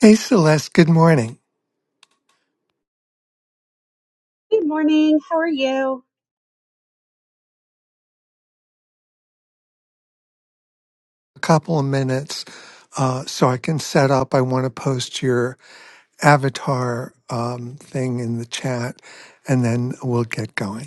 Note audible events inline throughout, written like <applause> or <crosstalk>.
Hey, Celeste, good morning. Good morning. How are you? A couple of minutes uh, so I can set up. I want to post your avatar um, thing in the chat and then we'll get going.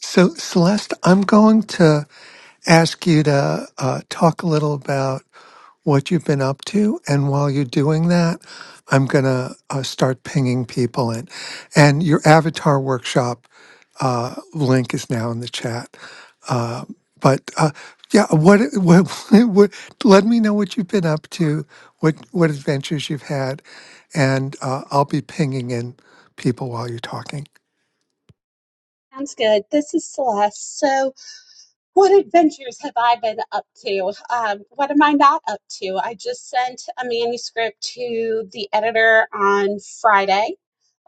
So, Celeste, I'm going to ask you to uh, talk a little about what you've been up to. And while you're doing that, I'm going to uh, start pinging people in. And your avatar workshop uh, link is now in the chat. Uh, but uh, yeah, what, what, <laughs> what, let me know what you've been up to, what, what adventures you've had, and uh, I'll be pinging in people while you're talking. Sounds good. This is Celeste. So, what adventures have I been up to? Um, what am I not up to? I just sent a manuscript to the editor on Friday.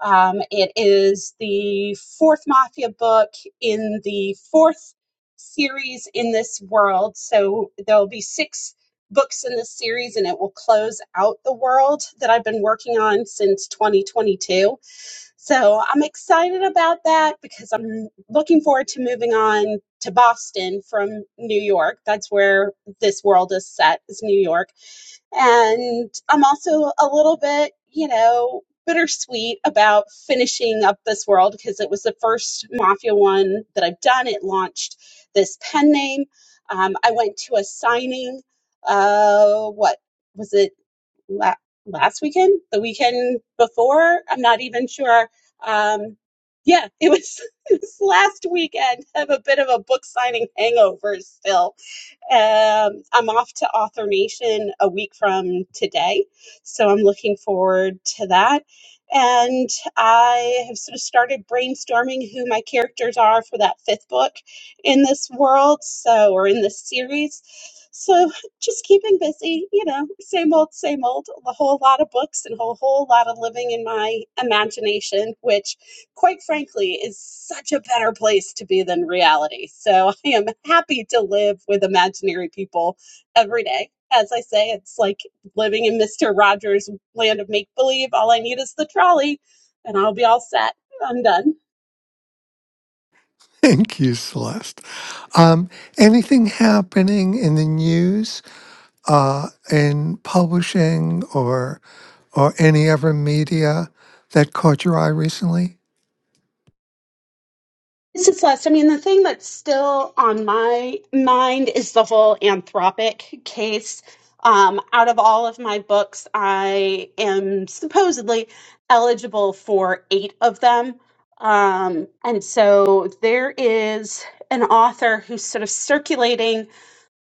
Um, it is the fourth Mafia book in the fourth series in this world. So, there'll be six books in this series, and it will close out the world that I've been working on since 2022 So I'm excited about that because I'm looking forward to moving on to Boston from New York. That's where this world is set, is New York. And I'm also a little bit, you know, bittersweet about finishing up this world because it was the first Mafia one that I've done. It launched this pen name. Um, I went to a signing, uh, what was it? La- last weekend, the weekend before, I'm not even sure. Um, yeah, it was, <laughs> it was last weekend. I have a bit of a book signing hangover still um, I'm off to Author Nation a week from today, so I'm looking forward to that. And I have sort of started brainstorming who my characters are for that fifth book in this world, so or in this series. So just keeping busy, you know, same old, same old. A whole lot of books and a whole, whole lot of living in my imagination, which quite frankly, is such a better place to be than reality. So <laughs> I am happy to live with imaginary people every day. As I say, it's like living in Mr. Rogers' land of make believe. All I need is the trolley, and I'll be all set. I'm done. <laughs> Thank you, Celeste. Um, anything happening in the news, uh, in publishing, or or any other media that caught your eye recently? This is less. I mean, the thing that's still on my mind is the whole anthropic case. Um, out of all of my books, I am supposedly eligible for eight of them. Um, and so there is an author who's sort of circulating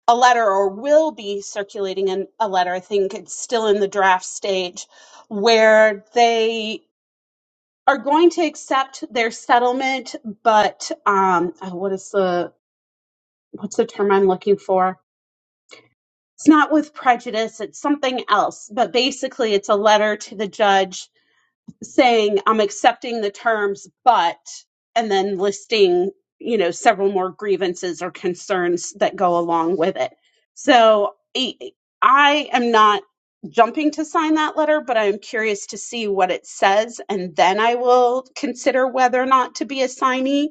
a letter or will be circulating an, a letter. I think it's still in the draft stage where they are going to accept their settlement, but um, oh, what is the what's the term I'm looking for? It's not with prejudice; it's something else. But basically, it's a letter to the judge saying I'm accepting the terms, but and then listing, you know, several more grievances or concerns that go along with it. So I I am not jumping to sign that letter, but I'm curious to see what it says, and then I will consider whether or not to be a signee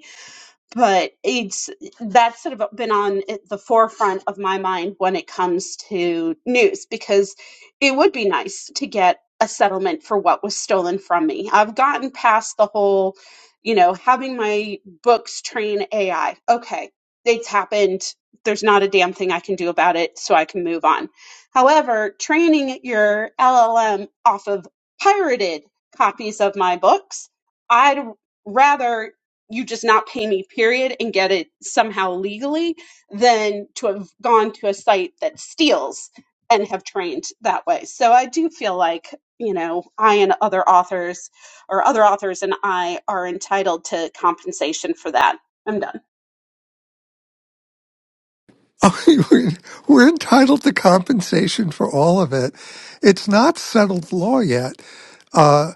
but it's that's sort of been on at the forefront of my mind when it comes to news because it would be nice to get a settlement for what was stolen from me. I've gotten past the whole, you know, having my books train AI. Okay, it's happened. There's not a damn thing I can do about it, so I can move on. However, training your LLM off of pirated copies of my books, I'd rather you just not pay me period and get it somehow legally than to have gone to a site that steals and have trained that way so i do feel like you know i and other authors or other authors and i are entitled to compensation for that i'm done Oh, <laughs> we're, we're entitled to compensation for all of it. It's not settled law yet. Uh,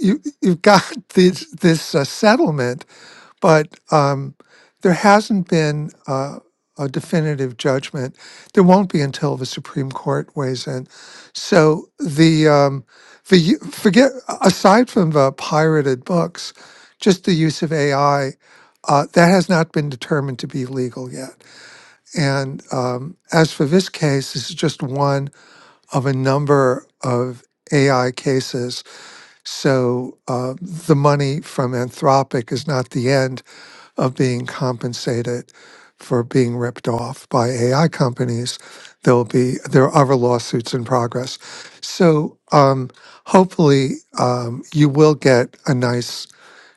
you, you've got <laughs> this this uh, settlement but um, there hasn't been uh, a definitive judgment. There won't be until the Supreme Court weighs in. So the um, the u- forget aside from the pirated books, just the use of AI uh, that has not been determined to be legal yet. And um, as for this case, this is just one of a number of AI cases. So uh, the money from Anthropic is not the end of being compensated for being ripped off by AI companies. There'll be there are other lawsuits in progress, so um, hopefully um, you will get a nice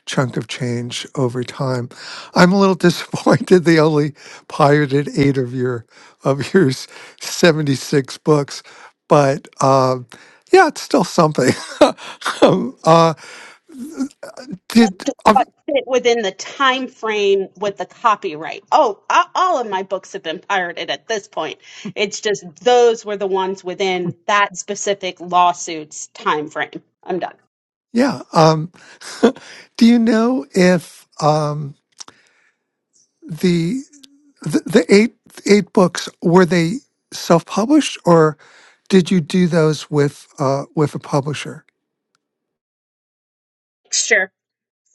chunk of change over time. I'm a little <laughs> disappointed they only pirated eight of your of your s- 76 books, but um, yeah, it's still something. <laughs> um, uh, as did to um, what fit within the time frame with the copyright. Oh, a- all of my books have been pirated at this point. It's just those were the ones within that specific lawsuit's time frame. I'm done. yeah. Um, Do you know if um, the, the the eight eight books were they self published or did you do those with uh, with a publisher? Sure.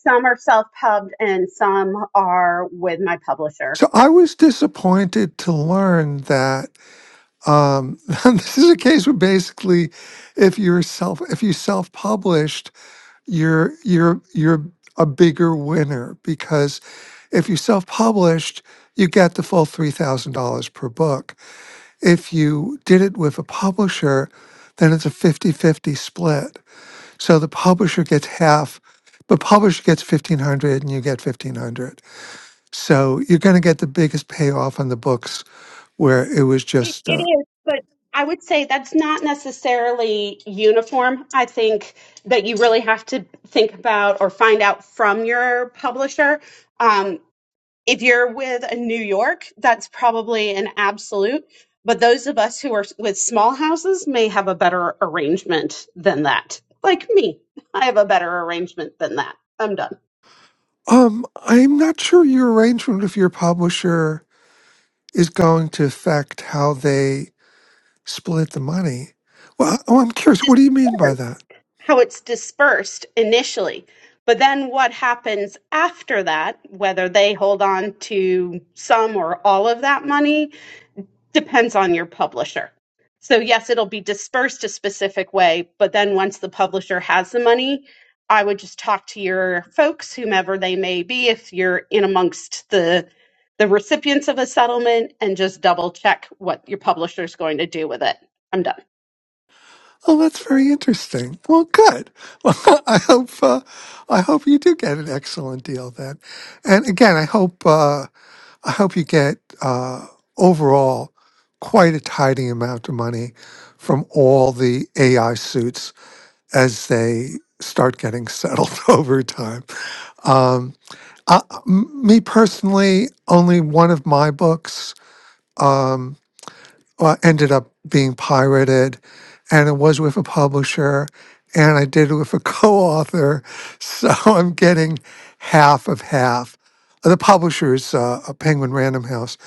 Some are self-pubbed and some are with my publisher. So I was disappointed to learn that um, <laughs> this is a case where basically, if you're self if you self published, you're you're you're a bigger winner because if you self published, you get the full three thousand dollars per book If you did it with a publisher, then it's a fifty-fifty split. So the publisher gets half, but publisher gets 1500 and you get 1500. So you're going to get the biggest payoff on the books where it was It, just, it uh, is, but I would say that's not necessarily uniform. I think that you really have to think about or find out from your publisher Um, if you're with a New York, that's probably an absolute. But those of us who are with small houses may have a better arrangement than that. Like me, I have a better arrangement than that. I'm done. um, I'm not sure your arrangement with your publisher is going to affect how they Split the money. Well, oh, I'm curious. What do you mean by Disperse, that? how it's dispersed initially. But then what happens after that, whether they hold on to some or all of that money, depends on your publisher. So yes, it'll be dispersed a specific way, but then once the publisher has the money, I would just talk to your folks, whomever they may be, if you're in amongst the the recipients of a settlement, and just double check what your publisher is going to do with it. I'm done. Oh, that's very interesting. Well, good. <laughs> Well, I hope uh, I hope you do get an excellent deal then. And again, I hope uh, I hope you get uh, overall quite a tidy amount of money from all the AI suits as they start getting settled <laughs> over time. Um, I, m- me personally, only one of my books uh, ended up being pirated, and it was with a publisher, and I did it with a <laughs> co-author, so I'm getting half of half. The publisher is uh, a Penguin Random House,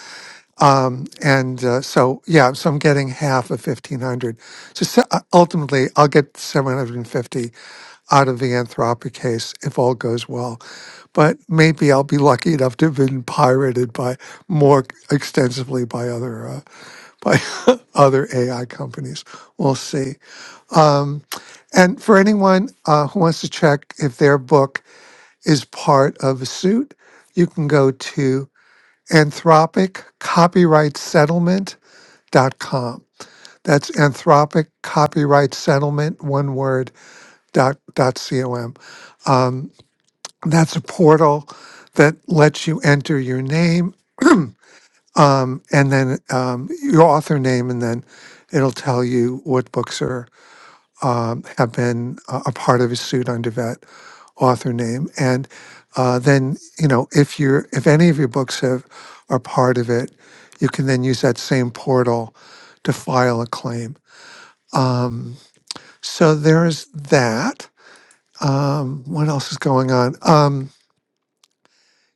and uh, so yeah, so I'm getting half of fifteen hundred. So, se- uh, ultimately, I'll get seven hundred and fifty out of the Anthropic case if all goes well. But maybe I'll be lucky enough to have been pirated by more extensively by other. uh, by <laughs> other AI companies. We'll see. Um, and for anyone uh, who wants to check if their book is part of a suit, you can go to Anthropic Copyright Settlement.com. That's Anthropic Copyright Settlement, one word, dot, dot com. That's a portal that lets you enter your name um, and then um, your author name, and then it'll tell you what books are um, have been a, a part of a suit under that author name. And uh, then, you know, if you're if any of your books have are part of it, you can then use that same portal to file a claim. Um, so there is that. Um, what else is going on? Um,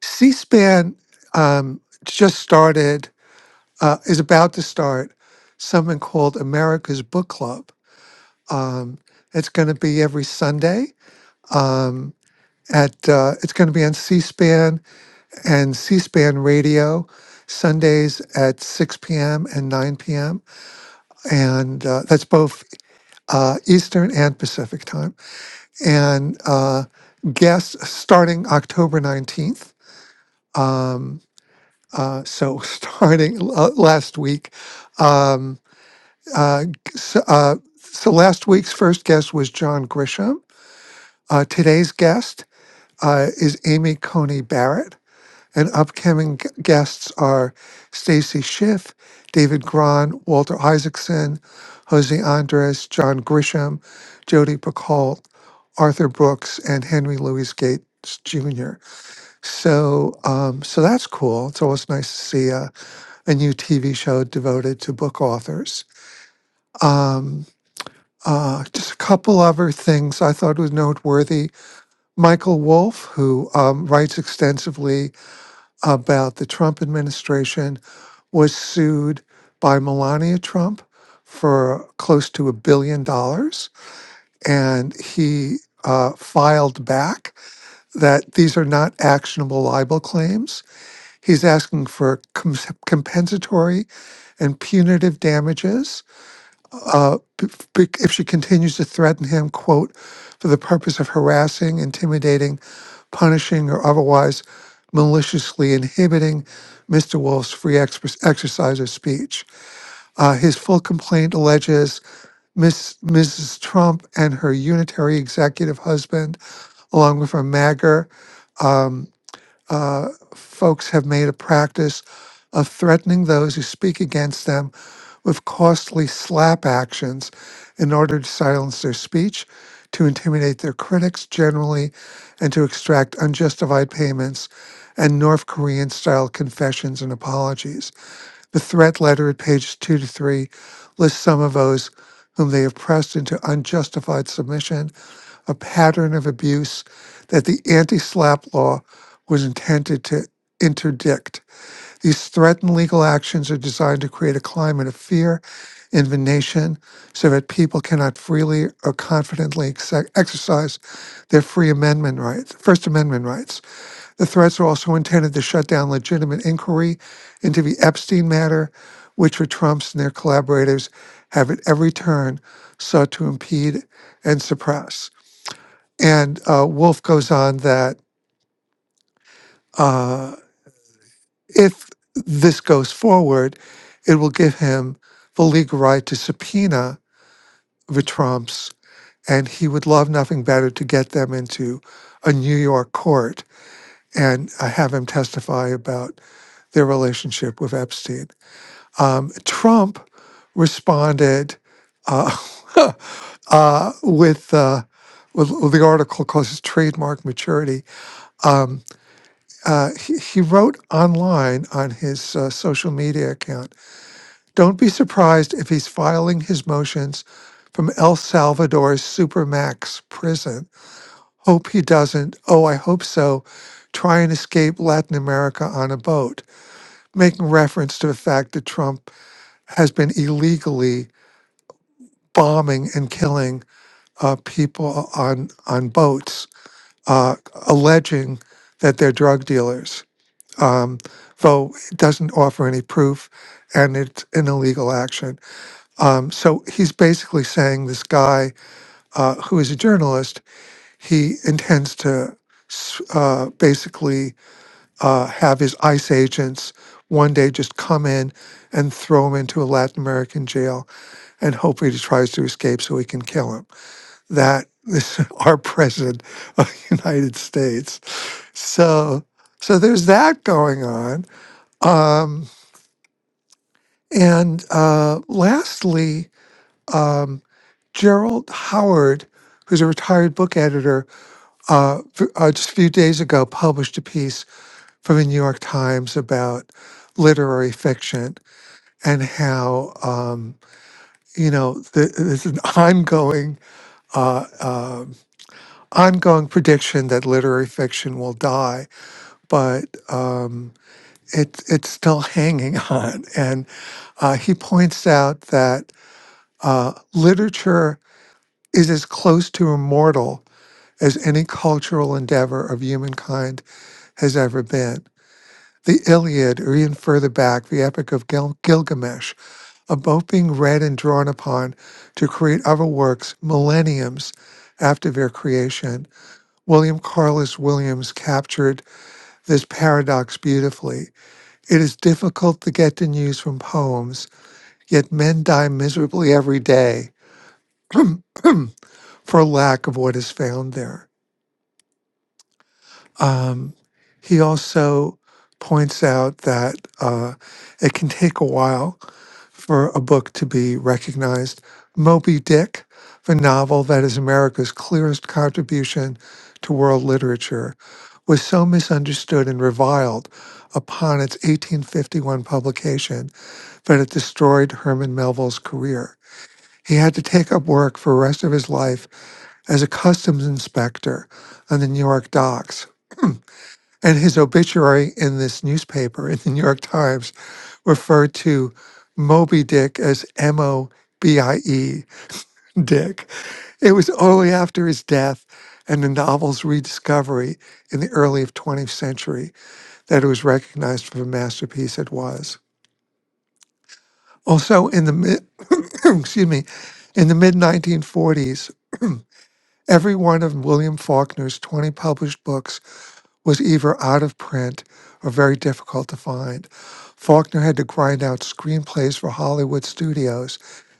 C-SPAN um, just started, uh, is about to start something called America's Book Club. Um, it's going to be every Sunday. Um, at uh, it's going to be on C-SPAN and C-SPAN Radio Sundays at 6 p.m. and 9 p.m. and uh, that's both uh, Eastern and Pacific time. And uh, guests starting October 19th. Um, uh, so <laughs> starting l- last week. Um, uh, so, uh, so last week's first guest was John Grisham. Uh, today's guest uh, is Amy Coney Barrett And upcoming g- guests are Stacy Schiff, David Gron, Walter Isaacson, Jose Andres, John Grisham, Jodi Picoult, Arthur Brooks, and Henry Louis Gates Jr. So, um, so that's cool. It's always nice to see a, a new TV show devoted to book authors. Um, uh, just a couple other things I thought was noteworthy. Michael Wolff, who um, writes extensively about the Trump administration was sued by Melania Trump for close to a billion dollars. And he uh, filed back that these are not actionable libel claims. He's asking for com- compensatory and punitive damages uh, b- b- if she continues to threaten him, quote, for the purpose of harassing, intimidating, punishing, or otherwise maliciously inhibiting Mr. Wolf's free expres- exercise of speech. Uh, his full complaint alleges Miss, Mrs. Trump and her unitary executive husband, along with her MAGGER. um, uh, folks have made a practice of threatening those who speak against them with costly slap actions in order to silence their speech, to intimidate their critics generally, and to extract unjustified payments and North Korean style confessions and apologies. The threat letter at pages two to three lists some of those whom they have pressed into unjustified submission a pattern of abuse that the anti SLAP law was intended to interdict. These threatened legal actions are designed to create a climate of fear in the nation so that people cannot freely or confidently exe- exercise their free amendment rights, First Amendment rights. The threats are also intended to shut down legitimate inquiry into the Epstein matter, which the Trumps and their collaborators have at every turn sought to impede and suppress. And uh, Wolf goes on that uh, if this goes forward, it will give him the legal right to subpoena the Trumps, and he would love nothing better to get them into a New York court and uh, have him testify about their relationship with Epstein. Um, Trump responded uh, <laughs> uh, with, uh, with the article called his trademark maturity. Um, uh, he, he wrote online on his uh, social media account Don't be surprised if he's filing his motions from El Salvador's Supermax prison. Hope he doesn't. Oh, I hope so. Try and escape Latin America on a boat, making reference to the fact that Trump has been illegally bombing and killing uh, people on, on boats, uh, alleging that they're drug dealers. um, though it doesn't offer any proof, and it's an illegal action. Um, so he's basically saying this guy uh, who is a journalist, he intends to s- uh, basically uh, have his ICE agents one day just come in and throw him into a Latin American jail and hopefully he tries to escape so we can kill him. That is <laughs> our president of the United States. So so there's that going on. Um, And uh, lastly, um, Gerald Howard, who's a retired book editor, uh, f- uh, just a few days ago published a piece from the New York Times about literary fiction and how um, you know th- there's an <laughs> ongoing uh, um ongoing prediction that literary fiction will die, but um, it, it's still hanging <laughs> on. And uh, he points out that uh, literature is as close to immortal as any cultural endeavor of humankind has ever been. The Iliad, or even further back, the Epic of Gil- Gilgamesh, are both being read and drawn upon to create other works millenniums after their creation. William Carlos Williams captured this paradox beautifully. It is difficult to get the news from poems, yet men die miserably every day <clears throat> for lack of what is found there. Um, he also points out that uh, it can take a while for a book to be recognized. Moby Dick, the novel that is America's clearest contribution to world literature, was so misunderstood and reviled upon its 1851 publication that it destroyed Herman Melville's career. He had to take up work for the rest of his life as a customs inspector on the New York docks and his obituary in this newspaper, in the New York Times, referred to Moby Dick as M O B I E Dick. It was only after his death and the novel's rediscovery in the early of 20th century that it was recognized for the masterpiece it was. Also, in the mid, <coughs> excuse me, in the mid 1940s, every one of William Faulkner's 20 published books was either out of print or very difficult to find. Faulkner had to grind out screenplays for Hollywood studios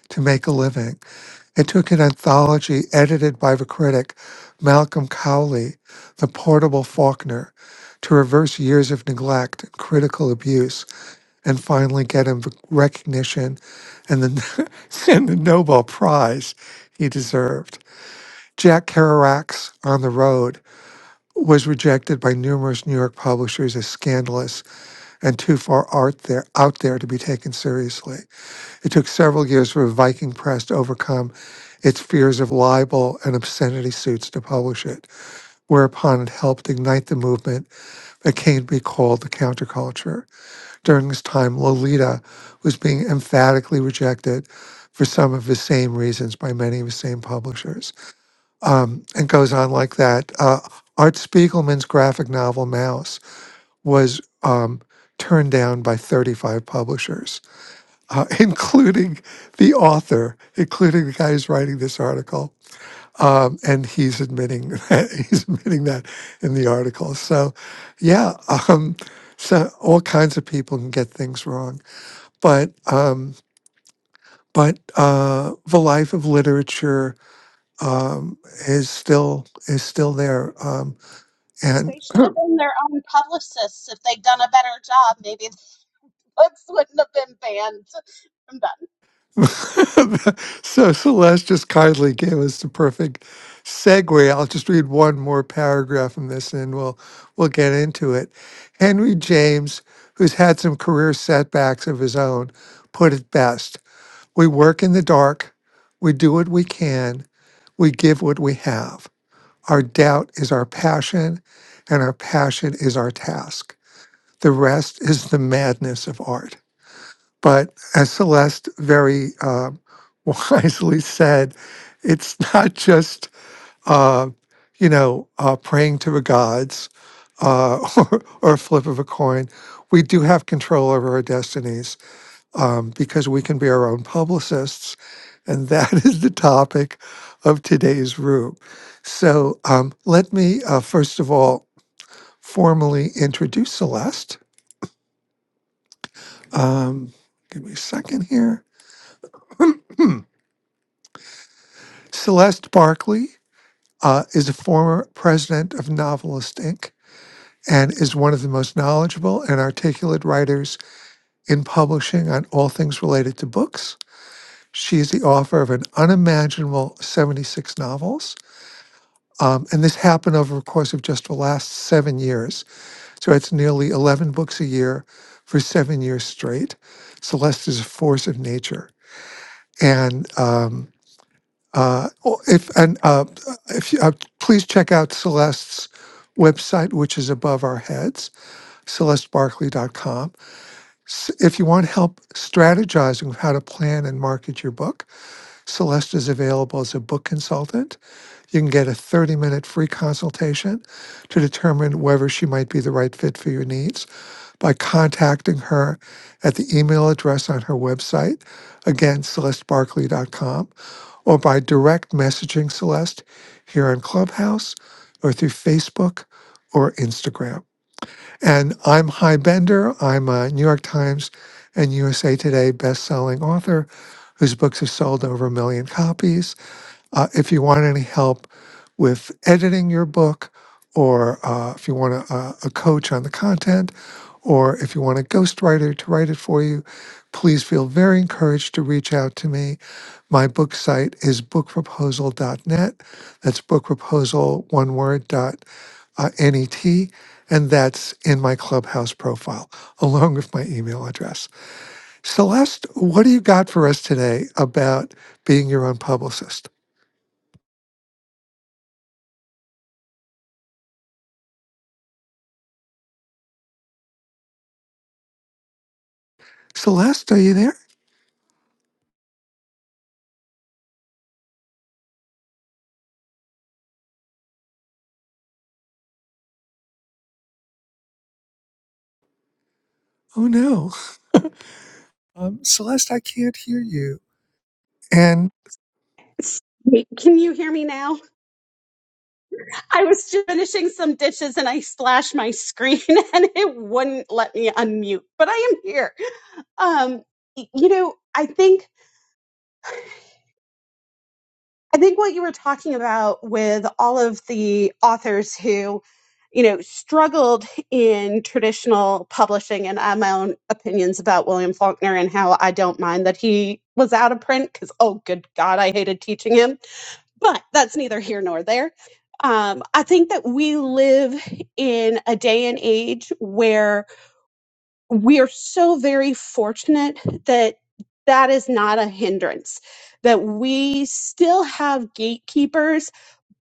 to make a living. It took an anthology edited by the critic Malcolm Cowley, The Portable Faulkner, to reverse years of neglect and critical abuse and finally get him the recognition and the, <laughs> and the Nobel Prize he deserved. Jack Kerouac's On the Road was rejected by numerous New York publishers as scandalous and too far art there, out there to be taken seriously. It took several years for Viking Press to overcome its fears of libel and obscenity suits to publish it, whereupon it helped ignite the movement that came to be called the counterculture. During this time, Lolita was being emphatically rejected for some of the same reasons by many of the same publishers um, and goes on like that. Uh, Art Spiegelman's graphic novel Mouse was um, turned down by 35 publishers, uh, <laughs> including the author, including the guy who's writing this article. Um, and he's admitting <laughs> that, he's admitting that in the article. So, yeah, um, so all kinds of people can get things wrong, but um, but uh, the life of literature um, is still is still there. Um, And They should have been their own publicists. If they'd done a better job, maybe <laughs> the books wouldn't have been banned. I'm done. <laughs> so Celeste just kindly gave us the perfect segue. I'll just read one more paragraph from this and we'll we'll get into it. Henry James, who's had some career setbacks of his own, put it best. We work in the dark, we do what we can, we give what we have. Our doubt is our passion, and our passion is our task. The rest is the madness of art. But as Celeste very uh, <laughs> wisely said, it's not just, uh, you know, uh, praying to the gods uh, <laughs> or, or a flip of a coin. We do have control over our destinies um, because we can be our own publicists. And that <laughs> is the topic of today's room. So um, let me, uh, first of all, formally introduce Celeste. Um, give me a second here. Hmm. Celeste Barkley uh, is a former president of Novelist Inc. and is one of the most knowledgeable and articulate writers in publishing on all things related to books. She is the author of an unimaginable 76 novels. Um, and this happened over the course of just the last seven years. So it's nearly 11 books a year for seven years straight. Celeste is a force of nature. And um, Uh, or if and uh, if you, uh, please check out Celeste's website, which is above our heads, celestebarkley.com. S- If you want help strategizing how to plan and market your book, Celeste is available as a book consultant you can get a 30 minute free consultation to determine whether she might be the right fit for your needs by contacting her at the email address on her website, again, celestebarkley.com, or by direct messaging Celeste here on Clubhouse or through Facebook or Instagram. And I'm High Bender. I'm a New York Times and USA Today best-selling author whose books have sold over a million copies. Uh, if you want any help with editing your book, or uh, if you want a, a a coach on the content, or if you want a ghostwriter to write it for you, please feel very encouraged to reach out to me. My book site is bookproposal.net. That's bookproposal, one word, dot uh, NET. And that's in my clubhouse profile, <laughs> along with my email address. Celeste, what do you got for us today about being your own publicist? Celeste, are you there? Oh no. Um, Celeste, I can't hear you. And Wait, Can you hear me now? I was just finishing some dishes and I splashed my screen <laughs> and it wouldn't let me unmute, but I am here. Um, y- you know, I think. I think what you were talking about with all of the authors who, you know, struggled in traditional publishing, and I have my own opinions about William Faulkner and how I don't mind that he was out of print because, oh, good God, I hated teaching him. But that's neither here nor there. Um, I think that we live in a day and age where we are so very fortunate that that is not a hindrance, that we still have gatekeepers,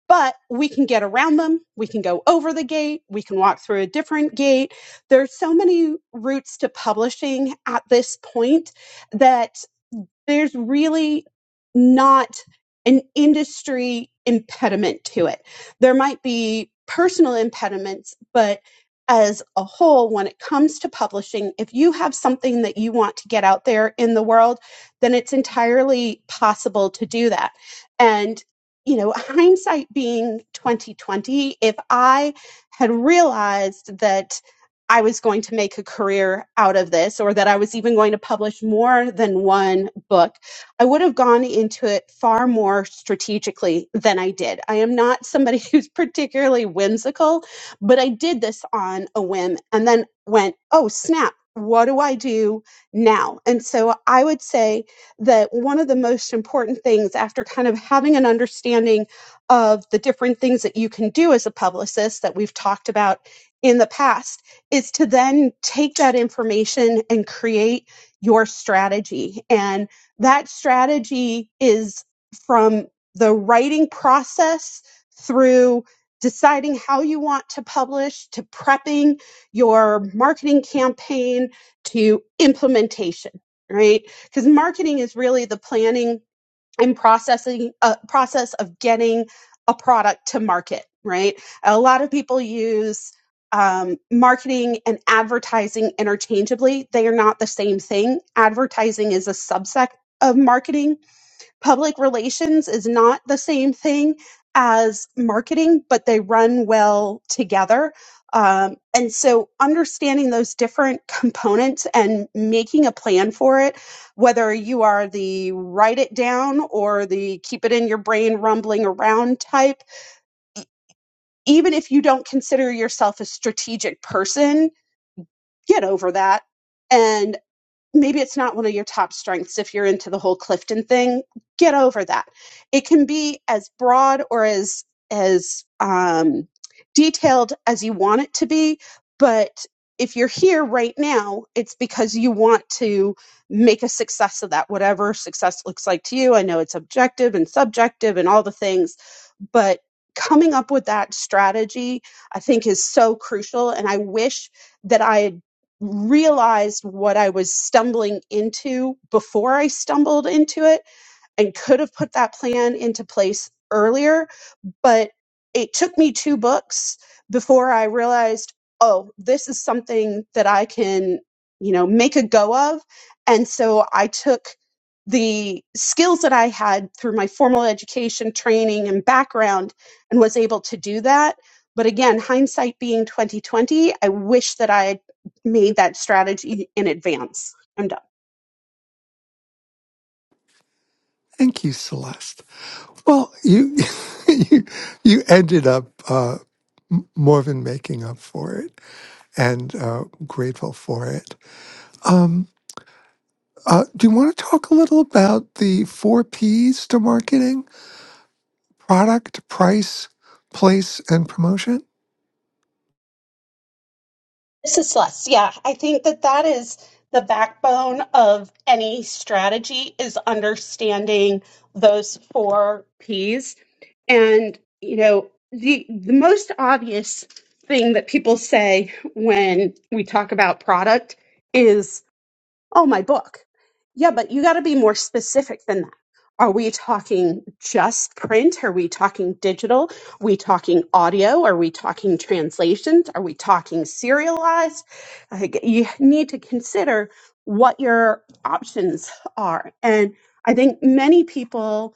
but we can get around them. We can go over the gate. We can walk through a different gate. There's so many routes to publishing at this point that there's really not an industry impediment to it. There might be personal impediments, but as a whole, when it comes to publishing, if you have something that you want to get out there in the world, then it's entirely possible to do that. And you know, hindsight being 2020, if I had realized that I was going to make a career out of this or that I was even going to publish more than one book, I would have gone into it far more strategically than I did. I am not somebody <laughs> who's particularly whimsical, but I did this on a whim and then went, oh, snap. What do I do now? And so I would say that one of the most important things after kind of having an understanding of the different things that you can do as a publicist that we've talked about in the past is to then take that information and create your strategy. And that strategy is from the writing process through deciding how you want to publish to prepping your marketing campaign to implementation, right? Because marketing is really the planning and processing a process of getting a product to market right a lot of people use um, marketing and advertising interchangeably they are not the same thing advertising is a subset of marketing public relations is not the same thing as marketing, but they run well together. Um, and so, understanding those different components and making a plan for it, whether you are the write it down or the keep it in your brain rumbling around type, even if you don't consider yourself a strategic person, get over that and maybe it's not one of your top strengths if you're into the whole Clifton thing. Get over that. It can be as broad or as as um, detailed as you want it to be, but if you're here right now, it's because you want to make a success of that, whatever success looks like to you. I know it's objective and subjective and all the things, but coming up with that strategy, I think, is so crucial. And I wish that I had realized what I was stumbling into before I stumbled into it and could have put that plan into place earlier but it took me two books before I realized, oh, this is something that I can, you know, make a go of. And so I took the skills that I had through my formal education, training, and background and was able to do that. But again, hindsight being 2020, I wish that I had made that strategy in advance. I'm done up thank you, Celeste. Well, you <laughs> you, you ended up uh, m- more than making up for it and uh, grateful for it. Um, uh, do you want to talk a little about the four P's to marketing product, price, place, and promotion? This is Celeste. Yeah, I think that that is the backbone of any strategy is understanding those four P's. And, you know, the, the most obvious thing that people say when we talk about product is. Oh, my book. Yeah, but you got to be more specific than that. Are we talking just print? Are we talking digital? Are we talking audio? Are we talking translations? Are we talking serialized? Like, you need to consider what your options are. And I think many people,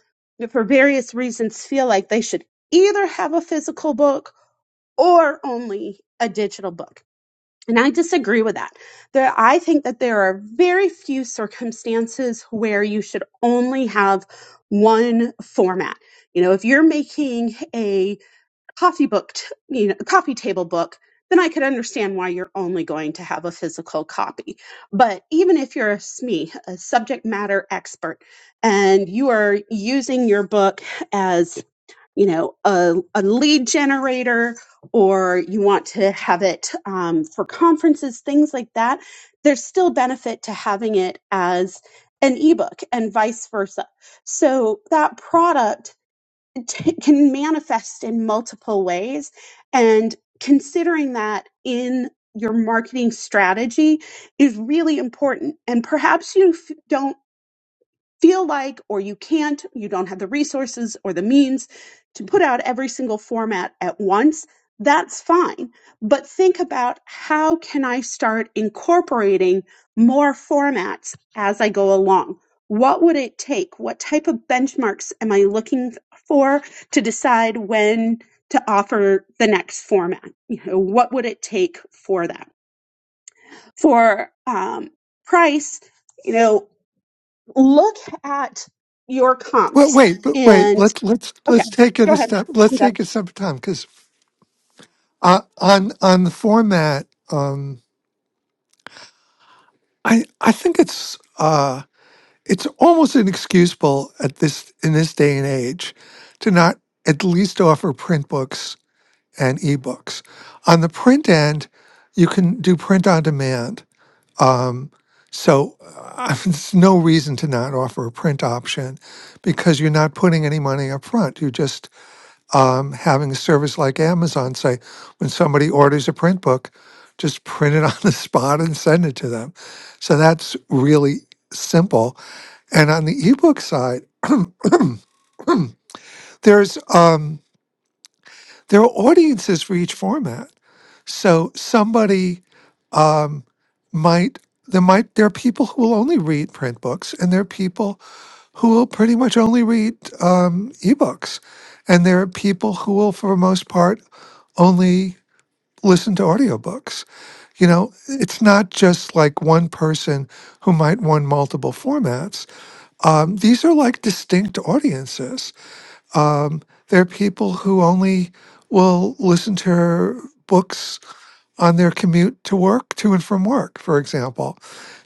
for various reasons, feel like they should either have a physical book or only a digital book. And I disagree with that. There, I think that there are very few circumstances where you should only have one format. You know, if you're making a coffee book, t- you know, a coffee table book, then I could understand why you're only going to have a physical copy. But even if you're a SME, a subject matter expert, and you are using your book as you know a, a lead generator or you want to have it um, for conferences things like that there's still benefit to having it as an ebook and vice versa so that product t- can manifest in multiple ways and considering that in your marketing strategy is really important and perhaps you f- don't feel like or you can't, you don't have the resources or the means to put out every single format at once, that's fine. But think about how can I start incorporating more formats as I go along? What would it take? What type of benchmarks am I looking for to decide when to offer the next format? You know, what would it take for that? For um, price, you know, Look at your Well, comps wait, but wait. and Let's let's okay, let's take it go a ahead. step. Let's I'm done. I take it a step at a time because uh, on on the format. Um, I I think it's uh, it's almost inexcusable at this in this day and age to not at least offer print books and ebooks. On the print end, you can do print on demand. Um, so uh, <laughs> there's no reason to not offer a print option because you're not putting any money up front. You just um, having a service like Amazon say, when somebody orders a print book, just print it <laughs> on the spot and send it to them. So that's really simple. And on the ebook side, <clears throat> there's um, there are audiences for each format. So somebody um, might there might there are people who will only read print books, and there are people who will pretty much only read um, ebooks, and there are people who will, for the most part, only listen to audiobooks. You know, it's not just like one person who might want multiple formats. Um, these are like distinct audiences. Um, there are people who only will listen to books on their commute to work, to and from work, for example.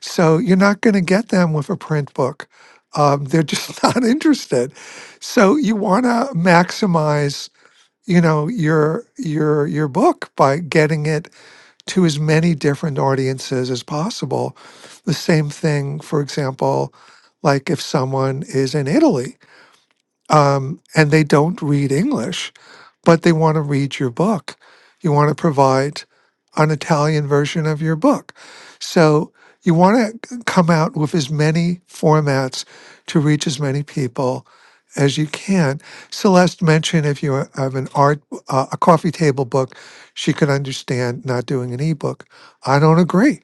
So you're not going to get them with a print book. Um, they're just <laughs> not interested. So you want to maximize, you know, your your your book by getting it to as many different audiences as possible. The same thing, for example, like if someone is in Italy um, and they don't read English, but they want to read your book. You want to provide an Italian version of your book. So you want to come out with as many formats to reach as many people as you can. Celeste mentioned if you have an art, uh, a coffee table book, she could understand not doing an ebook. I don't agree.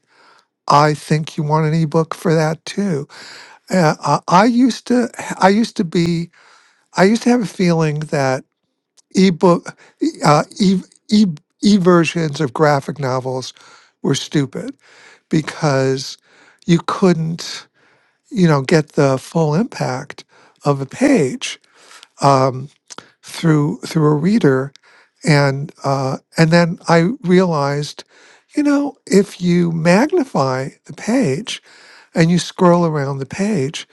I think you want an ebook for that too. Uh, I, I used to, I used to be I used to have a feeling that ebook, uh, e, e, e versions of graphic novels were stupid because you couldn't, you know, get the full impact of a page um, through through a reader, and uh, and then I realized, you know, if you magnify the page and you scroll around the page,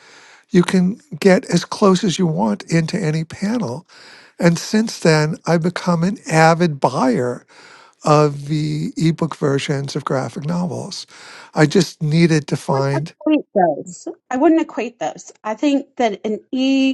you can get as close as you want into any panel and since then, I've become an avid buyer of the ebook versions of graphic novels. I just needed to wouldn't find equate those. I wouldn't equate those. I think that an E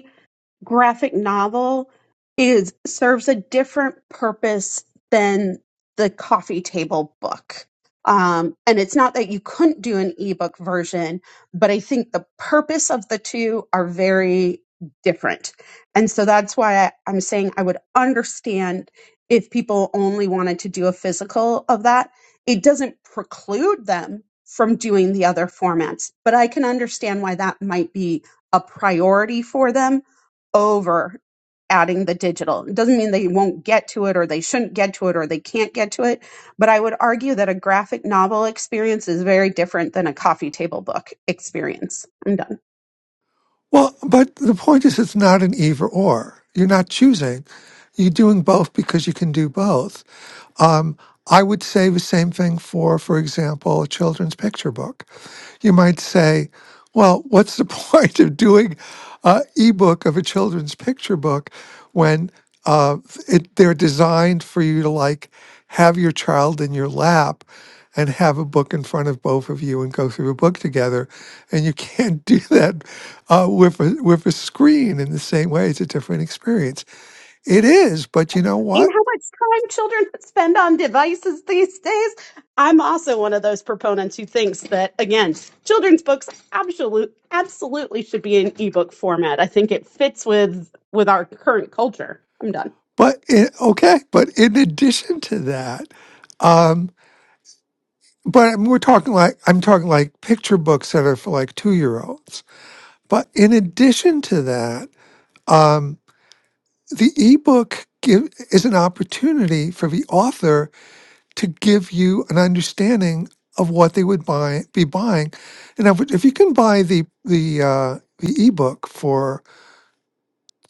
graphic novel is serves a different purpose than the coffee table book. Um, and it's not that you couldn't do an ebook version, but I think the purpose of the two are very different. And so that's why I, I'm saying I would understand if people only wanted to do a physical of that. It doesn't preclude them from doing the other formats, but I can understand why that might be a priority for them over adding the digital. It doesn't mean they won't get to it or they shouldn't get to it or they can't get to it. But I would argue that a graphic novel experience is very different than a coffee table book experience. I'm done. Well, but the point is, it's not an either or. You're not choosing. You're doing both because you can do both. Um, I would say the same thing for, for example, a children's picture book. You might say, well, what's the <laughs> point of doing an ebook of a children's picture book when uh, it, they're designed for you to like have your child in your lap and have a book in front of both of you and go through a book together? And you can't <laughs> do that uh, with a, with a screen in the same way. It's a different experience. It is, but you know You know what? how much time children spend on devices these days? I'm also one of those proponents who thinks that, again, children's books absolute, absolutely should be in ebook format. I think it fits with with our current culture. I'm done. But it, okay, but in addition to that, um, but we're talking like I'm talking like picture books that are for like two year olds. But in addition to that, um, the ebook give, is an opportunity for the author to give you an understanding of what they would buy be buying. And if, if you can buy the the uh, the ebook for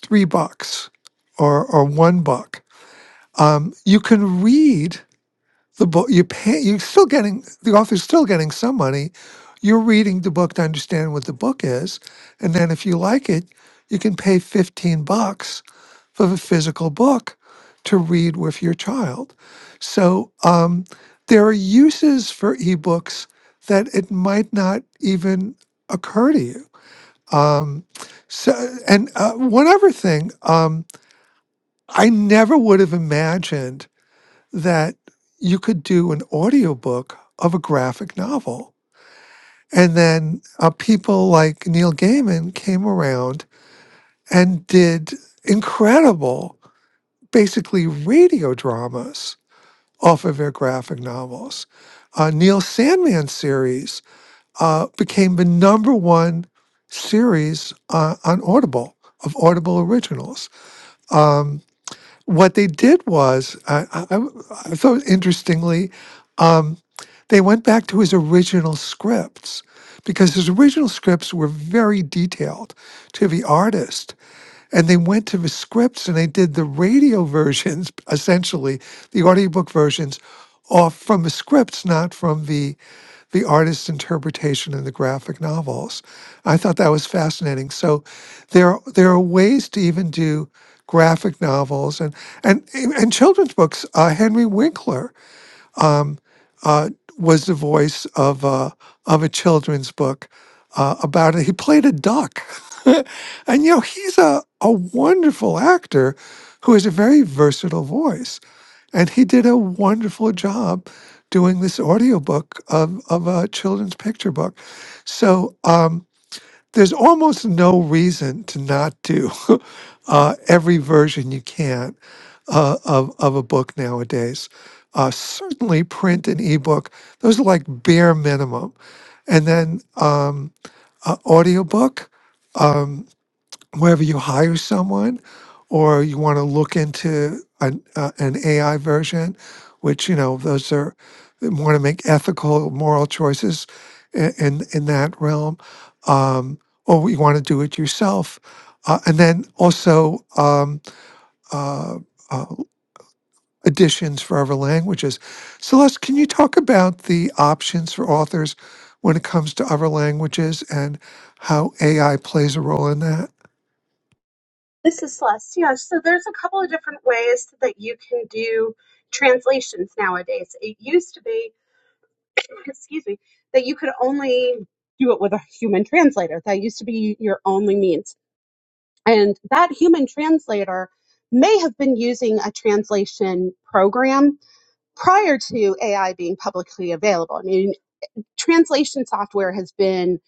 three bucks or or one buck. Um, you can read the book. You pay. You're still getting the author's still getting some money. You're reading the book to understand what the book is, and then if you like it, you can pay fifteen bucks for the physical book to read with your child. So um, there are uses for ebooks that it might not even occur to you. Um, so, and uh, one other thing. Um, I never would have imagined that you could do an audiobook of a graphic novel. And then uh, people like Neil Gaiman came around and did incredible, basically radio dramas off of their graphic novels. Uh, Neil Sandman series uh, became the number one series uh, on Audible of Audible originals. Um, What they did was, I I, I thought interestingly, um, they went back to his original scripts because his original scripts were very detailed to the artist. And they went to the scripts and they did the radio versions, <laughs> essentially, the audiobook versions, off from the scripts, not from the the artist's interpretation in the graphic novels. I thought that was fascinating. So there there are ways to even do graphic novels and and and children's books. Uh, Henry Winkler uh, was the voice of uh, of a children's book uh, about it. He played a duck, <laughs> and you know he's a a wonderful actor who has a very versatile voice. And he did a wonderful job doing this audiobook of, of a children's picture book. So um, there's almost no reason to not do <laughs> uh, every version you can uh, of, of a book nowadays. Uh, certainly print and ebook, those are like bare minimum. And then um, uh, audiobook. um, wherever you hire someone, or you want to look into an uh, an AI version, which you know those are they want to make ethical, moral choices in in, in that realm, um, or you want to do it yourself, uh, and then also um, uh, uh, additions for other languages. Celeste, can you talk about the options for authors when it comes to other languages and how AI plays a role in that? This is Celeste. Yeah, so there's a couple of different ways that you can do translations nowadays. It used to be, <coughs> <clears throat> excuse me, that you could only do it with a human translator. That used to be your only means. And that human translator may have been using a translation program prior to AI being publicly available. I mean, translation software has been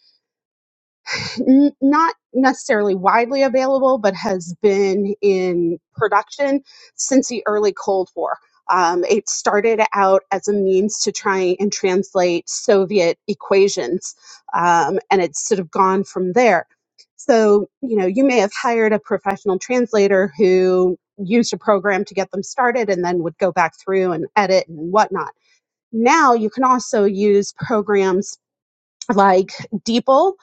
n- not necessarily widely available, but has been in production since the early Cold War. Um, it started out as a means to try and translate Soviet equations, um, and it's sort of gone from there. So, you know, you may have hired a professional translator who used a program to get them started and then would go back through and edit and whatnot now you can also use programs like DeepL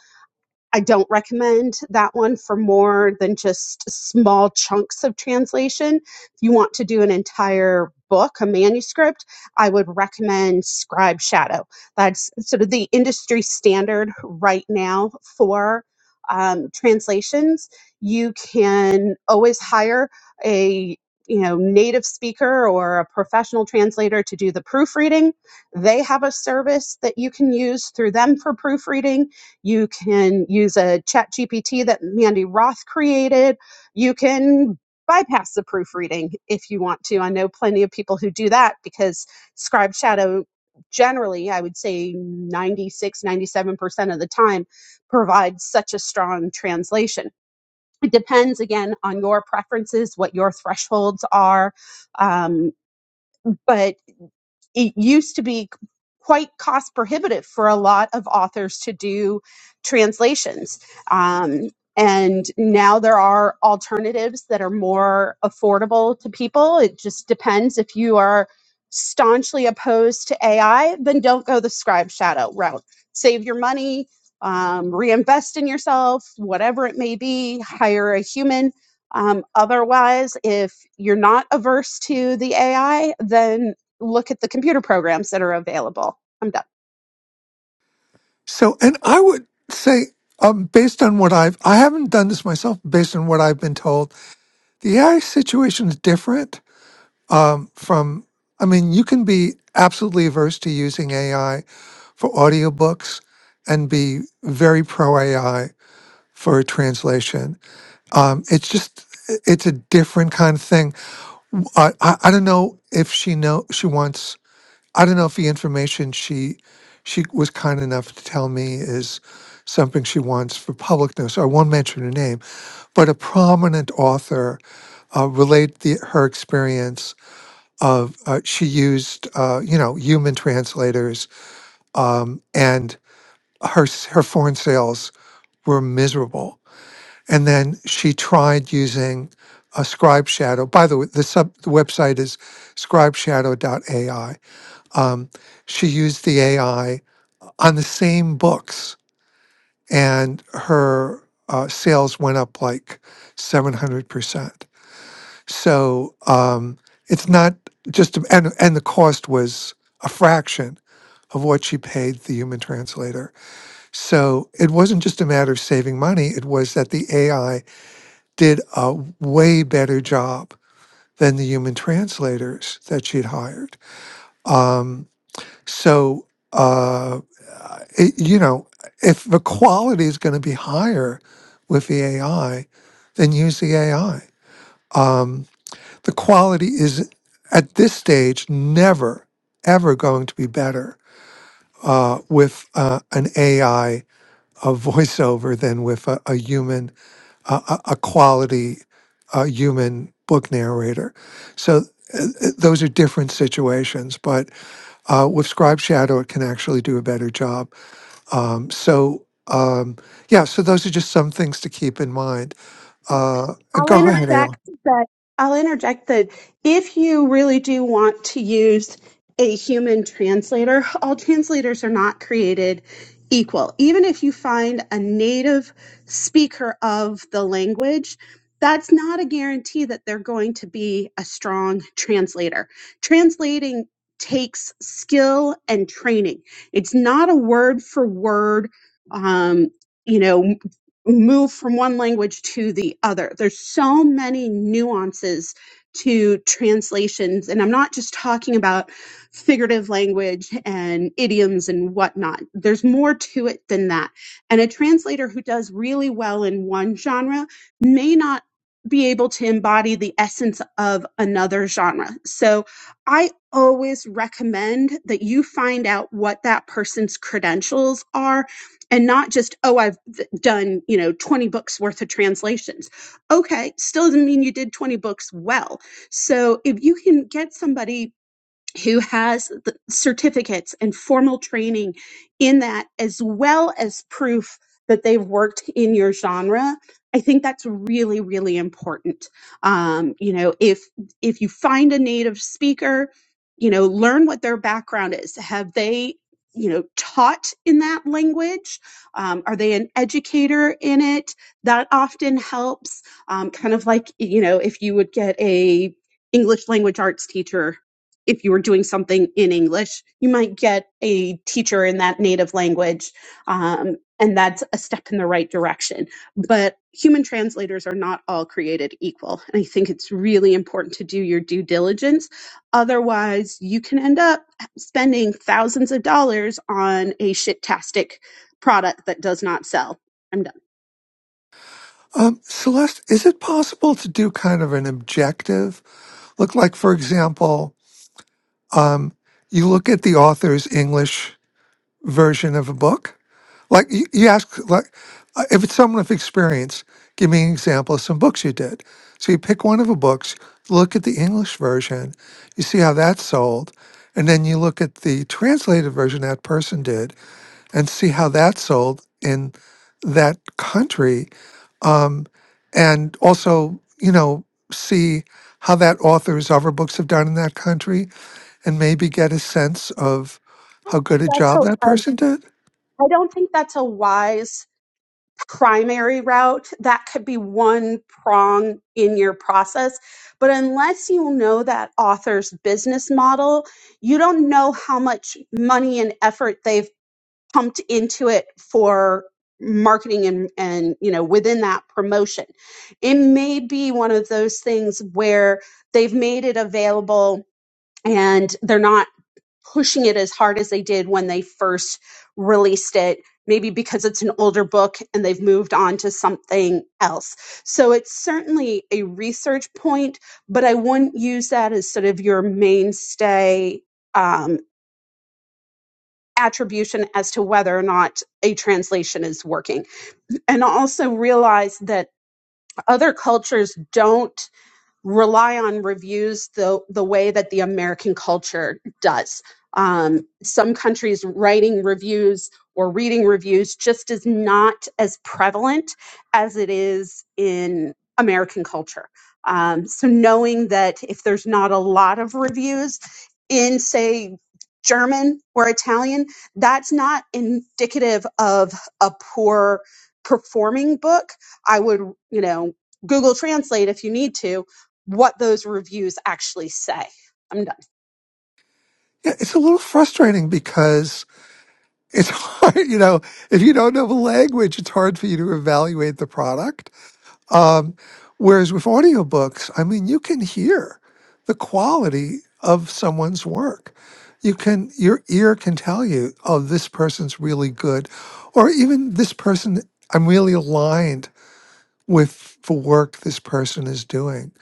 I don't recommend that one for more than just small chunks of translation. If you want to do an entire book, a manuscript, I would recommend Scribe Shadow. That's sort of the industry standard right now for um, translations. You can always hire a you know native speaker or a professional translator to do the proofreading they have a service that you can use through them for proofreading you can use a chat GPT that Mandy Roth created. You can bypass the proofreading if you want to. I know plenty of people who do that because Scribe Shadow generally, I would say ninety-six, ninety-seven percent of the time, provides such a strong translation. It depends again on your preferences, what your thresholds are. Um, but it used to be quite cost prohibitive for a lot of authors to do translations. Um, and now there are alternatives that are more affordable to people. It just depends if you are staunchly opposed to AI, then don't go the scribe shadow route. Save your money, um, reinvest in yourself, whatever it may be, hire a human. Um, otherwise, if you're not averse to the AI, then look at the computer programs that are available. I'm done. So, and I would say, um, based on what I've, I haven't done this myself, based on what I've been told, the AI situation is different um, from, I mean, you can be absolutely averse to using AI for audiobooks and be very pro AI for a translation. Um, it's just, it's a different kind of thing. I, I, I don't know if she know she wants I don't know if the information she she was kind enough to tell me is something she wants for public notice. I won't mention her name, but a prominent author uh, relayed the, her experience of uh, she used uh, you know human translators um, and her s- her foreign sales were miserable. And then she tried using a scribe shadow. By the way, the sub the website is Scribe Shadow AI um, she used the AI on the same books, and her uh, sales went up like 700%. So um, it's not just, a- and, and the cost was a fraction of what she paid the human translator. So it wasn't just a matter of saving money, it was that the AI did a way better job than the human translators that she'd hired. Um, So, uh, it, you know, if the quality is going to be higher with the AI, then use the AI. Um, the quality is at this stage never, ever going to be better uh, with uh, an AI a voiceover than with a, a human, a, a a quality uh, human book narrator. So uh, uh, those are different situations, but. Uh, with Scribe Shadow, it can actually do a better job. Um, so, um, yeah, so those are just some things to keep in mind. Uh, and I'll go ahead, Ayla. interject that I'll interject that if you really do want to use a human translator, all translators are not created equal. Even if you find a native speaker of the language, that's not a guarantee that they're going to be a strong translator. Translating takes skill and training. It's not a word for word, um, you know move from one language to the other. There's so many nuances to translations, and I'm not just talking about figurative language and idioms and whatnot. There's more to it than that. And a translator who does really well in one genre may not be able to embody the essence of another genre. So I always recommend that you find out what that person's credentials are and not just oh i've th- done you know 20 books worth of translations okay still doesn't mean you did 20 books well so if you can get somebody who has the certificates and formal training in that as well as proof that they've worked in your genre i think that's really really important um, you know if if you find a native speaker you know learn what their background is have they you know taught in that language um, are they an educator in it that often helps um, kind of like you know if you would get a english language arts teacher if you were doing something in English, you might get a teacher in that native language, um, and that's a step in the right direction. But human translators are not all created equal. And I think it's really important to do your due diligence. Otherwise, you can end up spending thousands of dollars on a shit-tastic product that does not sell. I'm done. Um, Celeste, is it possible to do kind of an objective look? Like, for example, um, you look at the author's English version of a book Like you, you ask, like uh, if it's someone of experience, give me an example of some books you did. So you pick one of the books, look at the English version, you see how that's sold, and then you look at the translated version that person did and see how that's sold in that country, um, and also you know see how that author's other books have done in that country, and maybe get a sense of how good a That's a, job that I, person did. I don't think that's a wise primary route. That could be one prong in your process. But unless you know that author's business model, you don't know how much money and effort they've pumped into it for marketing and and you know within that promotion it may be one of those things where they've made it available and they're not pushing it as hard as they did when they first released it maybe because it's an older book and they've moved on to something else so it's certainly a research point but i wouldn't use that as sort of your mainstay um, attribution as to whether or not a translation is working. And also realize that other cultures don't rely on reviews the, the way that the American culture does. Um, some countries writing reviews or reading reviews just is not as prevalent as it is in American culture. Um, so knowing that if there's not a lot of reviews in, say, German or Italian, that's not indicative of a poor performing book. I would, you know, Google Translate if you need to, what those reviews actually say. I'm done. Yeah, it's a little frustrating because it's <laughs> hard, you know, if you don't know the language, it's hard for you to evaluate the product. Um, whereas with audiobooks, I mean, you can hear the quality of someone's work. You can, your ear can tell you, oh, this person's really good, or even this person, I'm really aligned with the work this person is doing.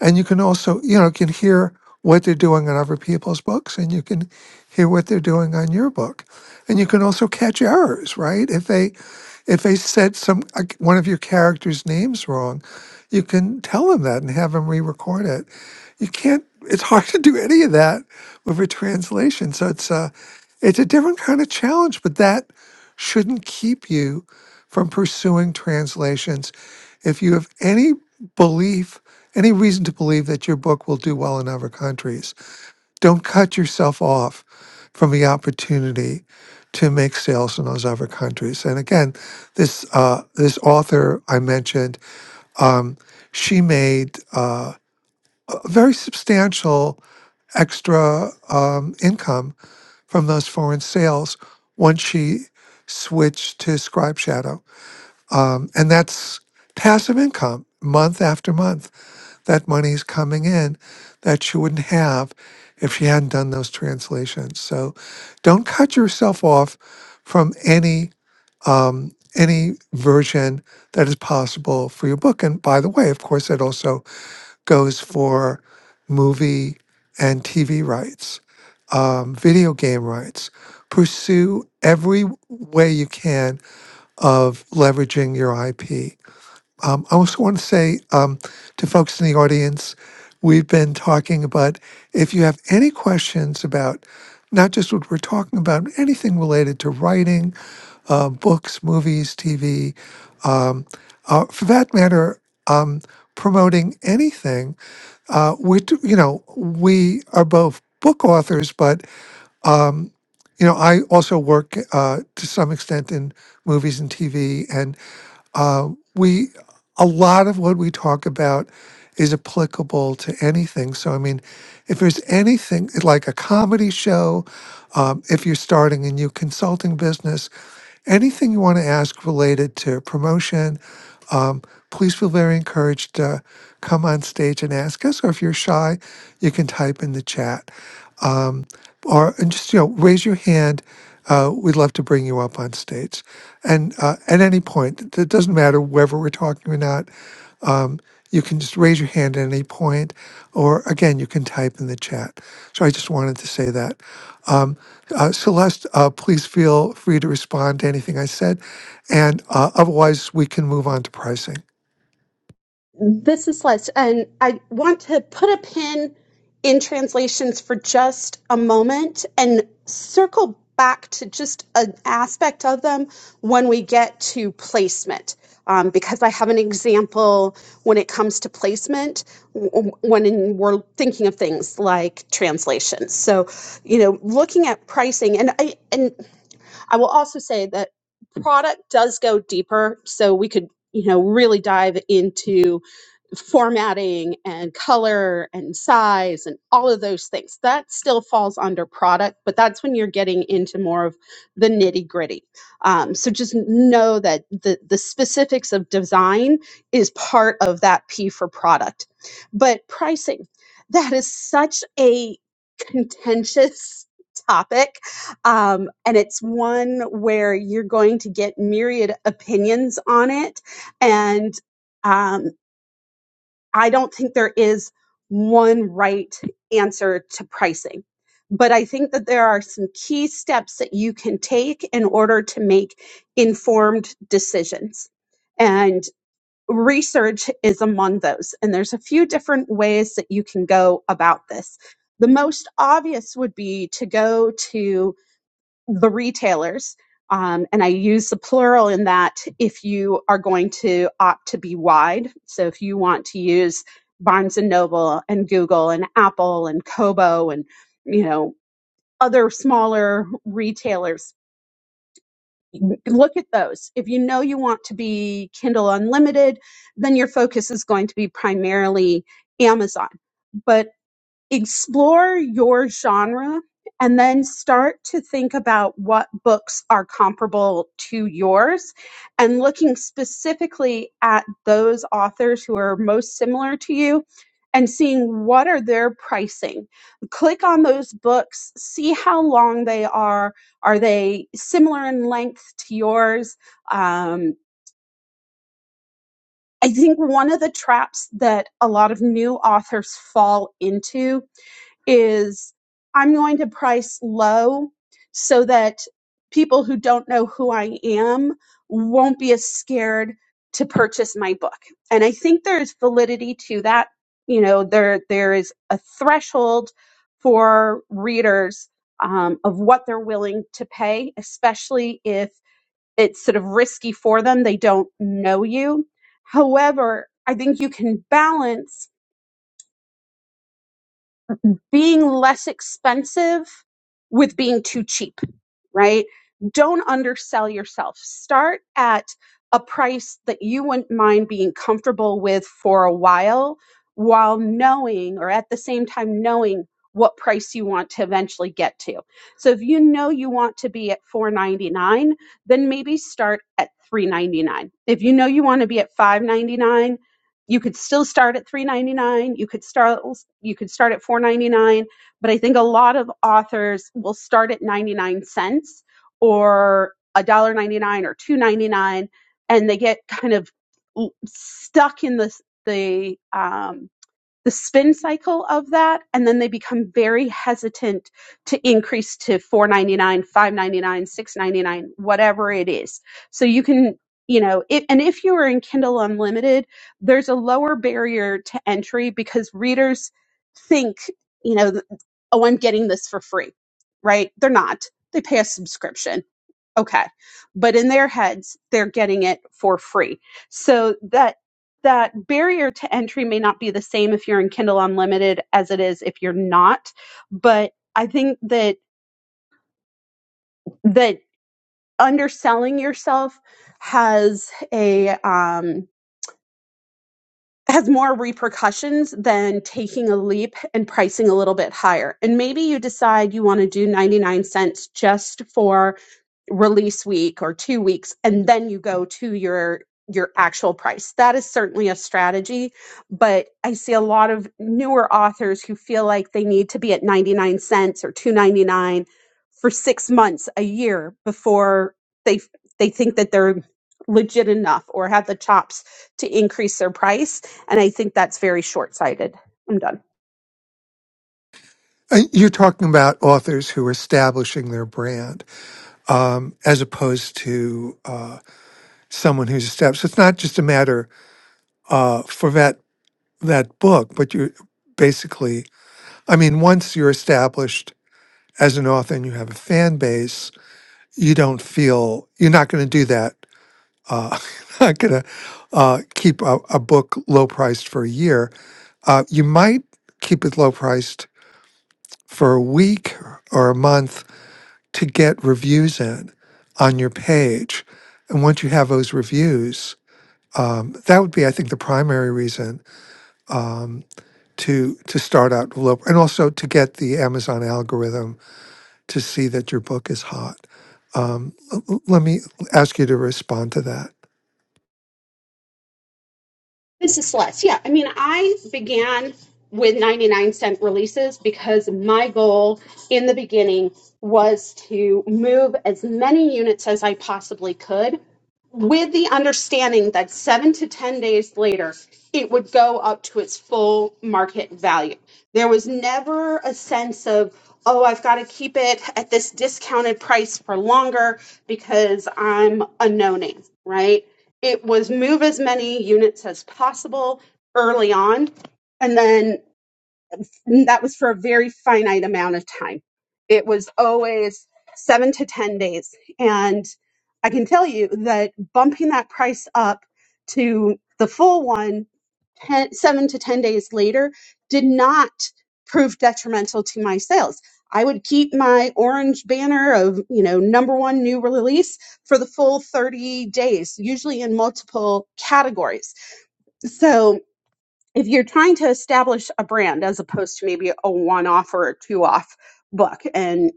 and you can also you know can hear what they're doing on other people's books and you can hear what they're doing on your book and you can also catch errors right if they if they said some like, one of your characters names wrong you can tell them that and have them re-record it you can't it's hard <laughs> to do any of that with a translation so it's a it's a different kind of challenge but that shouldn't keep you from pursuing translations. If you have any belief, any reason to believe that your book will do well in other countries, don't cut yourself off from the opportunity to make sales in those other countries. And again, this uh, this author I mentioned, she made uh, a very substantial extra um, income from those foreign sales once she switched to Scribe Shadow Um, and that's passive income month after month. That money's coming in that she wouldn't have if she hadn't done those translations. So don't cut yourself off from any um, any version that is possible for your book. And by the way, of course, it also goes for movie and TV rights, um, video game rights. Pursue every way you can of leveraging your IP um, I also want to say um, to folks in the audience, we've been talking about if you have any questions about not just what we're talking about, but anything related to writing, uh, books, movies, TV, um, uh, for that matter, um, promoting anything. Uh, we, do- you know, we are both book authors, but you know, I also work uh, to some extent in movies and TV, and. Uh, we a lot of what we talk about is applicable to anything. So I mean, if there's anything like a comedy show, um, if you're starting a new consulting business, anything you want to ask related to promotion, um, please feel very encouraged to come on stage and ask us. Or if you're shy, you can type in the chat or and just you know raise your hand. Uh, we'd love to bring you up on stage, and uh, at any point, it doesn't matter whether we're talking or not. You can just raise your hand at any point, or again, you can type in the chat. So I just wanted to say that, uh, Celeste, uh, please feel free to respond to anything I said, and uh, otherwise we can move on to pricing. This is Liz, and I want to put a pin in translations for just a moment and circle back to just an aspect of them when we get to placement. Um, because I have an example when it comes to placement w- when in, we're thinking of things like translation. So, you know, looking at pricing, and I and I will also say that product does go deeper, so we could, you know, really dive into formatting and color and size and all of those things. That still falls under product, but that's when you're getting into more of the nitty gritty. Um, so just know that the, the specifics of design is part of that P for product. But pricing, that is such a contentious <laughs> topic um, and it's one where you're going to get myriad opinions on it and um, I don't think there is one right answer to pricing, but I think that there are some key steps that you can take in order to make informed decisions. And research is among those. And there's a few different ways that you can go about this. The most obvious would be to go to the retailers. Um, and I use the plural in that if you are going to opt to be wide. So if you want to use Barnes and Noble and Google and Apple and Kobo and, you know, other smaller retailers, look at those. If you know you want to be Kindle Unlimited, then your focus is going to be primarily Amazon but explore your genre and then start to think about what books are comparable to yours and looking specifically at those authors who are most similar to you and seeing what are their pricing click on those books see how long they are are they similar in length to yours um, i think one of the traps that a lot of new authors fall into is I'm going to price low so that people who don't know who I am won't be as scared to purchase my book. And I think there's validity to that. You know, there there is a threshold for readers um, of what they're willing to pay, especially if it's sort of risky for them. They don't know you. However, I think you can balance being less expensive with being too cheap, right? Don't undersell yourself. Start at a price that you wouldn't mind being comfortable with for a while, while knowing, or at the same time, knowing what price you want to eventually get to. So if you know you want to be at 499, then maybe start at 399. If you know you want to be at 599, you could still start at 399, you could start you could start at 499 but I think a lot of authors will start at 99 cents or a dollar ninety nine, or 2.99 and they get kind of stuck in the the um, the spin cycle of that and then they become very hesitant to increase to 499 599 699 whatever it is so you can you know it, and if you are in kindle unlimited there's a lower barrier to entry because readers think you know th- oh i'm getting this for free right they're not they pay a subscription okay but in their heads they're getting it for free so that that barrier to entry may not be the same if you're in kindle unlimited as it is if you're not but i think that that underselling yourself has a um has more repercussions than taking a leap and pricing a little bit higher. And maybe you decide you want to do 99 cents just for release week or two weeks and then you go to your your actual price that is certainly a strategy but i see a lot of newer authors who feel like they need to be at 99 cents or 299 for six months a year before they they think that they're legit enough or have the chops to increase their price and i think that's very short-sighted i'm done Uh, You're talking about authors who are establishing their brand um, as opposed to uh, someone who's established. So it's not just a matter uh, for that that book. But you basically, I mean, once you're established as an author and you have a fan base, you don't feel you're not going to do that. Uh, <laughs> not going to uh, keep a, a book low priced for a year. Uh, you might keep it low priced for a week or a month to get reviews in on your page. And once you have those reviews, um, that would be, I think, the primary reason. Um, to to start out develop and also to get the Amazon algorithm to see that your book is hot. Um, l- l- let me ask you to respond to that. This is Celeste. Yeah, I mean, I began with 99 cent releases because my goal in the beginning was to move as many units as I possibly could with the understanding that seven to 10 days later, it would go up to its full market value. There was never a sense of, oh, I've got to keep it at this discounted price for longer because I'm a no name, right? It was move as many units as possible early on. And then and that was for a very finite amount of time. It was always seven to 10 days. And I can tell you that bumping that price up to the full one, ten, seven to 10 days later, did not prove detrimental to my sales. I would keep my orange banner of, you know, number one new release for the full 30 days, usually in multiple categories. So, if you're trying to establish a brand as opposed to maybe a one off or a two off book and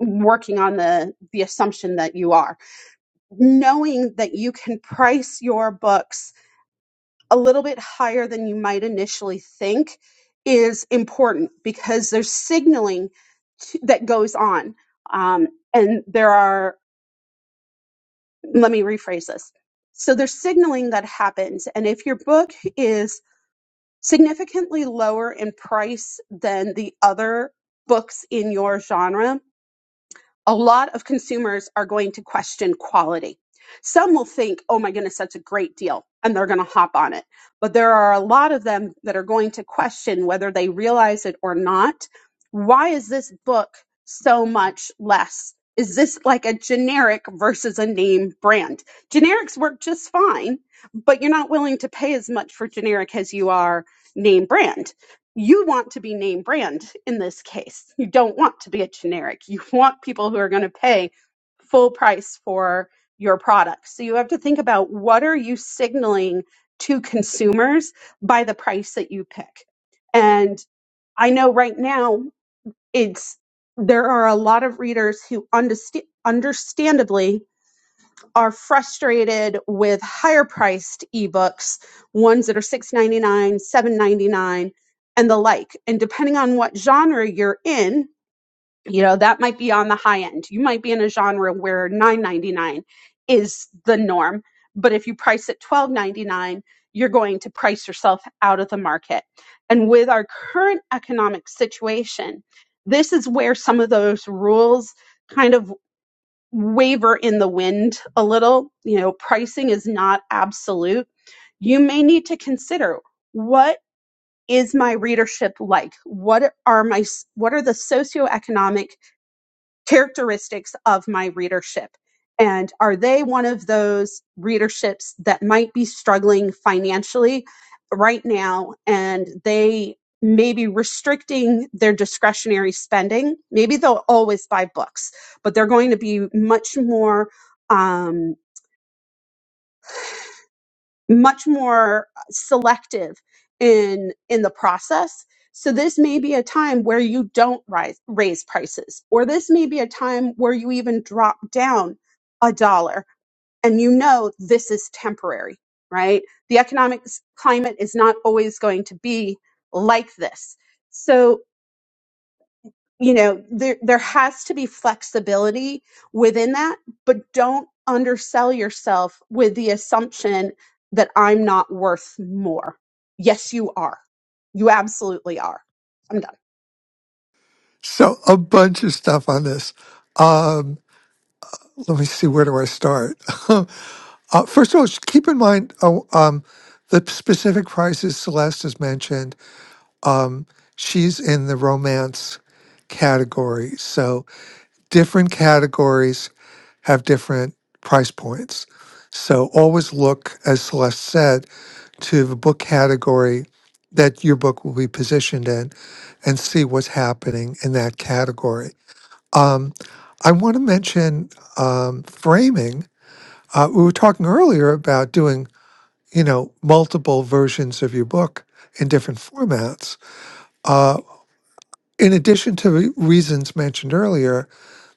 working on the the assumption that you are knowing that you can price your books a little bit higher than you might initially think is important because there's signaling to, that goes on um, and there are let me rephrase this so there's signaling that happens and if your book is significantly lower in price than the other books in your genre a lot of consumers are going to question quality. Some will think, oh my goodness, that's a great deal, and they're going to hop on it. But there are a lot of them that are going to question whether they realize it or not. Why is this book so much less? Is this like a generic versus a name brand? Generics work just fine, but you're not willing to pay as much for generic as you are name brand you want to be name brand in this case. You don't want to be a generic. You want people who are going to pay full price for your products. So you have to think about what are you signaling to consumers by the price that you pick. And I know right now it's there are a lot of readers who understand understandably are frustrated with higher priced ebooks, ones that are six ninety nine, seven ninety nine, and the like. And depending on what genre you're in, you know, that might be on the high end. You might be in a genre where nine ninety nine is the norm. But if you price it twelve ninety-nine, you're going to price yourself out of the market. And with our current economic situation, this is where some of those rules kind of waver in the wind a little. You know, pricing is not absolute. You may need to consider what is my readership like? What are my what are the socioeconomic characteristics of my readership? And are they one of those readerships that might be struggling financially right now and they may be restricting their discretionary spending? Maybe they'll always buy books, but they're going to be much more. Um, much more uh, selective in in the process so this may be a time where you don't rise, raise prices or this may be a time where you even drop down a dollar and you know this is temporary right the economic s- climate is not always going to be like this so you know there there has to be flexibility within that but don't undersell yourself with the assumption that i'm not worth more yes you are you absolutely are i'm done So a bunch of stuff on this. Um, let me see where do I start. <laughs> uh, first of all, just keep in mind oh, um, the specific prices Celeste has mentioned. Um, she's in the romance category, so different categories have different price points. So always look, as Celeste said, to the book category that your book will be positioned in and see what's happening in that category. Um, I want to mention um, framing. Uh, we were talking earlier about doing, you know, multiple versions of your book in different formats. Uh, in addition to the reasons mentioned earlier,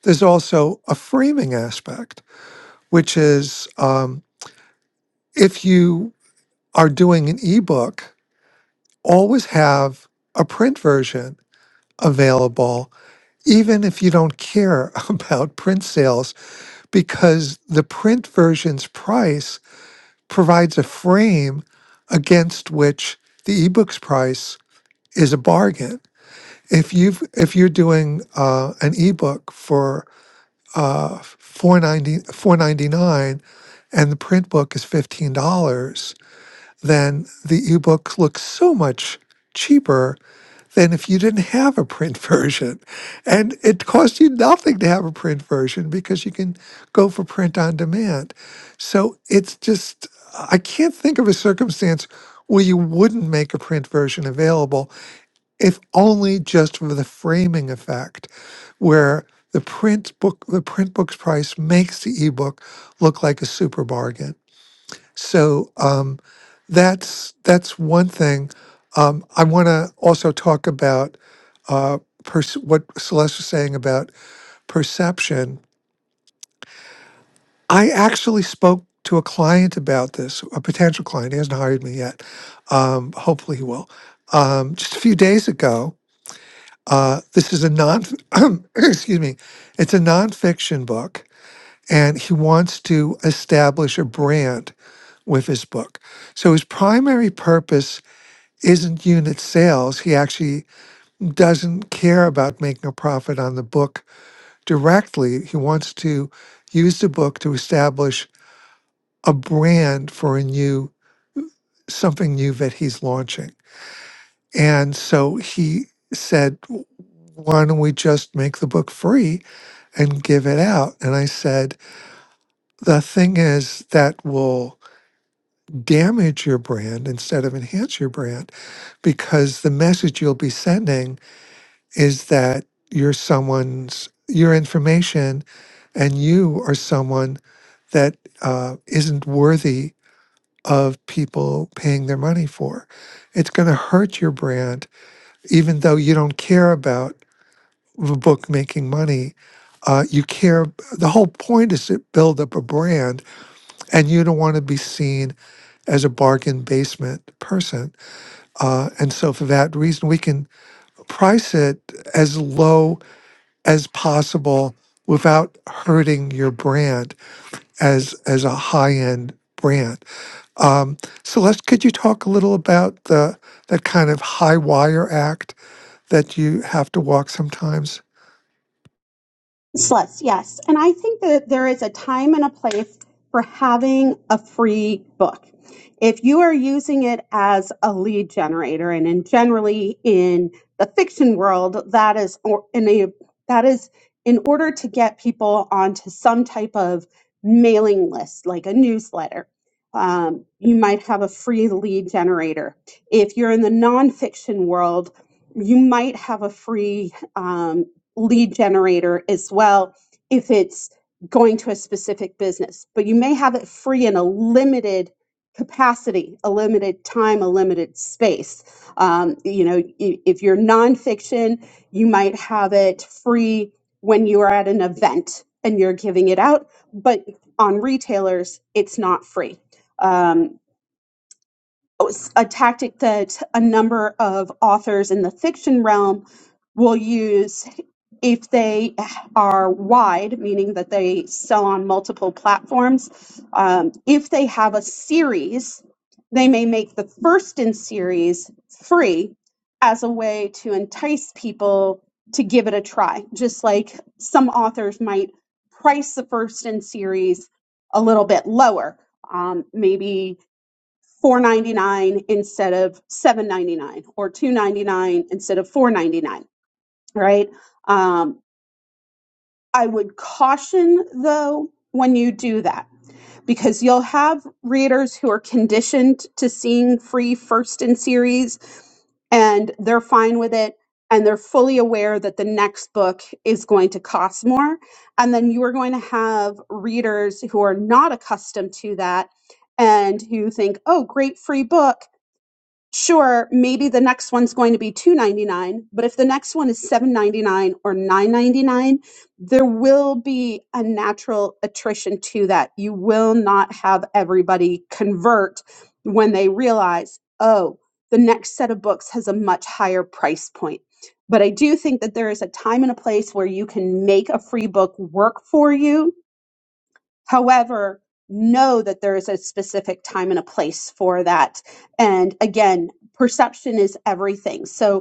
there's also a framing aspect, which is um, if you are doing an ebook, always have a print version available, even if you don't care <laughs> about print sales, because the print version's price provides a frame against which the ebook's price is a bargain. If you've if you're doing uh, an ebook for uh, 490 and the print book is $15 then the ebook looks so much cheaper than if you didn't have a print <laughs> version. And it costs you nothing to have a print version because you can go for print on demand. So it's just, I can't think of a circumstance where you wouldn't make a print version available, if only just for the framing effect, where the print book, the print book's price makes the ebook look like a super bargain. So, um, that's that's one thing. Um, I want to also talk about uh, pers- what Celeste was saying about perception. I actually spoke to a client about this, a potential client. He hasn't hired me yet. Um, hopefully, he will. Um, just a few days ago. Uh, this is a non. <clears throat> excuse me. It's a nonfiction book, and he wants to establish a brand with his book. So his primary purpose isn't unit sales. He actually doesn't care about making a profit on the book directly. He wants to use the book to establish a brand for a new something new that he's launching. And so he said, "Why don't we just make the book free and give it out?" And I said, "The thing is that will damage your brand instead of enhance your brand because the message you'll be sending is that you're someone's your information and you are someone that uh, isn't worthy of people paying their money for it's going to hurt your brand even though you don't care about the book making money uh, you care the whole point is to build up a brand and you don't want to be seen as a bargain basement person uh, and so for that reason we can price it as low as possible without hurting your brand as as a high end brand. Um, Celeste, could you talk a little about the that kind of high wire act that you have to walk sometimes? Sluts, yes. And I think that there is a time and a place for having a free book. If you are using it as a lead generator, and in generally in the fiction world, that is or in a that is in order to get people onto some type of mailing list, like a newsletter. Um, you might have a free lead generator. If you're in the nonfiction world, you might have a free um, lead generator as well if it's going to a specific business. But you may have it free in a limited capacity, a limited time, a limited space. Um, you know, i- if you're nonfiction, you might have it free when you are at an event and you're giving it out, but on retailers, it's not free. Um, a tactic that a number of authors in the fiction realm will use if they are wide, meaning that they sell on multiple platforms. Um, if they have a series, they may make the first in series free as a way to entice people to give it a try, just like some authors might price the first in series a little bit lower. Um, maybe 499 instead of 799 or 299 instead of 499 right um, i would caution though when you do that because you'll have readers who are conditioned to seeing free first in series and they're fine with it and they're fully aware that the next book is going to cost more and then you are going to have readers who are not accustomed to that and who think oh great free book sure maybe the next one's going to be 299 but if the next one is 799 or 999 there will be a natural attrition to that you will not have everybody convert when they realize oh the next set of books has a much higher price point but i do think that there is a time and a place where you can make a free book work for you However, know that there is a specific time and a place for that. And again, perception is everything. So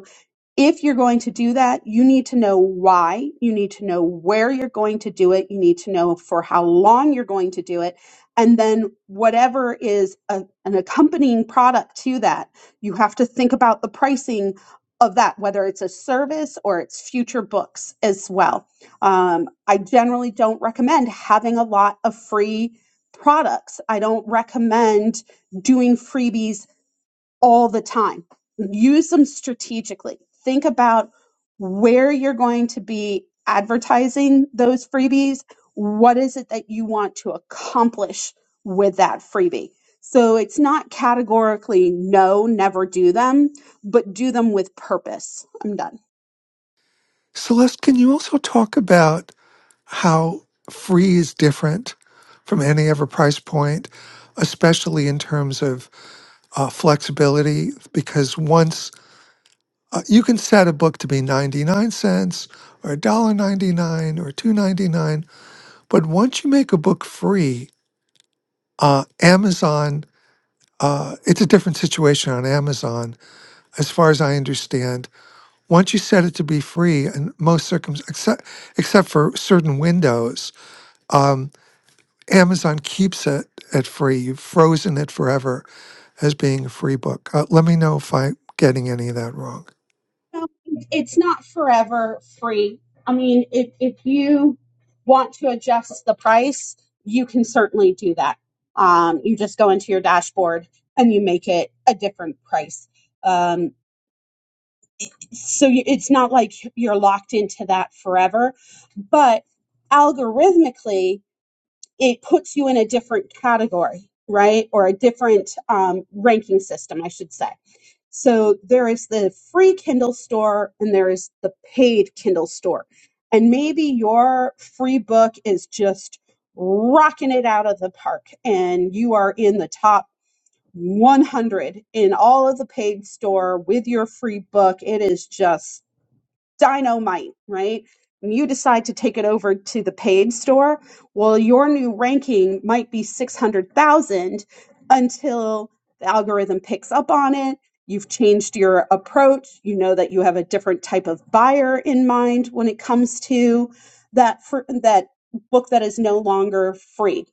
if you're going to do that, you need to know why, you need to know where you're going to do it, you need to know for how long you're going to do it, and then whatever is a, an accompanying product to that, you have to think about the pricing of that, whether it's a service or it's future books as well. Um, I generally don't recommend having a lot of free products. I don't recommend doing freebies all the time. Use them strategically. Think about where you're going to be advertising those freebies. What is it that you want to accomplish with that freebie? So it's not categorically no, never do them, but do them with purpose. I'm done. Celeste, can you also talk about how free is different from any other price point, especially in terms of uh, flexibility? Because once Uh, you can set a book to be 99 cents or $1.99 or $2.99. But once you make a book free, uh, Amazon, uh, it's a different situation on Amazon, as far as I understand. Once you set it to be free, and most circum except, except for certain windows, um, Amazon keeps it at free. You've frozen it forever as being a free book. Uh, let me know if I'm getting any of that wrong. No, it's not forever free. I mean, if if you want to adjust the price, you can certainly do that. Um, you just go into your dashboard and you make it a different price. Um, so you, it's not like you're locked into that forever, but algorithmically it puts you in a different category, right? Or a different um, ranking system, I should say. So there is the free Kindle store and there is the paid Kindle store. And maybe your free book is just rocking it out of the park and you are in the top 100 in all of the paid store with your free book. It is just dynamite, right? And you decide to take it over to the paid store. Well, your new ranking might be 600,000 until the algorithm picks up on it. You've changed your approach. You know that you have a different type of buyer in mind when it comes to that fr- that book that is no longer free.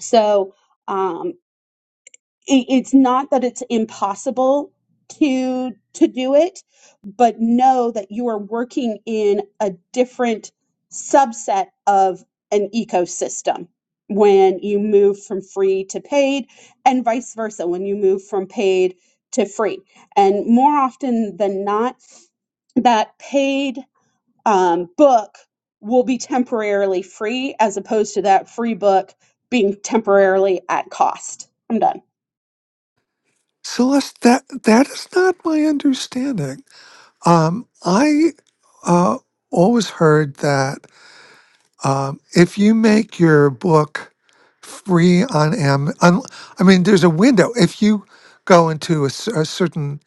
So, um, it- it's not that it's impossible to to do it but know that you are working in a different subset of an ecosystem when you move from free to paid and vice versa when you move from paid to free and more often than not that paid um, book will be temporarily free as opposed to that free book being temporarily at cost. I'm done. Celeste, that that is not my understanding. Um, I uh, always heard that um, if you make your book free on Am, un- I mean, there's a window. If you go into a, cer- a certain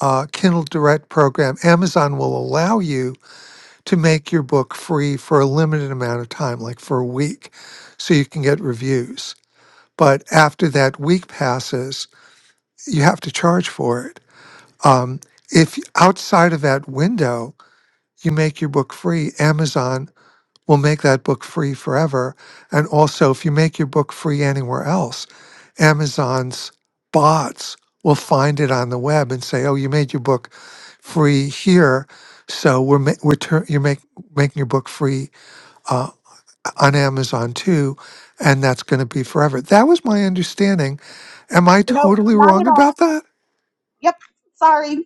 uh, Kindle Direct program, Amazon will allow you to make your book free for a limited amount of time, like for a week, so you can get reviews. But after that week passes, you have to charge for it. Um, if outside of that window, you make your book free, Amazon will make that book free forever. And also, if you make your book free anywhere else, Amazon's bots will find it on the web and say, "Oh, you made your book free here, so we're ma- we're tur- you're make, making your book free uh, on Amazon too, and that's going to be forever." That was my understanding. Am I Nope, totally not at wrong all. about that? Yep, sorry.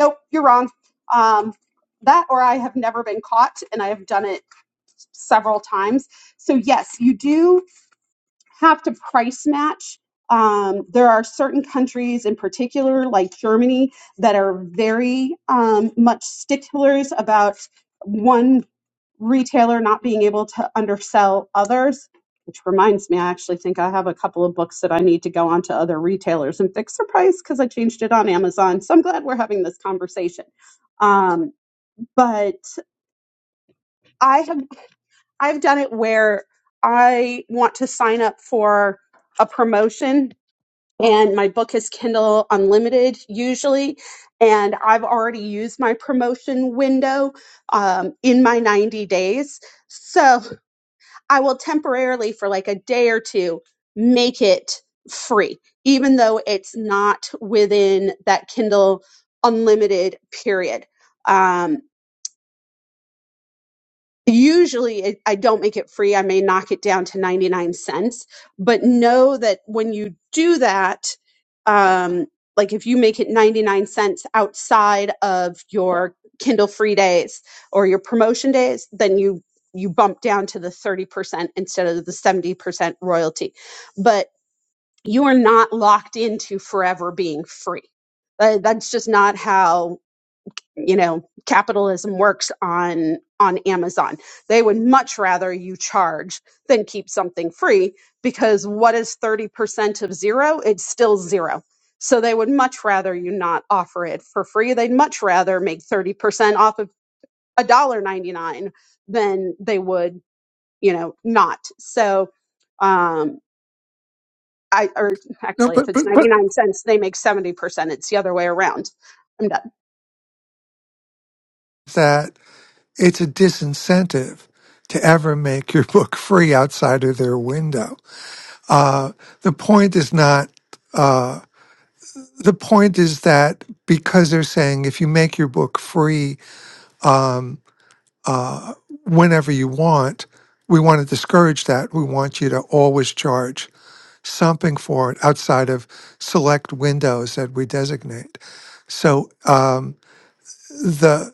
Nope, you're wrong. Um, that or I have never been caught and I have done it several times. So, yes, you do have to price match. Um, there are certain countries in particular, like Germany, that are very um, much sticklers about one retailer not being able to undersell others. Which reminds me, I actually think I have a couple of books that I need to go on to other retailers and fix the price because I changed it on Amazon. So I'm glad we're having this conversation. Um, but I have I've done it where I want to sign up for a promotion and my book is Kindle Unlimited usually. And I've already used my promotion window um, in my 90 days. So I will temporarily, for like a day or two, make it free, even though it's not within that Kindle Unlimited period. Um, usually it, I don't make it free. I may knock it down to 99 cents, but know that when you do that, um, like if you make it 99 cents outside of your Kindle free days or your promotion days, then you you bump down to the 30% instead of the 70% royalty. But you are not locked into forever being free. Uh, That's just not how you know capitalism works on on amazon they would much rather you charge than keep something free because what is 30% of zero it's still zero so they would much rather you not offer it for free they'd much rather make 30% off of a dollar 99 than they would you know not so um I or No, actually, if but it's but but ninety nine cents, they make seventy percent. It's the other way around. I'm done. that. it's a disincentive to ever make your <laughs> book free outside of their window. Uh, the point is not, uh, the point is that because they're saying if you make your book free um, whenever you want, we want to discourage that. We want you to always charge something for it outside of select windows that we designate. So um, the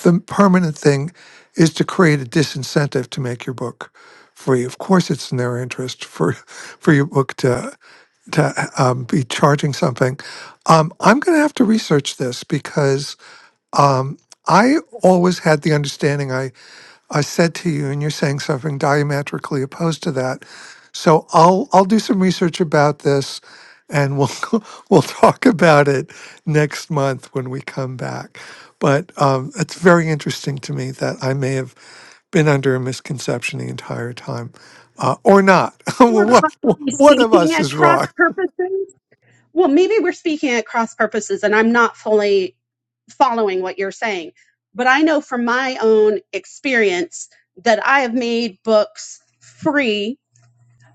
the permanent thing is to create a disincentive to make your book free. Of course, it's in their interest for for your book to to um, be charging something. Um, I'm going to have to research this because um, I always had the understanding. I. I said to you, and you're saying something diametrically opposed to that. So I'll I'll do some research about this, and we'll <laughs> we'll talk about it next month when we come back. But um, it's very interesting to me that I may have been under a misconception the entire time, uh, or not. <laughs> We're Well, possibly what what of speaking us at is cross wrong? purposes. Well, maybe we're speaking at cross purposes and I'm not fully following what you're saying. But I know from my own experience that I have made books free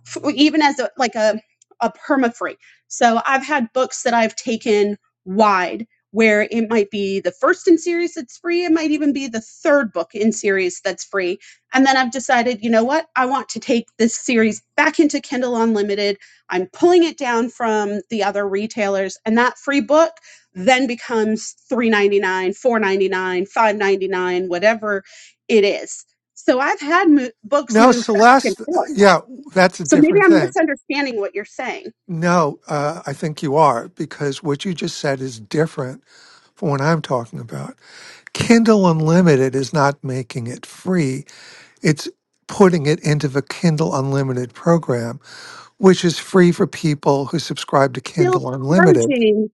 f- even as a, like a a perma free. So I've had books that I've taken wide where it might be the first in series that's free, it might even be the third book in series that's free. And then I've decided, you know what? I want to take this series back into Kindle Unlimited. I'm pulling it down from the other retailers and that free book then becomes 3.99, 4.99, 5.99, whatever it is. So I've had mo- books No, move back and Celeste. forth. Yeah, that's a So maybe different I'm thing. misunderstanding what you're saying. No, uh, I think you are because what you just said is different from what I'm talking about. Kindle Unlimited is not making it free. It's putting it into the Kindle Unlimited program, which is free for people who subscribe to still Kindle Unlimited. charging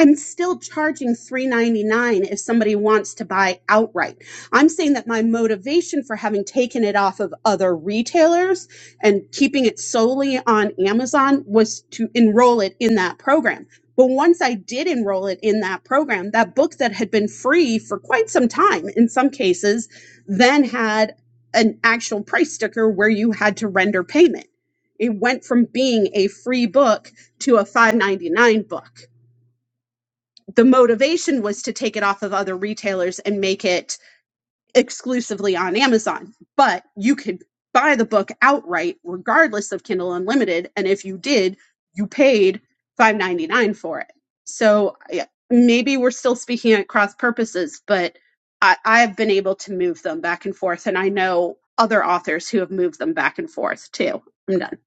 I'm still charging 399 if somebody wants to buy outright. I'm saying that my motivation for having taken it off of other retailers and keeping it solely on Amazon was to enroll it in that program. But once I did enroll it in that program, that book that had been free for quite some time in some cases then had an actual price sticker where you had to render payment. It went from being a free book to a 599 book the motivation was to take it off of other retailers and make it exclusively on Amazon, but you could buy the book outright regardless of Kindle Unlimited and if you did, you paid 5.99 for it. So yeah, maybe we're still speaking at cross purposes, but I I've been able to move them back and forth and I know other authors who have moved them back and forth too. I'm done.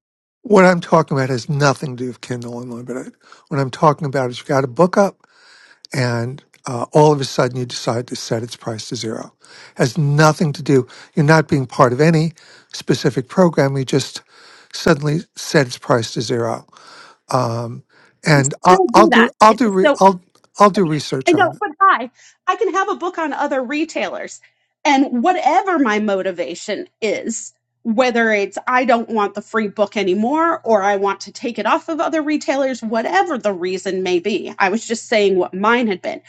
What I'm talking about has nothing to do with Kindle Unlimited. What I'm talking about is you've got a book up and uh, all of a sudden you decide to set its price to zero. Has nothing to do. You're not being part of any specific program. You just suddenly set its price to zero. Um, and I, don't do I'll that. do I'll It- do re, So I'll I'll do I research on know, it. but hi, I can have a book on other retailers. And whatever my motivation is, whether it's I don't want the free book anymore or I want to take it off of other retailers, whatever the reason may be, I was just saying what mine had been.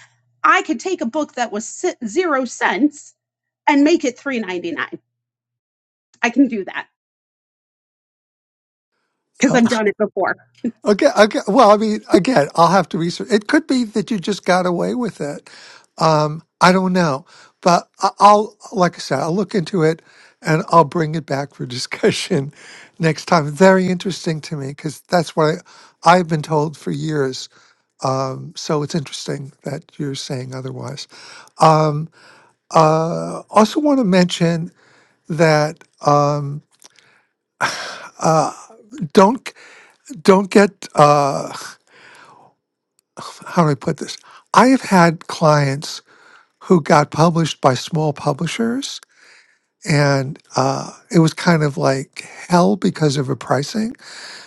I could take a book that was si- zero cents and make it three ninety nine. I can do that because Uh, I've done it before. Okay, okay. Well, I mean, again, I'll have to research. It could be that you just got away with it. Um, I don't know, but I- I'll, like I said, I'll look into it and I'll bring it back for discussion <laughs> next time. Very interesting to me because that's what I, I've been told for years. Um, so it's interesting that you're saying otherwise. Um, uh, also want to mention that um, uh, don't don't get uh, <laughs> how do I put this? I have had clients who got published by small publishers. And uh, it was kind of like hell because of the pricing,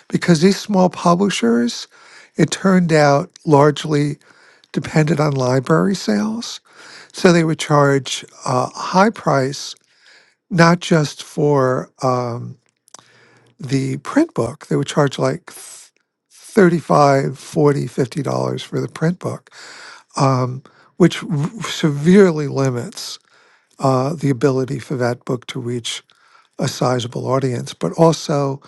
because these small publishers, it turned out, largely depended on library sales. So they would charge uh, a high price, not just for um, the print book, they would charge like th- 35 dollars 40 dollars $50 for the print book, um, which r- severely limits. uh, the ability for that book to reach a sizable audience. But also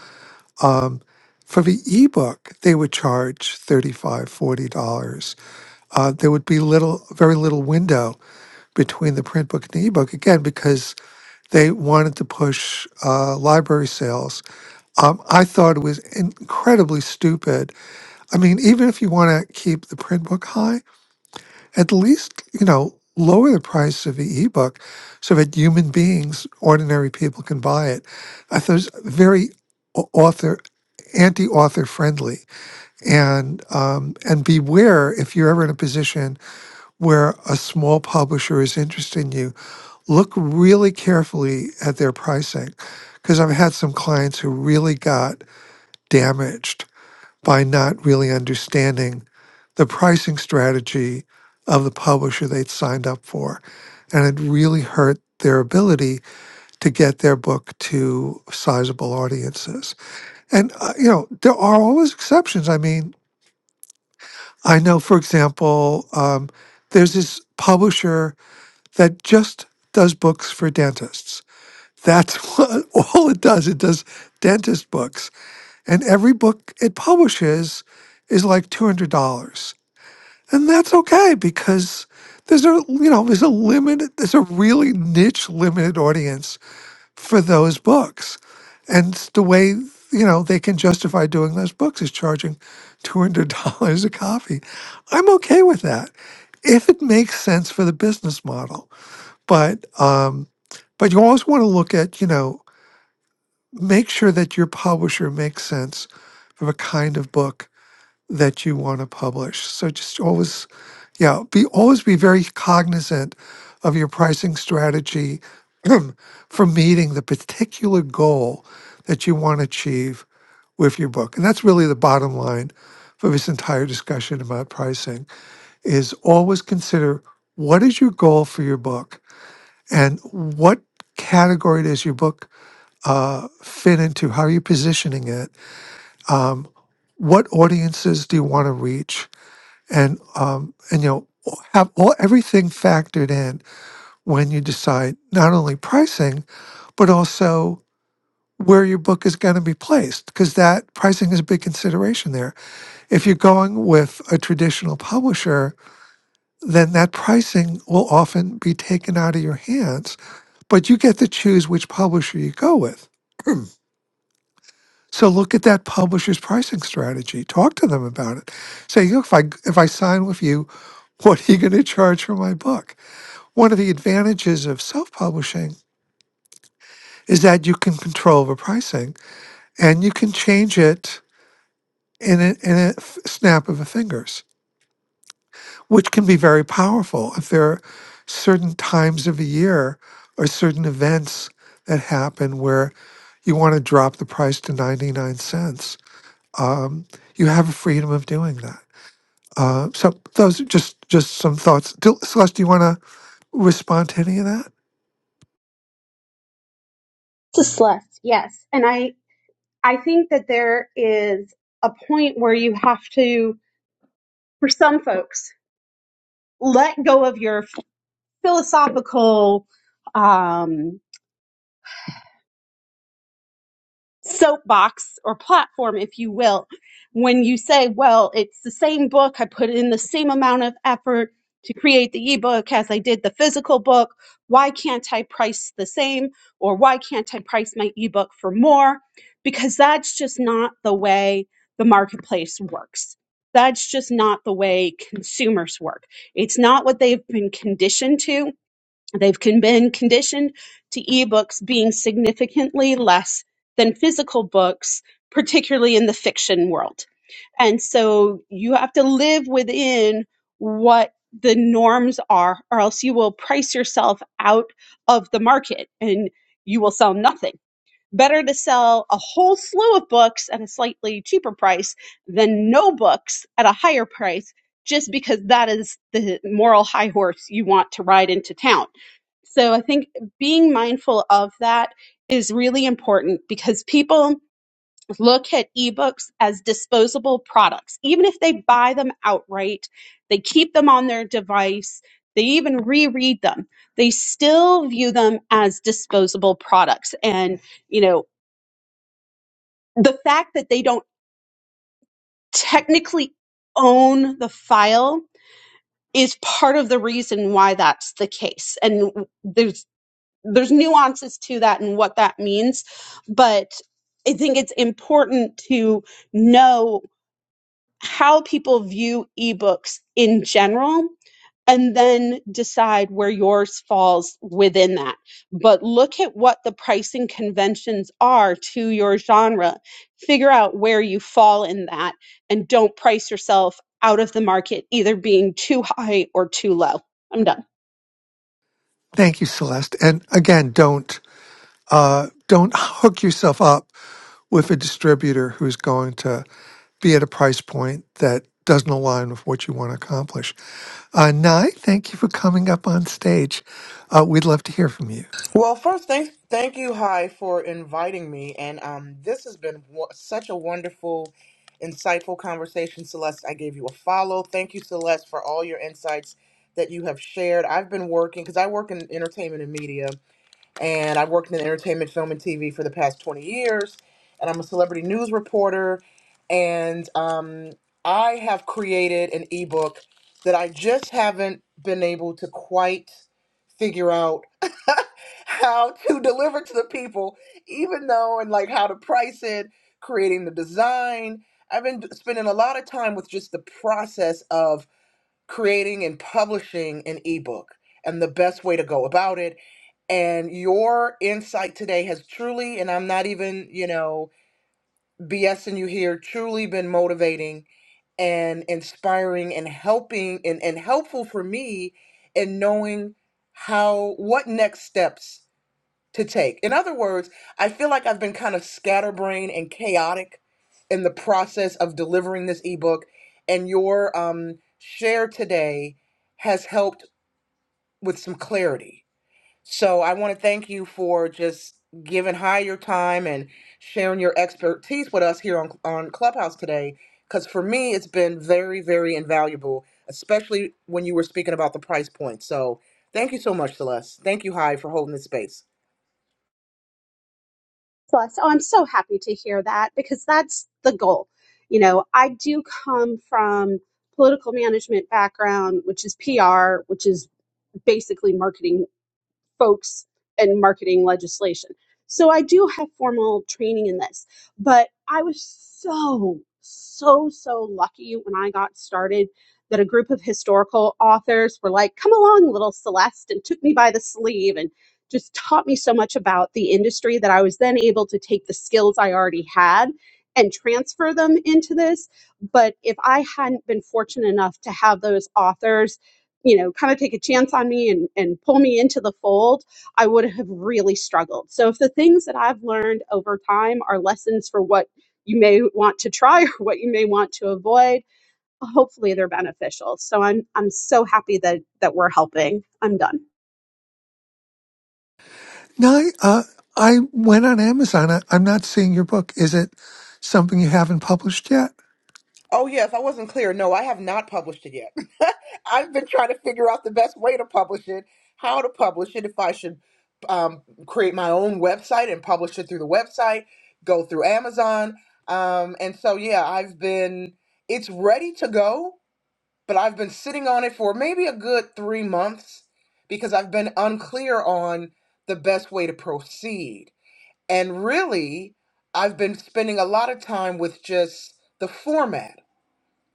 for the ebook, they would charge $35, dollars, $40. Uh, there would be little, very little window between the print book and the ebook, again, because they wanted to push uh, library sales. Um, I thought it was incredibly stupid. I mean, even if you want to keep the print book high, at least, you know, lower the price of the ebook so that human beings, ordinary people can buy it. I thought it was very au- author anti-author friendly and um, and beware if you're ever in a position where a small publisher is interested in you look really carefully at their pricing because i've had some clients who really got damaged by not really understanding the pricing strategy of the publisher they'd signed up for. And it really hurt their ability to get their book to sizable audiences. And, uh, you know, there are always exceptions. I mean, I know, for example, um, there's this publisher that just does books for dentists. That's <laughs> what, all it does. It does dentist books. And every book it publishes is like $200. and that's okay because there's a you know there's a limited there's a really niche limited audience for those books and the way you know they can justify doing those books is charging $200 a copy i'm okay with that if it makes sense for the business model but um but you always want to look at you know make sure that your publisher makes sense for the kind of book that you want to publish. So just always, yeah, be always be very cognizant of your pricing strategy <clears throat> for meeting the particular goal that you want to achieve with your book. And that's really the bottom line for this entire discussion about pricing is always consider what is your goal for your book and what category does your book uh, fit into? How are you positioning it? Um, what audiences do you want to reach? and um, and you know have all everything factored in when you decide not only pricing but also where your book is going to be placed because that pricing is a big consideration there. If you're going with a traditional publisher, then that pricing will often be taken out of your hands, but you get to choose which publisher you go with. So look at that publisher's pricing strategy. Talk to them about it. Say, look, if I if I sign with you, <laughs> what are you going to charge for my book? One of the advantages of self publishing is that you can control the pricing and you can change it in a, in a f- snap of the fingers, which can be very powerful if there are certain times of the year or certain events that happen where you want to drop the price to 99 cents. Um, you have a freedom of doing that. Uh, so those are just just some thoughts. Do, Celeste, do you want to respond to any of that? It's a slut, yes. And I, I think that there is a point where you have to, for some folks, let go of your philosophical um, soapbox or platform, if you will, when you say, well, it's the same book. I put in the same amount of effort to create the ebook as I did the physical book. Why can't I price the same? Or why can't I price my ebook for more? Because that's just not the way the marketplace works. That's just not the way consumers work. It's not what they've been conditioned to. They've con- been conditioned to ebooks being significantly less than physical books, particularly in the fiction world. And so you have to live within what the norms are, or else you will price yourself out of the market and you will sell nothing. Better to sell a whole slew of books at a slightly cheaper price than no books at a higher price, just because that is the moral high horse you want to ride into town so I think being mindful of that is really important because people look at ebooks as disposable products. Even if they buy them outright, they keep them on their device, they even reread them. They still view them as disposable products and, you know, the fact that they don't technically own the file is part of the reason why that's the case. And there's there's nuances to that and what that means but i think it's important to know how people view ebooks in general and then decide where yours falls within that but look at what the pricing conventions are to your genre figure out where you fall in that and don't price yourself out of the market either being too high or too low i'm done Thank you, Celeste. And again, don't. uh, don't hook yourself up with a distributor who's going to be at a price point that doesn't align with what you want to accomplish. Uh, Nye, thank you for coming up on stage. Uh, we'd love to hear from you. Well, first, thank thank you, Hi, for inviting me, and um, this has been w- such a wonderful, insightful conversation, Celeste. I gave you a follow. Thank you, Celeste, for all your insights that you have shared. I've been working because I work in entertainment and media, and I worked in entertainment, film, and TV for the past 20 years. And I'm a celebrity news reporter, and um, I have created an ebook that I just haven't been able to quite figure out <laughs> how to deliver to the people, even though and like how to price it, creating the design. I've been spending a lot of time with just the process of creating and publishing an ebook and the best way to go about it. And your insight today has truly, and I'm not even, you know, BSing you here, truly been motivating and inspiring and helping and, and helpful for me in knowing how, what next steps to take. In other words, I feel like I've been kind of scatterbrained and chaotic in the process of delivering this ebook, and your um, share today has helped with some clarity. So I want to thank you for just giving high your time and sharing your expertise with us here on, on Clubhouse today. Because for me, it's been very, very invaluable, especially when you were speaking about the price point. So thank you so much, Celeste. Thank you, High, for holding this space. plus. Oh, I'm so happy to hear that because that's the goal. You know, I do come from political management background, which is PR, which is basically marketing folks and marketing legislation. So I do have formal training in this, but I was so, so, so lucky when I got started that a group of historical authors were like, come along, little Celeste, and took me by the sleeve and just taught me so much about the industry that I was then able to take the skills I already had and transfer them into this. But if I hadn't been fortunate enough to have those authors you know, kind of take a chance on me and, and pull me into the fold, I would have really struggled. So if the things that I've learned over time are lessons for what you may want to try <laughs> or what you may want to avoid, hopefully they're beneficial. So I'm I'm so happy that that we're helping. I'm done. Nye, uh, I went on Amazon. I, I'm not seeing your book. Is it something you haven't published yet? Oh, yes, I wasn't clear. No, I have not published it yet. <laughs> I've been trying to figure out the best way to publish it, how to publish it, if I should um, create my own website and publish it through the website, go through Amazon. Um, and so, yeah, I've been, it's ready to go, but I've been sitting on it for maybe a good three months because I've been unclear on the best way to proceed. And really, I've been spending a lot of time with just the format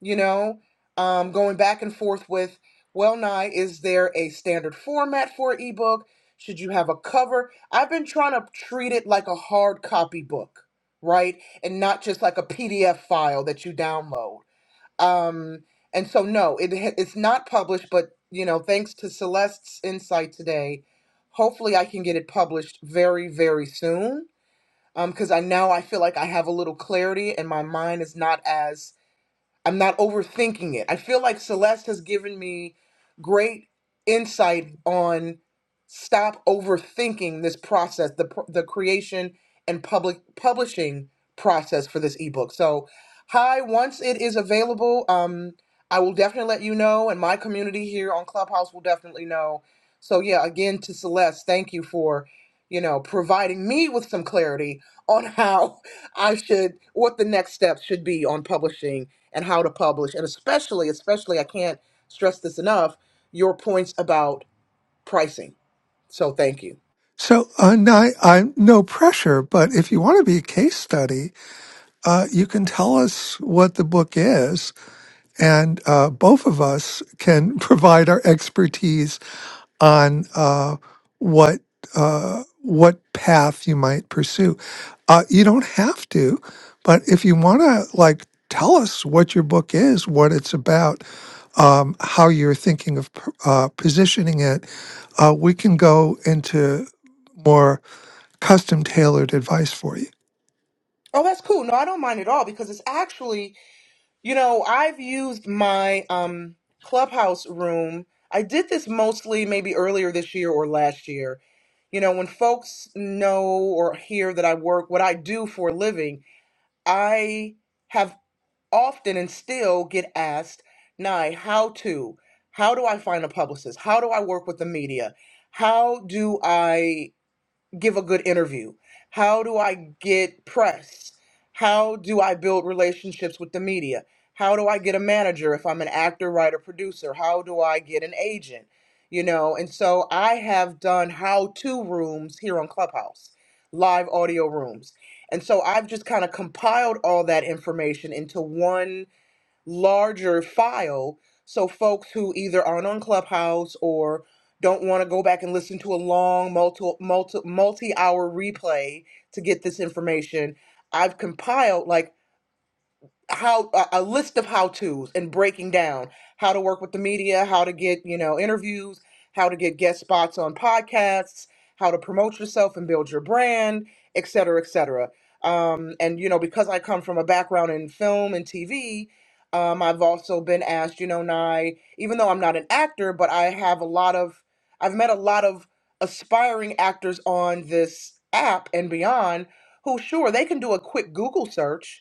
you know, um, going back and forth with, well, nigh, is there a standard format for an ebook? Should you have a cover? I've been trying to treat it like a hard copy book, right? And not just like a PDF file that you download. Um, and so, no, it, ha- it's not published, but, you know, thanks to Celeste's insight today, hopefully I can get it published very, very soon. Um, Because I now I feel like I have a little clarity and my mind is not as I'm not overthinking it. I feel like Celeste has given me great insight on stop overthinking this process, the pr- the creation and public publishing process for this ebook. So, hi, once it is available, um I will definitely let you know and my community here on Clubhouse will definitely know. So, yeah, again to Celeste, thank you for, you know, providing me with some clarity on how <laughs> I should what the next steps should be on publishing and how to publish and especially especially i can't stress this enough your points about pricing so thank you So, uh, Nye, I, no pressure, but if you want to be a case study, uh, you can tell us what the book is, and uh, both of us can <laughs> provide our expertise on uh, what uh, what path you might pursue. Uh, you don't have to, but if you want to, like, tell us what your book is, what it's about, um, how you're thinking of p- uh, positioning it, uh, we can go into more custom tailored advice for you. oh that's cool no i don't mind at all because it's actually you know i've used my um clubhouse room i did this mostly maybe earlier this year or last year you know when folks know or hear that i work what i do for a living i have often and still get asked, Nye, how to? How do I find a publicist? How do I work with the media? How do I give a good interview? How do I get press? How do I build relationships with the media? How do I get a manager if I'm an actor, writer, producer? How do I get an agent? You know, and so I have done how to rooms here on Clubhouse, live audio rooms. And so I've just kind of compiled all that information into one larger file so folks who either aren't on Clubhouse or don't want to go back and listen to a long multi multi multi hour replay to get this information. I've compiled like how a a list of how to's and breaking down how to work with the media, how to get, you know, interviews, how to get guest spots on podcasts, how to promote yourself and build your brand, et cetera, et cetera. Um, and, you know, because I come from a background in film and TV, um, I've also been asked, you know, Nye, even though I'm not an actor, but I have a lot of, I've met a lot of aspiring actors on this app and beyond who, sure, they can do a quick Google search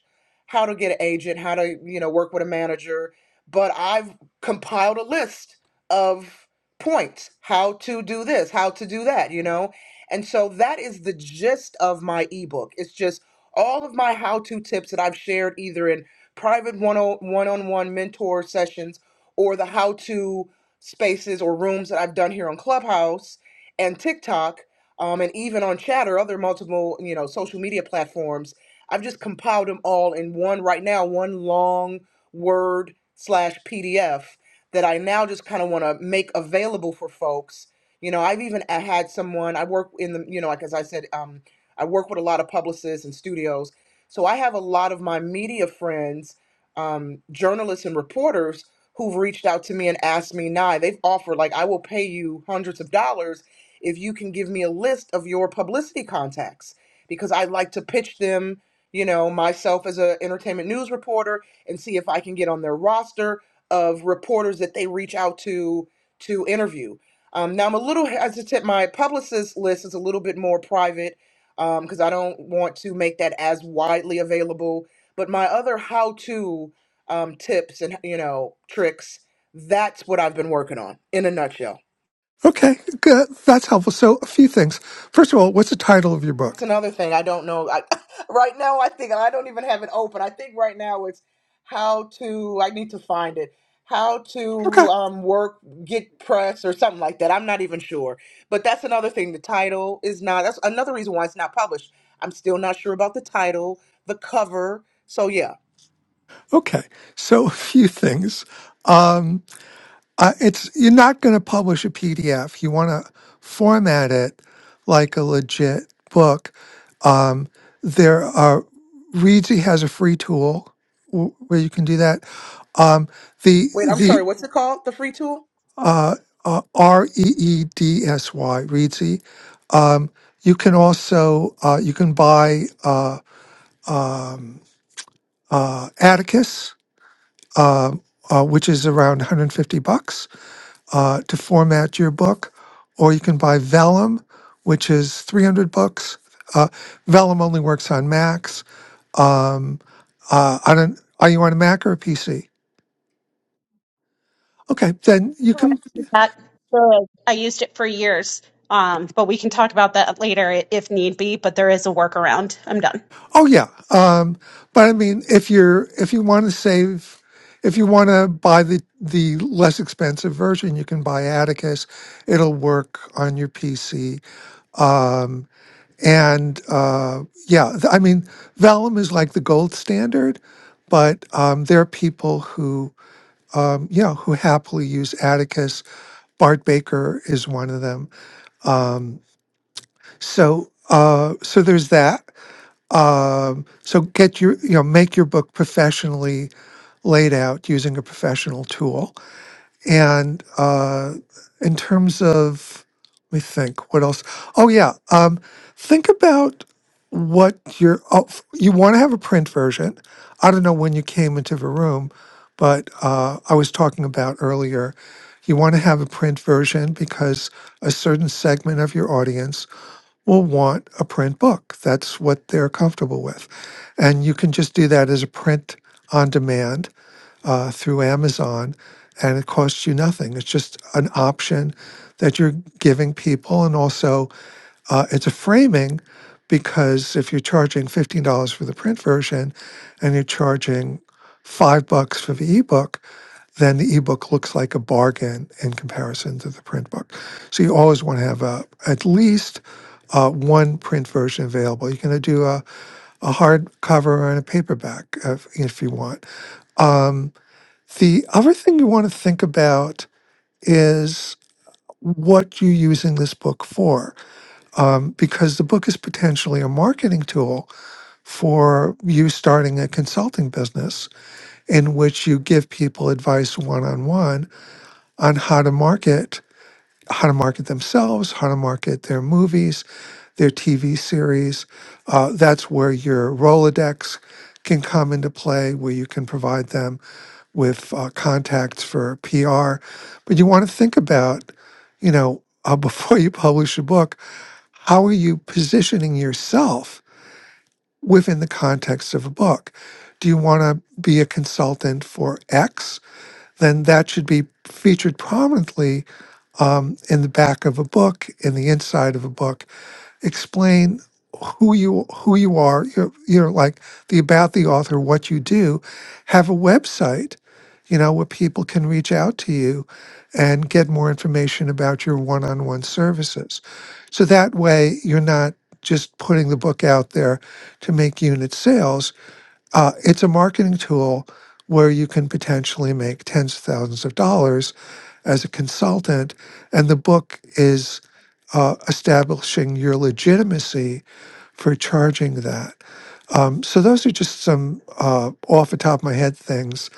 how to get an agent, how to, you know, work with a manager, but I've compiled a list of points, how to do this, how to do that, you know? And so that is the gist of my ebook. It's just all of my how-to tips that I've shared either in private one-on- one-on-one mentor sessions or the how-to spaces or rooms that I've done here on Clubhouse and TikTok um, and even on Chatter, other multiple, you know, social media platforms I've just compiled them all in one right now, one long word slash PDF that I now just kind of want to make available for folks. You know, I've even a- had someone, I work in the, you know, like as I said, um, I work with a lot of publicists and studios. So I have a lot of my media friends, um, journalists and reporters who've reached out to me and asked me now. They've offered, like, I will pay you hundreds of dollars if you can give me a list of your publicity contacts because I'd like to pitch them you know, myself as an entertainment news reporter and see if I can get on their roster of reporters that they reach out to to interview. Um, now I'm a little hesitant. My publicist list is a little bit more private because I don't want to make that as widely available. But my other how-to um, tips and you know tricks, that's what I've been working on in a nutshell. Okay, good. That's helpful. So, a few things. First of all, what's the title of your That's book? another thing I don't know. I, <laughs> right now, I think I don't even have it open. I think right now it's how to. I need to find it. How to Okay, um, work, get press, or something like that. I'm not even sure. But that's another thing. The title is not. That's another reason why it's not published. I'm still not sure about the title, the cover. So yeah. okay. So, <laughs> a few things. Um, uh, it's you're not going to publish a PDF. You want to format it like a legit book. Um, there are Readsy has a free tool w- where you can do that. Um, the Wait, I'm the sorry. What's it called? The free tool? uh, uh, R E E D S Y Readsy. Um, you can also uh, you can buy. uh, um, uh, Atticus, uh, uh, which is around 150 bucks uh, to format your book, or you can buy Vellum, which is 300 bucks. Uh, Vellum only works on Macs. Um, uh, I don't. Are you on a Mac or a PC? Okay, then you can. Correct. That good. I used it for years. Um, but we can talk about that later i- if need be, but there is a workaround. I'm done. Oh yeah. Um, but I mean, if you're if you want to save, if you want to buy the the less expensive version, you can buy Atticus. It'll work on your PC Um, and uh, yeah, th- I mean, Vellum is like the gold standard, but um, there are people who, um, you know, who happily use Atticus. Bart Baker is one of them. Um, so, uh, so there's that. Um, so get your, you know, make your book professionally laid out using a professional tool and uh, in terms of, let me think, what else? Oh, yeah. Um, think about what your, oh, f- you want to have a print version. I don't know when you came into the room, but uh, I was talking about earlier. You want to have a print version because a certain segment of your audience will want a print book. That's what they're comfortable with. And you can just do that as a print on demand uh, through Amazon, and it costs you nothing. It's just an option that you're giving people, and also uh, it's a framing because if you're charging fifteen dollars for the print version, and you're charging five bucks for the ebook, then the ebook looks like a bargain in comparison to the print book. So you always want to have a, at least uh, one print version available. You can do a, a hardcover and a paperback if, if you want. The other thing you want to think about is what you're using this book for, um, because the book is potentially a marketing tool for you starting a consulting business in which you give people advice one on one on how to market how to market themselves, how to market their movies, their TV series. Uh, that's where your Rolodex can come into play, where you can provide them with uh, contacts for PR. But you want to think about, you know, uh, <laughs> before you publish a book, how are you positioning yourself within the context of a book? Do you want to be a consultant for X? Then that should be featured prominently um, in the back of a book, in the inside of a book, explain who you who you are, you're, you're like the about the author, what you do, have a website, you know, where people can reach out to you and get more information about your one-on-one services. So that way you're not just putting the book out there to make unit sales uh, it's a marketing tool where you can potentially make tens of thousands of dollars as a consultant, and the book is uh, establishing your legitimacy for charging that. Um, so those are just some uh, off the top of my head things,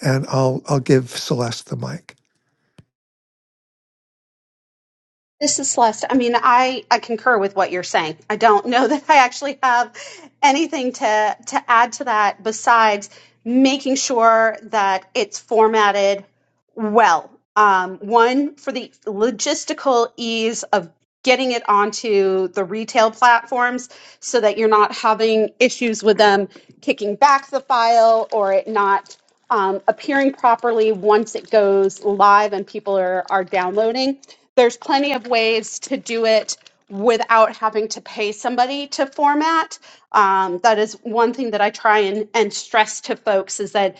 and I'll I'll give Celeste the mic. This is Celeste. I mean, I, I concur with what you're saying. I don't know <laughs> that I actually have anything to, to add to that besides making sure that it's formatted well. Um, one, for the logistical ease of getting it onto the retail platforms so that you're not having issues with them kicking back the file or it not um, appearing properly once it goes live and people are, are downloading. There's plenty of ways to do it without having to pay somebody to format. Um, that is one thing that I try and, and stress to folks is that,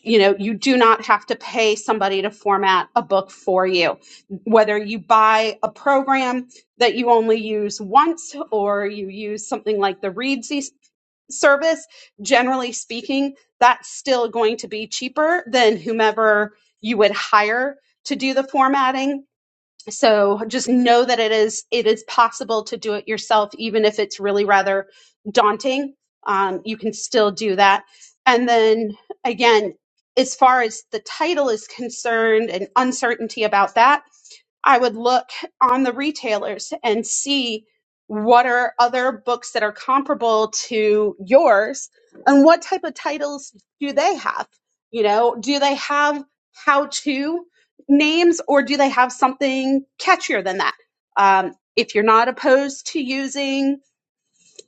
you know, you do not have to pay somebody to format a book for you. Whether you buy a program that you only use once or you use something like the Readsy service, generally speaking, that's still going to be cheaper than whomever you would hire to do the formatting. So just know that it is it is possible to do it yourself, even if it's really rather daunting. Um, you can still do that. And then again, as far as the title is concerned and uncertainty about that, I would look on the retailers and see what are other books that are comparable to yours and what type of titles do they have? You know, do they have how to names or do they have something catchier than that? Um, if you're not opposed to using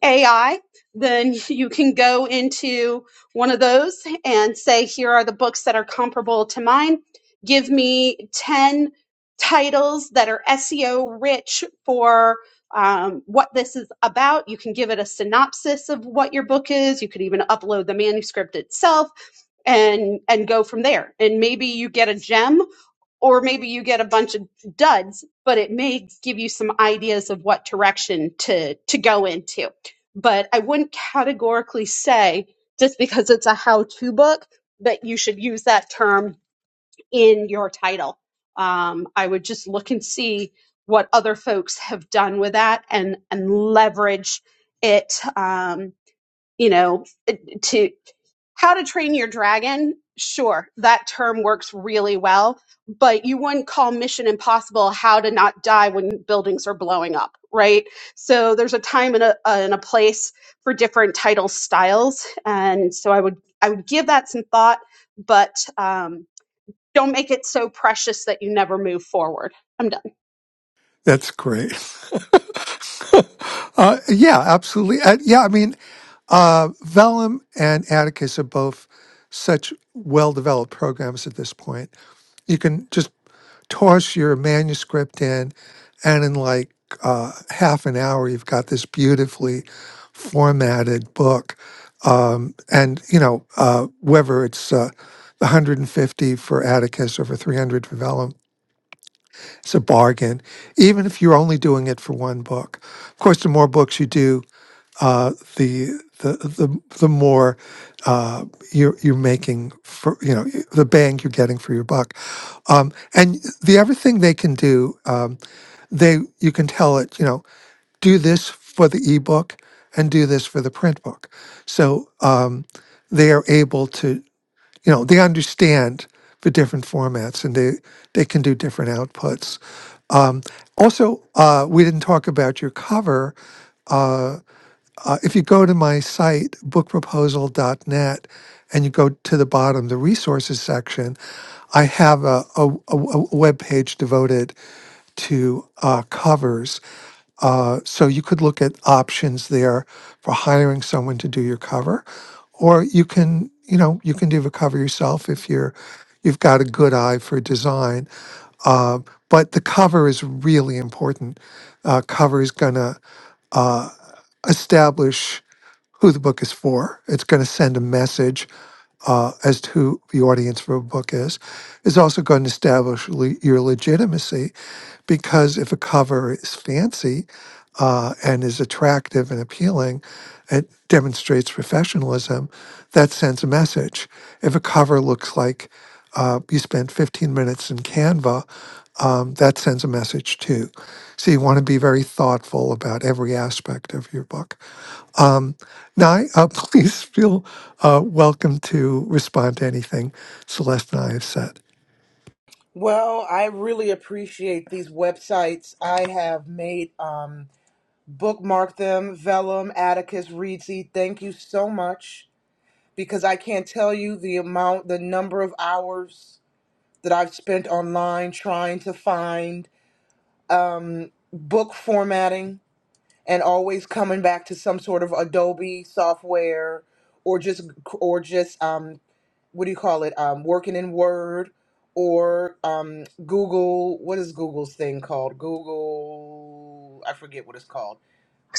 AI, then you can go into one of those and say, here are the books that are comparable to mine. Give me 10 titles that are SEO rich for um, what this is about. You can give it a synopsis of what your book is. You could even upload the manuscript itself and, and go from there. And maybe you get a gem or maybe you get a bunch of duds, but it may give you some ideas of what direction to to go into. But I wouldn't categorically say just because it's a how-to book that you should use that term in your title. Um, I would just look and see what other folks have done with that and and leverage it. Um, you know, to. How to Train Your Dragon, sure, that term works really well, but you wouldn't call Mission Impossible how to not die when buildings are blowing up, right? So there's a time and a, and a place for different title styles, and so I would I would give that some thought, but um, don't make it so precious that you never move forward. I'm done. That's great. <laughs> uh, yeah, absolutely. Uh, yeah, I mean, uh, Vellum and Atticus are both such well developed programs at this point. You can just toss your manuscript in, and in like uh, half an hour, you've got this beautifully formatted book. Um, and, you know, uh, whether it's uh, 150 for Atticus or for 300 for Vellum it's a bargain, even if you're only doing it for one book. Of course, the more books you do, uh, the the the the more uh, you're you're making for you know the bang you're getting for your buck. Um, and the other thing they can do, um, they you can tell it you know do this for the ebook and do this for the print book. So um, they are able to, you know, they understand the different formats and they they can do different outputs. Also, uh, we didn't talk about your cover. Uh, uh, if you go to my site, book proposal dot net, and you go to the bottom, the resources section, I have a, a, a, a web page devoted to uh, covers. Uh, so you could look at options there for hiring someone to do your cover, or you can, you know, you can do the cover yourself if you're, you've got a good eye for design. Uh, but the cover is really important. Uh, cover is gonna uh, establish who the book is for. It's going to send a message uh, as to who the audience for a book is. It's also going to establish le- your legitimacy because if a cover is fancy uh, and is attractive and appealing, it demonstrates professionalism. That sends a message. If a cover looks like uh, you spent 15 minutes in Canva, um, that sends a message too. So you want to be very thoughtful about every aspect of your book. Um, Nye, uh, <laughs> please feel uh, welcome to respond to anything Celeste and I have said. Well, I really appreciate these websites. I have made. Um, bookmark them vellum atticus reedsy thank you so much because i can't tell you the amount the number of hours that i've spent online trying to find um, book formatting and always coming back to some sort of adobe software or just or just um, what do you call it um, working in word or um, google what is google's thing called google i forget what it's called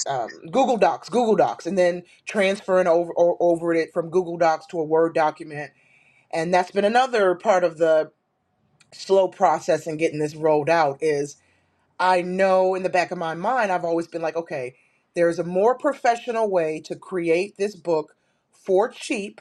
um, Google Docs, Google Docs, and then transferring over or, over it from Google Docs to a Word document. And that's been another part of the slow process in getting this rolled out is I know in the back of my mind I've always been like, okay, there's a more professional way to create this book for cheap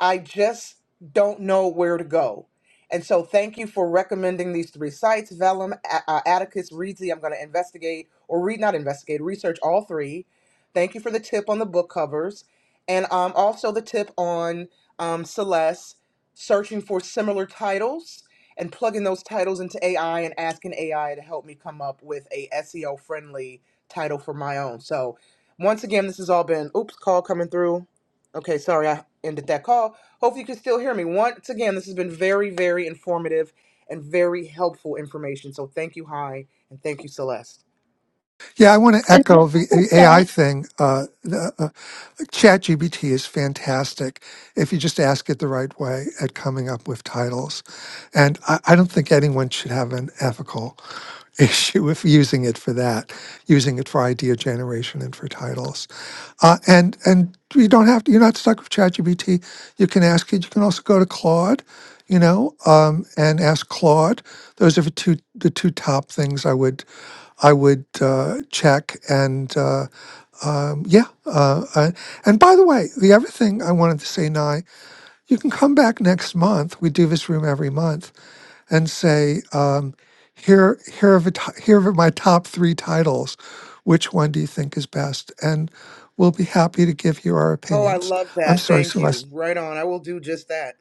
I just don't know where to go. And so, thank you for recommending these three sites: Vellum, A- uh, Atticus, Readsy. I'm going to investigate or read, not investigate, research all three. Thank you for the tip on the book covers, and um, also the tip on um, Celeste searching for similar titles and plugging those titles into AI and asking AI to help me come up with a SEO friendly title for my own. So, once again, this has all been oops call coming through. Okay, sorry I ended that call. Hopefully you can still hear me. Once again, this has been very, very informative and very helpful information. So thank you, Hi, and thank you, Celeste. Yeah, I want to echo the AI thing. Uh, the, uh, ChatGPT is fantastic if you just ask it the right way at coming up with titles. And I, I don't think anyone should have an ethical <laughs> issue with using it for that, using it for idea generation and for titles. Uh, and and you don't have to, you're not stuck with ChatGPT. You can ask it. You can also go to Claude, you know, um, and ask Claude. Those are the two the two top things I would. I would uh, check and uh, um, yeah. Uh, uh, and by the way, the other thing I wanted to say, Nye, you can come back next month. We do this room every month and say, um, here, here are the t- here are my top three titles. Which one do you think is best? And we'll be happy to give you our Oh, I opinions. love I'm that. sorry, Thank you. Celeste. Right on. I will do just that.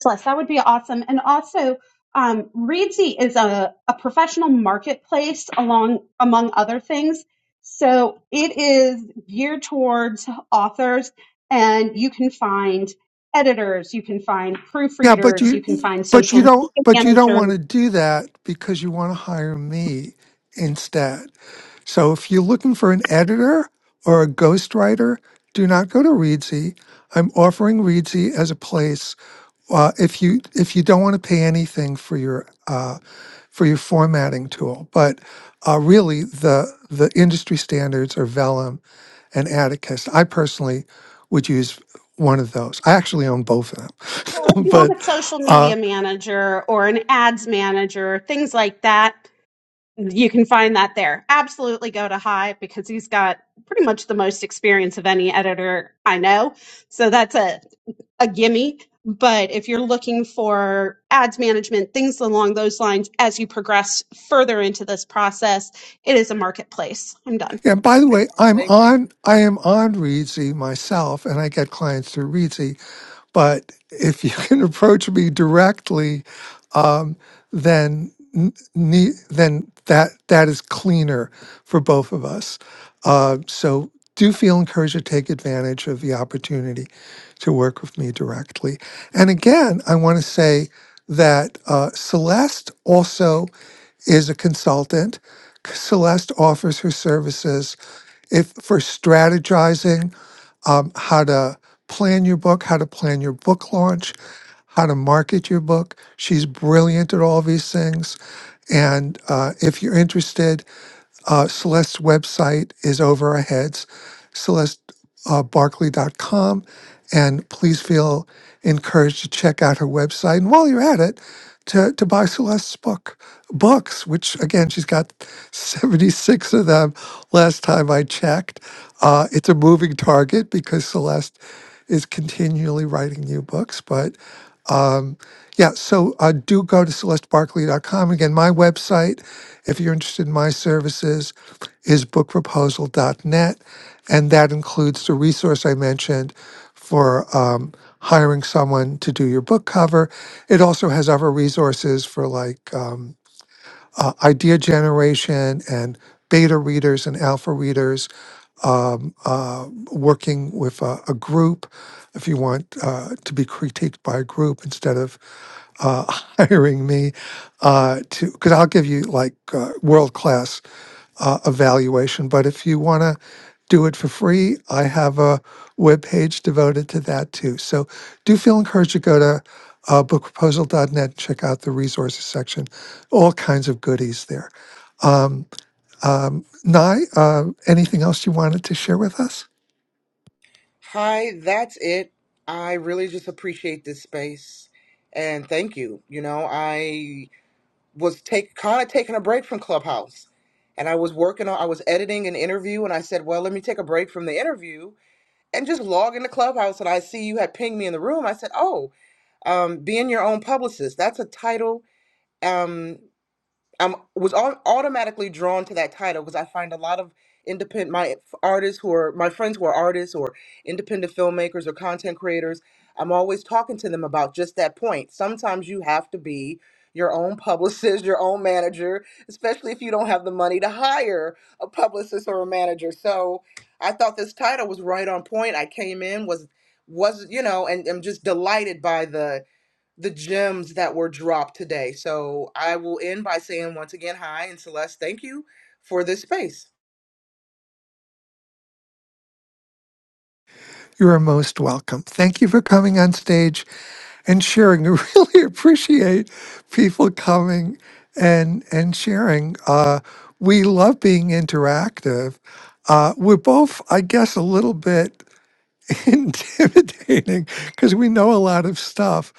Plus, that would be awesome. And also, um, Readsy is a, a professional marketplace along among other things. So it is geared towards authors, and you can find editors, you can find Yeah, but proofreaders, you you, can find but social you don't, media but you don't managers. want to do that because you want to hire me instead. So if you're looking for an editor or a ghostwriter, do not go to Readsy. I'm offering Readsy as a place uh, if you if you don't want to pay anything for your uh, for your formatting tool. But uh, really, the the industry standards are Vellum and Atticus. I personally would use one of those. I actually own both of them. Well, if <laughs> you but want a social media uh, manager or an ads manager, things like that, you can find that there. Absolutely go to Hive because he's got pretty much the most experience of any editor I know. So that's a, a gimme. But if you're looking for ads management, things along those lines, as you progress further into this process, it is a marketplace. I'm done. and by the Right way, on. I'm Thank you. on I am on Readsy myself, and I get clients through Readsy But if you <laughs> can approach me directly, um, then n- ne- then that that is cleaner for both of us. Uh, so do feel encouraged to take advantage of the opportunity to work with me directly. And again, I want to say that uh, Celeste also is a consultant. Celeste offers her services if for strategizing um, how to plan your book, how to plan your book launch, how to market your book. She's brilliant at all these things. And uh, if you're interested, uh, Celeste's website is over our heads, celeste barkley dot com, And please feel encouraged to check out her website. And while you're at it, to, to buy Celeste's book, books, which again, she's got 76 of them last time I checked. Uh, it's a moving target because Celeste is continually writing new books, but um, yeah, so uh, do go to celestebarkley.com. Again, my website, if you're interested in my services, is bookproposal.net. And that includes the resource I mentioned for um, hiring someone to do your book cover. It also has other resources for like um, uh, idea generation and beta readers and alpha readers, um, uh, working with a, a group if you want uh, to be critiqued by a group instead of uh, <laughs> hiring me uh, to because I'll give you like uh, world class uh, evaluation. But if you want to do it for free, I have a web page devoted to that too. So do feel encouraged to go to uh, book proposal dot net, check out the resources section. All kinds of goodies there. Um, um, Nye, uh, anything else you wanted to share with us? Hi, that's it. I really just appreciate this space and thank you. You know, I was take kind of taking a break from Clubhouse and I was working on I was editing an interview and I said, "Well, let me take a break from the interview." and just log into Clubhouse and I see you had pinged me in the room. I said, Oh, um, being your own publicist, that's a title. Um, I'm was au- automatically drawn to that title because I find a lot of independent my f- artists who are my friends who are artists or independent filmmakers or content creators. I'm always talking to them about just that point. Sometimes you have to be your own <laughs> publicist, your own manager, especially if you don't have the money to hire a publicist or a manager. So I thought this title was right on point. I came in was was you know and I'm just delighted by the the gems that were dropped today. So I will end by saying once again, hi, and Celeste, thank you for this space. You are most welcome. Thank you for coming on stage and sharing. I really <laughs> appreciate people coming and and sharing. Uh, we love being interactive. Uh, we're both, I guess, a little bit. <laughs> intimidating because we know a lot of stuff.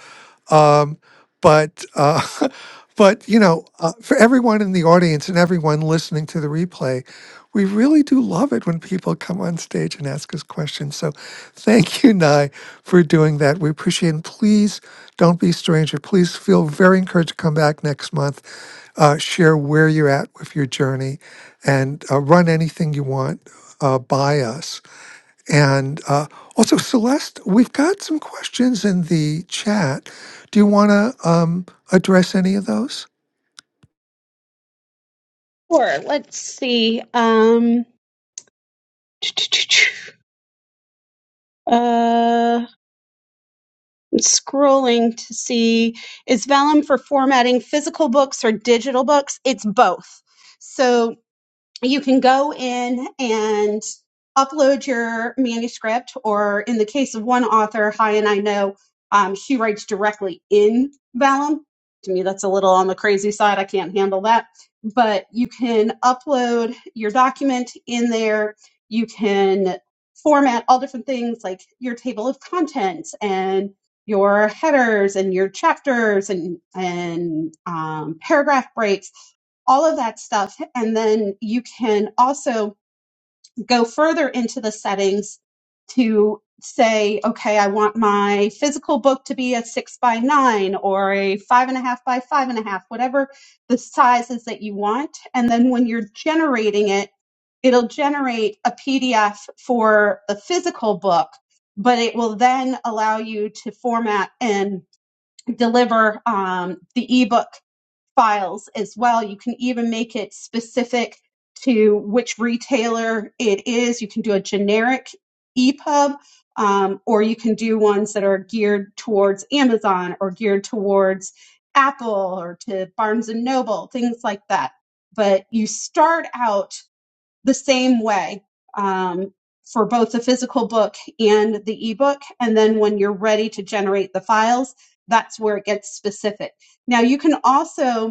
Um, but uh, <laughs> but you know, uh, for everyone in the audience and everyone listening to the replay, we really do love it when people come on stage and ask us questions. So thank you, Nye, for doing that. We appreciate it. And please don't be a stranger. Please feel very encouraged to come back next month. Uh, share where you're at with your journey and uh, run anything you want uh, by us and uh, also, Celeste, we've got some questions in the chat. Do you want to um, address any of those? Sure. Let's see. Um, Uh, I'm scrolling to see is Vellum for formatting physical books or digital books? It's both. So you can go in and upload your manuscript, or in the case of one author, Hi and I know, um, she writes directly in Vellum. To me, that's a little on the crazy side. I can't handle that. But you can upload your document in there. You can format all different things like your table of contents and your headers and your chapters and and um, paragraph breaks all of that stuff. And then you can also go further into the settings to say, okay, I want my physical book to be a six by nine or a five and a half by five and a half, whatever the size is that you want. And then when you're generating it, it'll generate a PDF for the physical book, but it will then allow you to format and deliver um, the ebook files as well. You can even make it specific to which retailer it is. You can do a generic EPUB, um, or you can do ones that are geared towards Amazon or geared towards Apple or to Barnes and Noble, things like that. But you start out the same way um, for both the physical book and the ebook. And then when you're ready to generate the files, that's where it gets specific. Now, you can also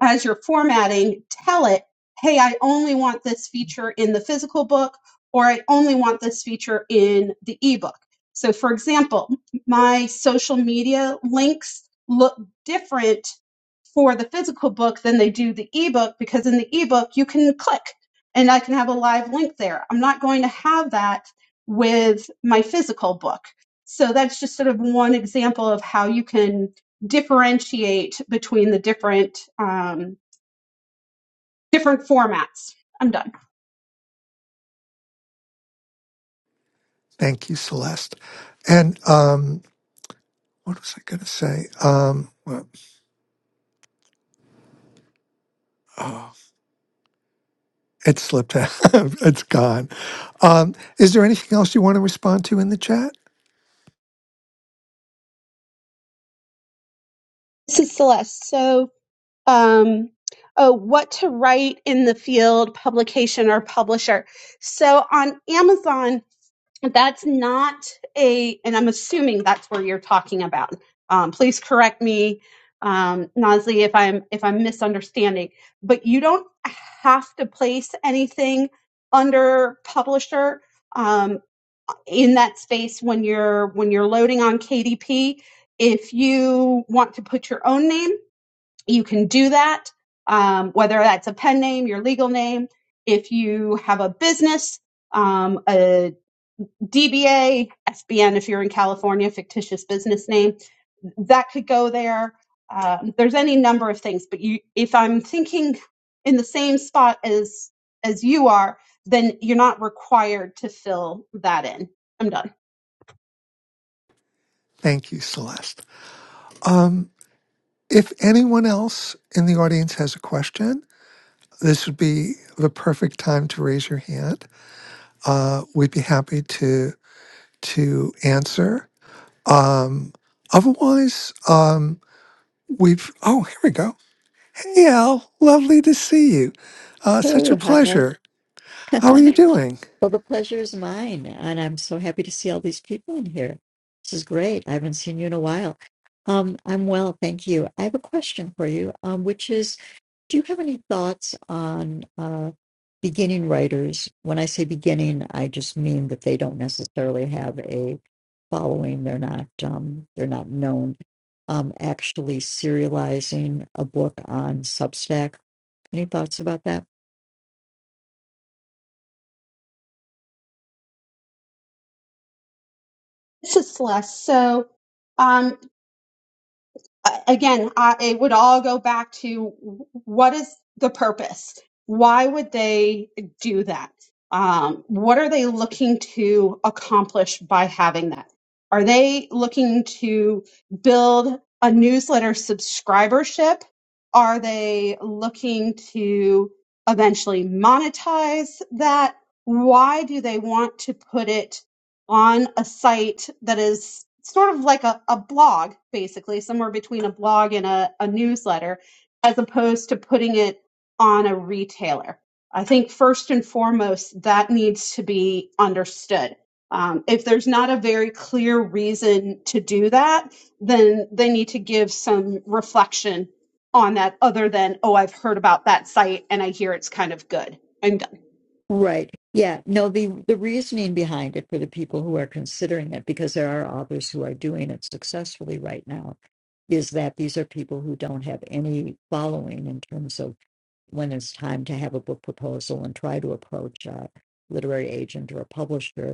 as you're formatting, tell it, hey, I only want this feature in the physical book, or I only want this feature in the ebook. So, for example, my social media links look different for the physical book than they do the ebook because in the ebook you can click and I can have a live link there. I'm not going to have that with my physical book. So that's just sort of one example of how you can differentiate between the different um, different formats. I'm done. Thank you, Celeste. And um, what was I going to say? Um, well, oh, it slipped out. <laughs> it's gone. Um, is there anything else you want to respond to in the chat? This is Celeste. So, um, oh, what to write in the field, publication or publisher. So on Amazon, that's not a and i'm assuming that's where you're talking about um, please correct me um, Nasli, if i'm if i'm misunderstanding but you don't have to place anything under publisher um, in that space when you're when you're loading on kdp if you want to put your own name you can do that um, whether that's a pen name your legal name if you have a business um, a DBA, FBN if you're in California, fictitious business name, that could go there. Um, there's any number of things, but you, if I'm thinking in the same spot as as you are, then you're not required to fill that in. I'm done. Thank you, Celeste. Um, if anyone else in the audience has a question, this would be the perfect time to raise your hand. Uh, we'd be happy to to answer. Um, otherwise, um, we've. Oh, here we go. Hey, Al. Lovely to see you. Uh, such a Hey, hi. pleasure. How are <laughs> you doing? Well, the pleasure is mine, and I'm so happy to see all these people in here. This is great. I haven't seen you in a while. Um, I'm well, thank you. I have a question for you, um, which is, do you have any thoughts on uh, beginning writers? When I say beginning, I just mean that they don't necessarily have a following. They're not um, they're not known. Um, actually serializing a book on Substack. Any thoughts about that? This is Celeste. So, um, a- again, I, it would all go back to what is the purpose? Why would they do that? Um, what are they looking to accomplish by having that? Are they looking to build a newsletter subscribership? Are they looking to eventually monetize that? Why do they want to put it on a site that is sort of like a, a blog, basically, somewhere between a blog and a, a newsletter, as opposed to putting it on a retailer. I think first and foremost, that needs to be understood. Um, if there's not a very clear reason to do that, then they need to give some reflection on that other than, oh, I've heard about that site and I hear it's kind of good I'm done. Right. Yeah. No, the the reasoning behind it for the people who are considering it, because there are authors who are doing it successfully right now, is that these are people who don't have any following in terms of when it's time to have a book proposal and try to approach a literary agent or a publisher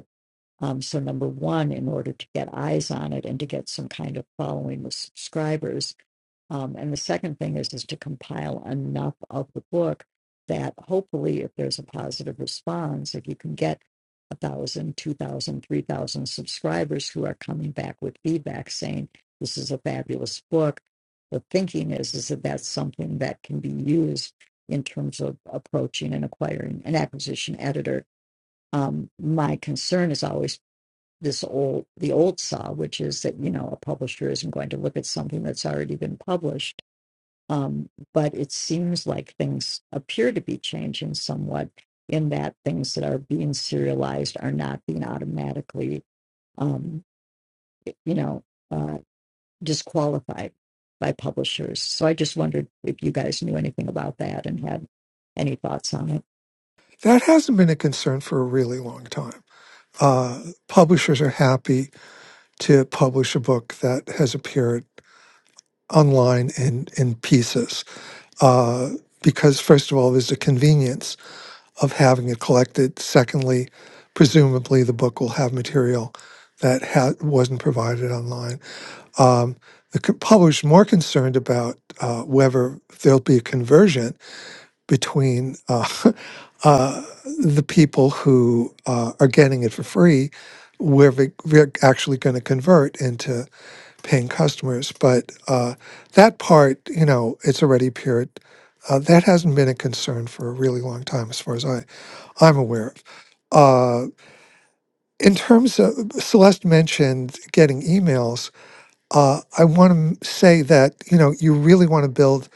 um, so number one, in order to get eyes on it and to get some kind of following with subscribers, um, and the second thing is is to compile enough of the book that hopefully, if there's a positive response, if you can get a thousand, two thousand, three thousand subscribers who are coming back with feedback saying this is a fabulous book, the thinking is is that that's something that can be used in terms of approaching and acquiring an acquisition editor. Um, my concern is always this old the old saw, which is that you know a publisher isn't going to look at something that's already been published. Um, but it seems like things appear to be changing somewhat in that things that are being serialized are not being automatically um, you know uh, disqualified by publishers. So I just wondered if you guys knew anything about that and had any thoughts on it. That hasn't been a concern for a really long time. Uh, publishers are happy to publish a book that has appeared online in, in pieces uh, because, first of all, there's a convenience of having it collected. Secondly, presumably the book will have material that ha- wasn't provided online. Um, the co- publisher's more concerned about uh, whether there'll be a conversion between uh, <laughs> uh, the people who uh, are getting it for free, where they- they're actually going to convert into paying customers. But uh, that part, you know, it's already appeared. Uh, that hasn't been a concern for a really long time, as far as I I'm aware of. Uh, in terms of Celeste mentioned getting emails, uh, I want to say that you know you really want to build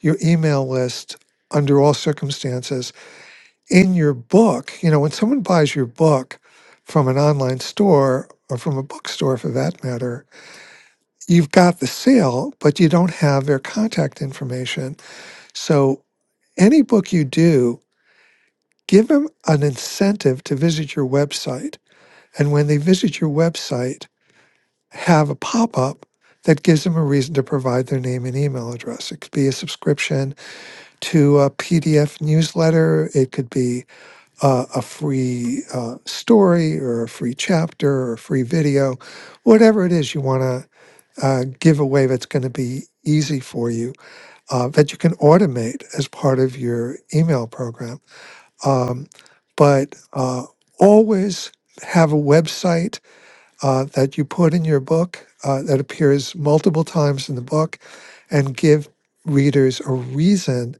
your email list under all circumstances. In your book, you know when someone buys your book from an online store or from a bookstore, for that matter, you've got the sale, but you don't have their contact information. So any book you do, give them an incentive to visit your website And when they visit your website, have a pop up that gives them a reason to provide their name and email address. It could be a subscription to a PDF newsletter, it could be uh, a free uh, story or a free chapter or a free video, whatever it is you want to uh, give away that's going to be easy for you uh, that you can automate as part of your email program. Um, but uh, always have a website uh, that you put in your book uh, that appears multiple times in the book and give readers a reason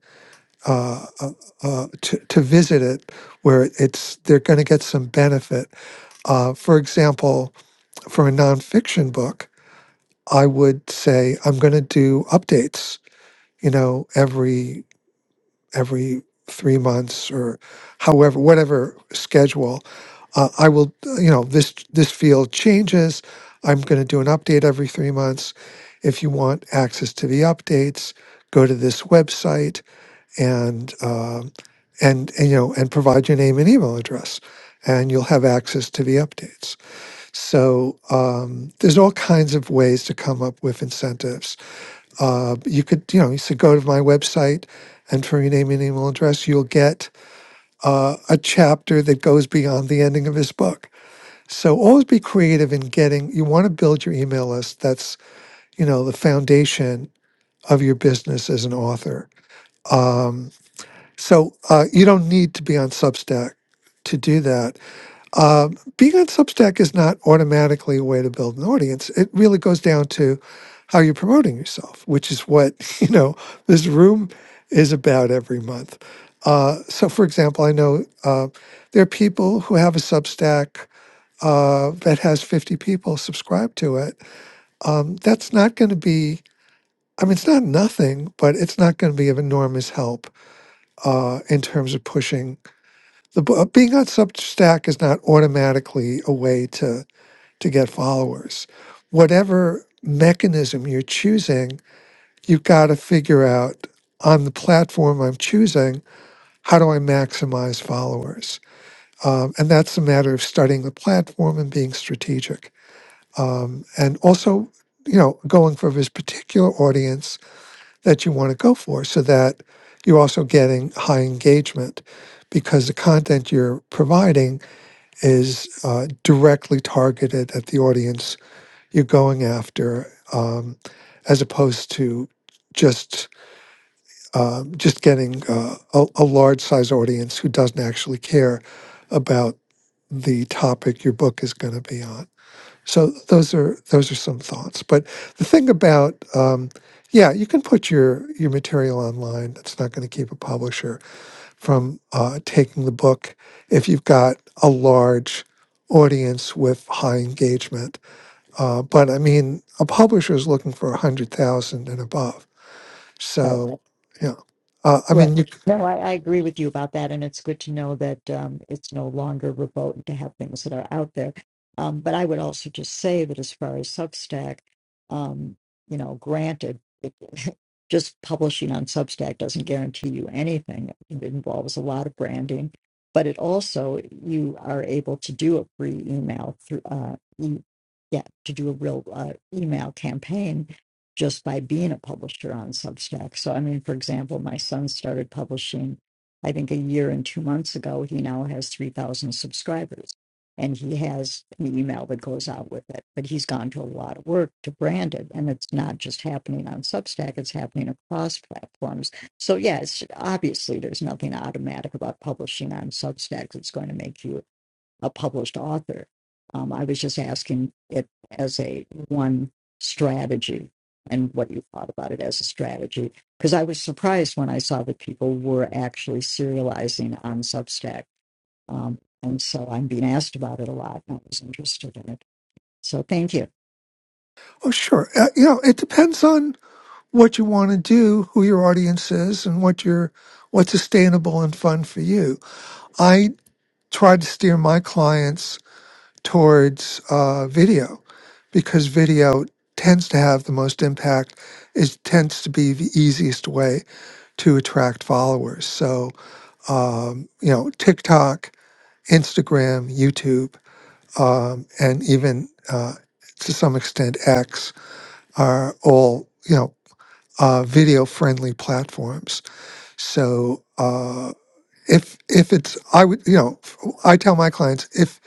uh, uh, uh, to, to visit it where it's they're going to get some benefit. Uh, for example, for a nonfiction book, I would say I'm going to do updates, you know, every every three months or however whatever schedule uh, i will uh, you know this this field changes i'm going to do an update every three months if you want access to the updates go to this website and um, and, and you know and provide your name and email address and you'll have access to the updates so um, there's all kinds of ways to come up with incentives uh, you could, you know, you should go to my website and from your name and email address, you'll get uh, a chapter that goes beyond the ending of his book. So always be creative in getting, you want to build your email list. That's, you know, the foundation of your business as an author. Um, so uh, you don't need to be on Substack to do that. Um, being on Substack is not automatically a way to build an audience. It really goes down to how you're promoting yourself, which is what <laughs> you know this room is about every month. Uh, so, for example, I know uh, there are people who have a Substack uh, that has 50 people subscribed to it. Um, that's not going to be, I mean, it's not nothing, but it's not going to be of enormous help uh, in terms of pushing the book. Being on Substack is not automatically a way to to get followers. Whatever mechanism you're choosing you've got to figure out on the platform I'm choosing, how do I maximize followers? Um, and that's a matter of studying the platform and being strategic. Um, and also, you know, going for this particular audience that you want to go for so that you're also getting high engagement because the content you're providing is uh, directly targeted at the audience you're going after um, as opposed to just uh, just getting uh, a, a large size audience who doesn't actually care about the topic your book is going to be on. So those are those are some thoughts. But the thing about um, yeah, you can put your your material online. It's not going to keep a publisher from uh, taking the book if you've got a large audience with high engagement. Uh, but I mean, a publisher is looking for a hundred thousand and above. That So yeah, uh, I Right. mean you. No, I, I agree with you about that, and it's good to know that um, it's no longer remote to have things that are out there. Um, but I would also just say that as far as Substack, um, you know, granted, it, <laughs> just publishing on Substack doesn't guarantee you anything. It involves a lot of branding, but it also you are able to do a free email through, uh, e- yeah, to do a real uh, email campaign just by being a publisher on Substack. So, I mean, for example, my son started publishing, I think, a year and two months ago. He now has 3,000 subscribers and he has an email that goes out with it. But he's gone to a lot of work to brand it. And it's not just happening on Substack, it's happening across platforms. So, yes, obviously, there's nothing automatic about publishing on Substack that's going to make you a published author. Um, I was just asking it as a one strategy and what you thought about it as a strategy. Because I was surprised when I saw that people were actually serializing on Substack. Um, and so I'm being asked about it a lot, and I was interested in it. So thank you. Oh sure. Uh, you know, it depends on what you want to do, who your audience is, and what your what's sustainable and fun for you. I try to steer my clients towards uh, video because video tends to have the most impact. It tends to be the easiest way to attract followers. So, um, you know, TikTok, Instagram, YouTube, um, and even uh, to some extent X are all you know uh, video friendly platforms. So uh, if if it's I would you know I tell my clients if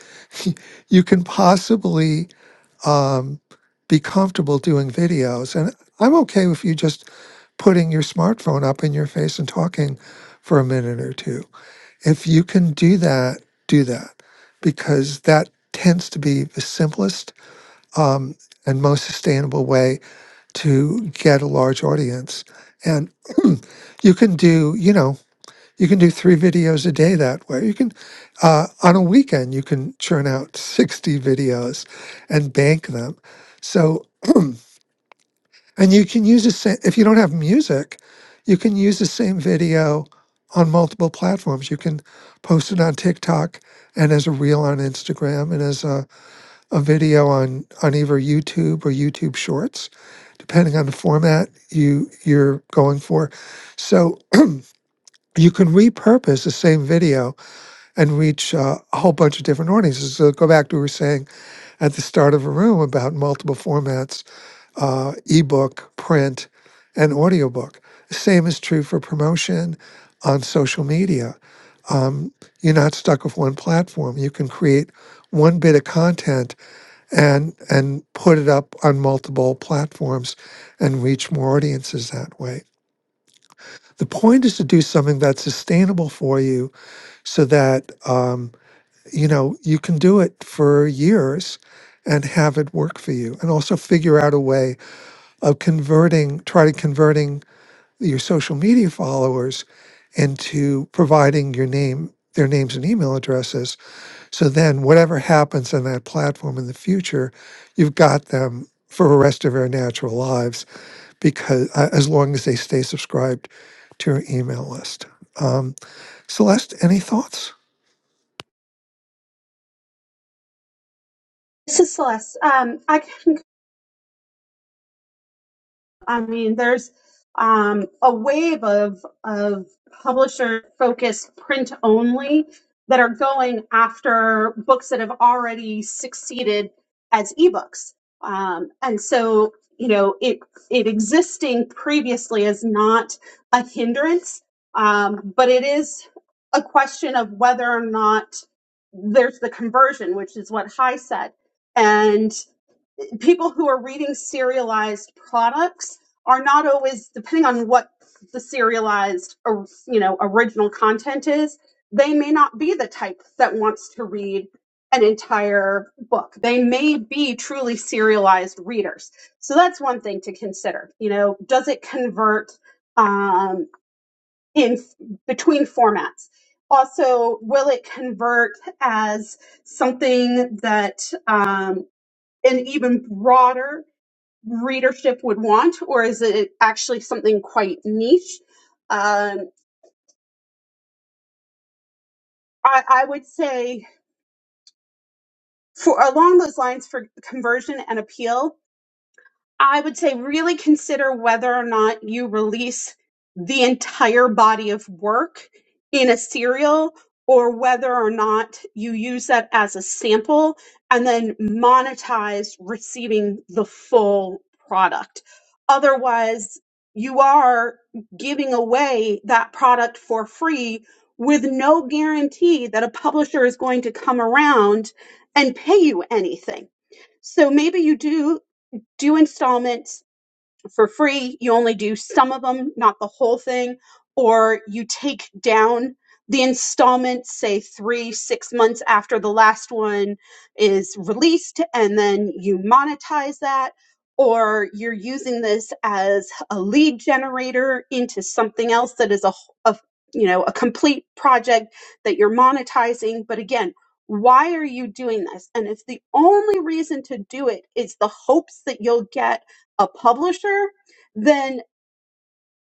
<laughs> you can possibly um, be comfortable doing videos, and I'm okay with you just putting your smartphone up in your face and talking for a minute or two. If you can do that, do that because that tends to be the simplest um, and most sustainable way to get a large audience. And <clears throat> you can do, you know, you can do three videos a day that way. You can, uh, on a weekend, you can churn out <laughs> 60 videos and bank them. So, <clears throat> and you can use the same, if you don't have music, you can use the same video on multiple platforms. You can post it on TikTok and as a reel on Instagram and as a a video on on either YouTube or YouTube Shorts, depending on the format you you're going for. So you can repurpose the same video and reach uh, a whole bunch of different audiences. So go back to what we were saying at the start of the room about multiple formats, uh, ebook, print, and audiobook. The same is true for promotion on social media. Um, you're not stuck with one platform. You can create one bit of content and and put it up on multiple platforms and reach more audiences that way. The point is to do something that's sustainable for you, so that um, you know you can do it for years and have it work for you, and also figure out a way of converting, try to converting your social media followers into providing your name, their names and email addresses so then, whatever happens on that platform in the future, you've got them for the rest of their natural lives because uh, as long as they stay subscribed to your email list. Um, Celeste, any thoughts? This is Celeste. Um, I I mean, there's um, a wave of of publisher focused print only that are going after books that have already succeeded as ebooks, um, and so you know it it existing previously is not a hindrance, um, but it is a question of whether or not there's the conversion, which is what High said, and people who are reading serialized products are not always depending on what the serialized or you know original content is they may not be the type that wants to read an entire book they may be truly serialized readers so that's one thing to consider you know does it convert um, in between formats also will it convert as something that um, an even broader readership would want, or is it actually something quite niche? Um, I, I would say for along those lines for conversion and appeal, I would say really consider whether or not you release the entire body of work in a serial or whether or not you use that as a sample and then monetize receiving the full product. Otherwise, you are giving away that product for free with no guarantee that a publisher is going to come around and pay you anything. So maybe you do do installments for free. You only do some of them, not the whole thing, or you take down the installments, say three, six months after the last one is released, and then you monetize that. Or you're using this as a lead generator into something else that is a, a you know a complete project that you're monetizing. But again, why are you doing this? And if the only reason to do it is the hopes that you'll get a publisher, then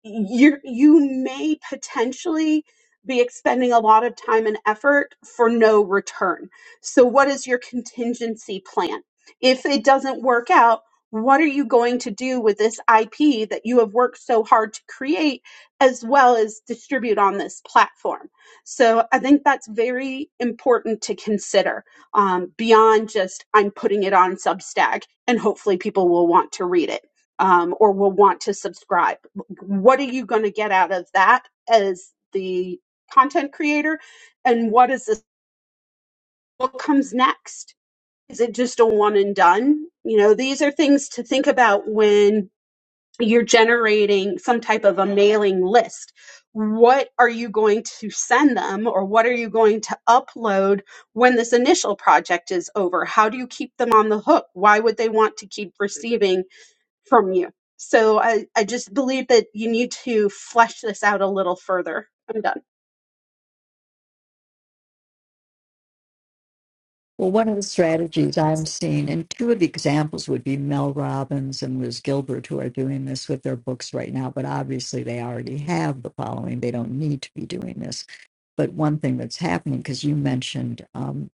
you you may potentially be expending a lot of time and effort for no return. So what is your contingency plan? If it doesn't work out, what are you going to do with this IP that you have worked so hard to create as well as distribute on this platform? So I think that's very important to consider um, beyond just I'm putting it on Substack and hopefully people will want to read it um, or will want to subscribe what are you going to get out of that as the content creator and what is this what comes next is it just a one and done you know these are things to think about when you're generating some type of a mailing list what are you going to send them or what are you going to upload when this initial project is over how do you keep them on the hook why would they want to keep receiving from you. So I, I just believe that you need to flesh this out a little further. I'm done. Well, one of the strategies I'm seeing, and two of the examples would be Mel Robbins and Liz Gilbert, who are doing this with their books right now, but obviously they already have the following. They don't need to be doing this. But one thing that's happening, because you mentioned um,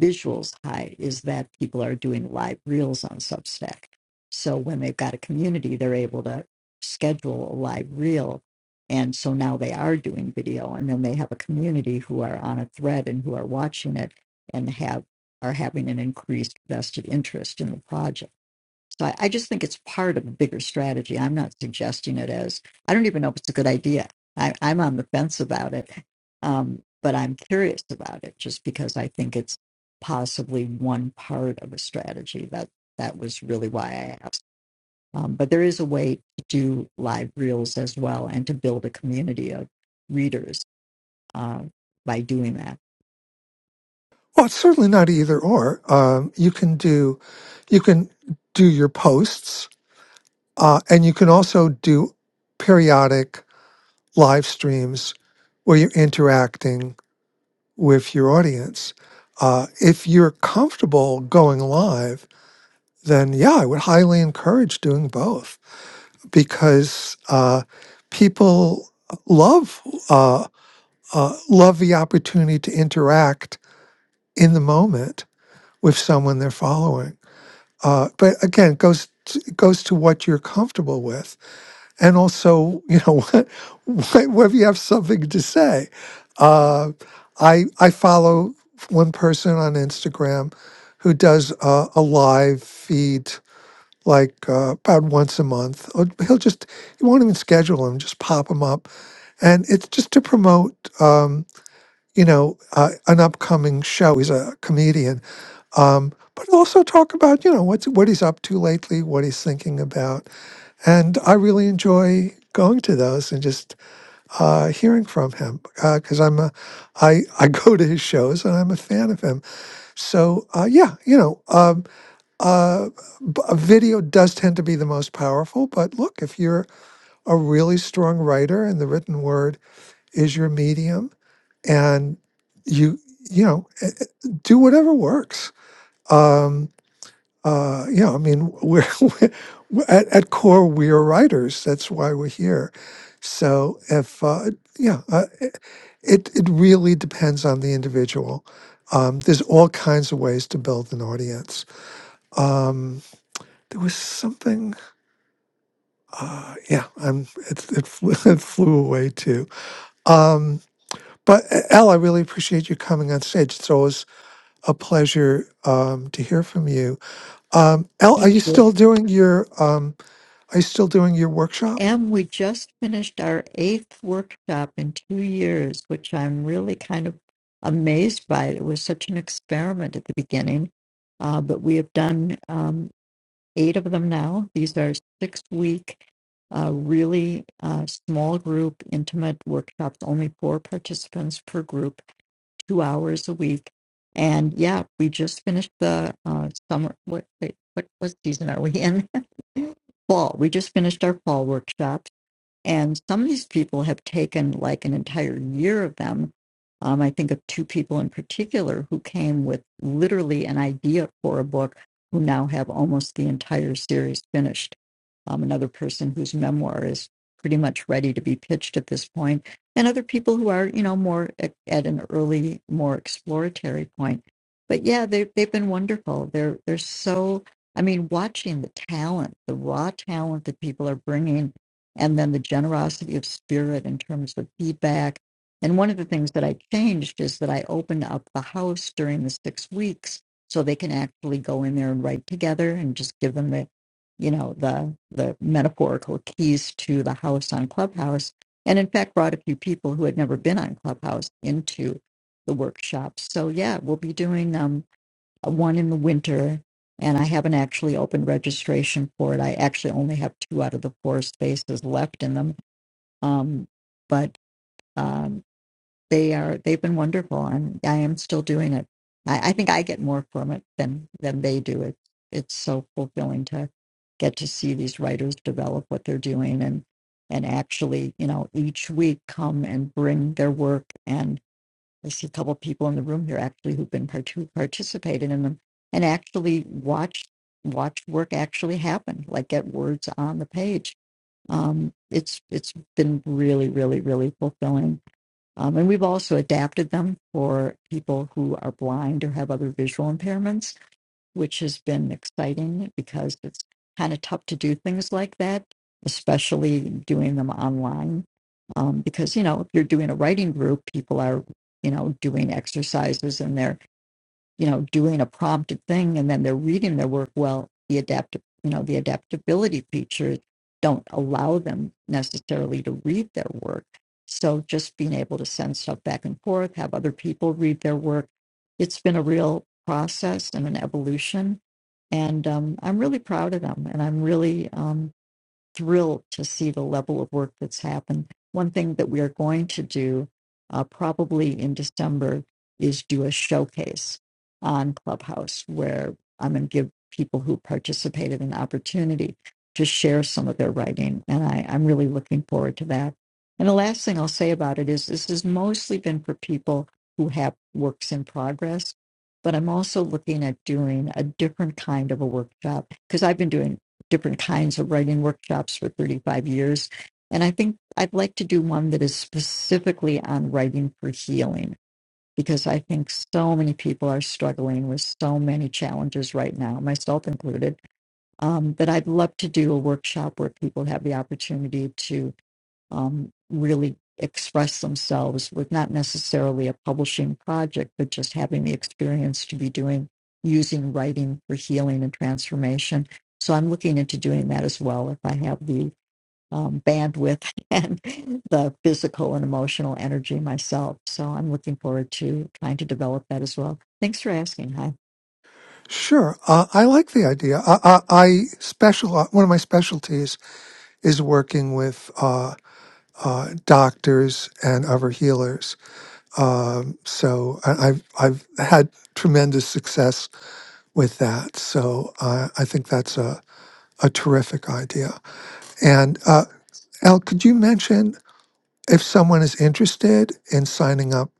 visuals high, is that people are doing live reels on Substack. So when they've got a community, they're able to schedule a live reel. And so now they are doing video, and then they have a community who are on a thread and who are watching it and have are having an increased vested interest in the project. So I, I just think it's part of a bigger strategy. I'm not suggesting it as, I don't even know if it's a good idea. I, I'm on the fence about it, um, but I'm curious about it just because I think it's possibly one part of a strategy. That that was really why I asked. Um, but there is a way to do live reels as well and to build a community of readers uh, by doing that. Well, it's certainly not either or. Um, you can do, you can do your posts, uh, and you can also do periodic live streams where you're interacting with your audience. Uh, if you're comfortable going live then yeah, I would highly encourage doing both because uh, people love uh, uh, love the opportunity to interact in the moment with someone they're following. Uh, but again, it goes to, it goes to what you're comfortable with, and also you know <laughs> what, what- whether you have something to say. Uh, I I follow one person on Instagram who does uh, a live feed like uh, about once a month. Or he'll just he won't even schedule them; just pop them up, and it's just to promote um, you know uh, an upcoming show. He's a comedian, um, but also talk about you know what's what he's up to lately, what he's thinking about, and I really enjoy going to those and just uh, hearing from him because I'm a I I <laughs> go to his shows and I'm a fan of him. So uh, yeah, you know. Um, uh, b- a video does tend to be the most powerful, but look, if you're a really strong writer and the written word is your medium, and you you know eh, eh, do whatever works. Um, uh, you know, I mean, we're, <laughs> we're at, at core we're writers. That's why we're here. So if uh, yeah, uh, eh, it it really depends on the individual. Um, there's all kinds of ways to build an audience. Um, there was something. uh, yeah, I'm it, it, flew, <laughs> it flew away too. Um, but uh, Al, I really appreciate you coming on stage. It's always a pleasure um, to hear from you. Um, Al, are Thank you you. still doing your um, are you still doing your workshop? And we just finished our eighth workshop in two years, which I'm really kind of amazed by. It was such an experiment at the beginning, uh, but we have done um, eight of them now. These are six week, uh, really uh, small group, intimate workshops, only four participants per group, two hours a week. And yeah, we just finished the uh, summer. What, wait, what, what season are we in? <laughs> fall. We just finished our fall workshop and some of these people have taken like an entire year of them. Um, I think of two people in particular who came with literally an idea for a book, who now have almost the entire series finished. Um, another person whose memoir is pretty much ready to be pitched at this point, and other people who are, you know, more at, at an early, more exploratory point. But yeah, they, they've been wonderful. They're they're so. I mean, watching the talent, the raw talent that people are bringing and then the generosity of spirit in terms of feedback. And one of the things that I changed is that I opened up the house during the six weeks so they can actually go in there and write together and just give them the, you know, the the metaphorical keys to the house on Clubhouse. And in fact brought a few people who had never been on Clubhouse into the workshop. So yeah, we'll be doing them one in the winter, and I haven't actually opened registration for it. I actually only have two out of the four spaces left in them, um, but um, they are they've been wonderful, and I am still doing it. I, I think I get more from it than than they do. It's it's so fulfilling to get to see these writers develop what they're doing and and actually you know each week come and bring their work and. I see a couple of people in the room here actually who've been part- who participated in them and actually watched watched work actually happen, like get words on the page. Um, it's it's been really, really, really fulfilling. Um, and we've also adapted them for people who are blind or have other visual impairments which has been exciting because it's kind of tough to do things like that, especially doing them online. Um, because, you know, if you're doing a writing group, people are, you know, doing exercises and they're you know, doing a prompted thing and then they're reading their work well, the adaptive, you know, the adaptability features don't allow them necessarily to read their work. So just being able to send stuff back and forth, have other people read their work, it's been a real process and an evolution. And um, I'm really proud of them. And I'm really, um, thrilled to see the level of work that's happened. One thing that we are going to do uh, probably in December is do a showcase on Clubhouse where I'm going to give people who participated an opportunity to share some of their writing. And I, I'm really looking forward to that. And the last thing I'll say about it is this has mostly been for people who have works in progress. But I'm also looking at doing a different kind of a workshop because I've been doing different kinds of writing workshops for 35 years. And I think I'd like to do one that is specifically on writing for healing because I think so many people are struggling with so many challenges right now, myself included. Um, that I'd love to do a workshop where people have the opportunity to um, really express themselves with not necessarily a publishing project, but just having the experience to be doing using writing for healing and transformation. So I'm looking into doing that as well if I have the um, bandwidth <laughs> and the physical and emotional energy myself. So I'm looking forward to trying to develop that as well. Thanks for asking. Hi. Sure, uh, I like the idea. I, I, I special one of my specialties is working with uh, uh, doctors and other healers. Um, so I, I've I've had tremendous success with that. So I, I think that's a, a terrific idea. And uh, Al, could you mention if someone is interested in signing up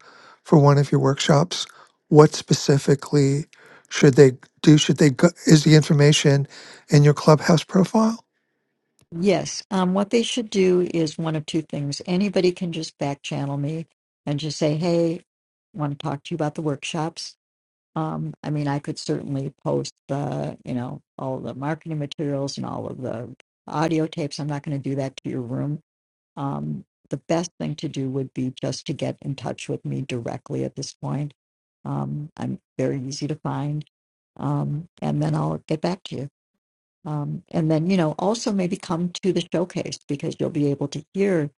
for one of your workshops, what specifically should they do? Should they go, is the information in your clubhouse profile? Yes. Um, what they should do is one of two things. Anybody can just back channel me and just say, hey, want to talk to you about the workshops. Um, I mean, I could certainly post the, you know, all the marketing materials and all of the audio tapes. I'm not going to do that to your room. Um, the best thing to do would be just to get in touch with me directly at this point. Um, I'm very easy to find. Um, and then I'll get back to you. Um, and then, you know, also maybe come to the showcase because you'll be able to hear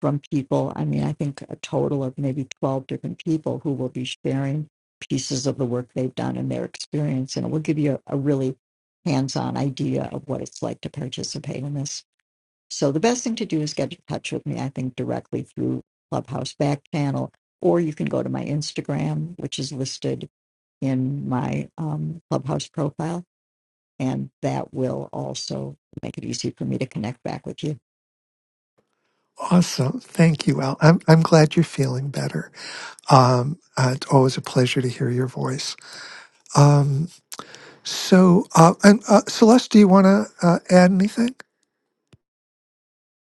from people. I mean, I think a total of maybe 12 different people who will be sharing pieces of the work they've done and their experience. And it will give you a, a really hands on idea of what it's like to participate in this. So the best thing to do is get in touch with me, I think, directly through Clubhouse Back Channel, or you can go to my Instagram, which is listed in my um, Clubhouse profile and that will also make it easy for me to connect back with you. Awesome. Thank you, Al. I'm, I'm glad you're feeling better. Um, uh, it's always a pleasure to hear your voice. Um, so, uh, and, uh, Celeste, do you want to uh, add anything?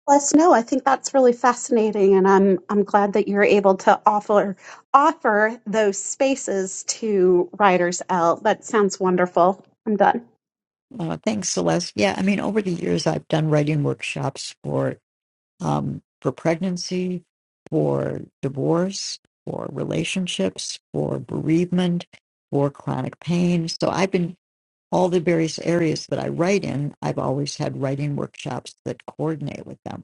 Let us know. I think that's really fascinating, and I'm I'm glad that you're able to offer offer those spaces to writers out. That sounds wonderful. I'm done. Uh, thanks, Celeste. Yeah, I mean, over the years, I've done writing workshops for um, for pregnancy, for divorce, for relationships, for bereavement, for chronic pain. So I've been all the various areas that I write in. I've always had writing workshops that coordinate with them.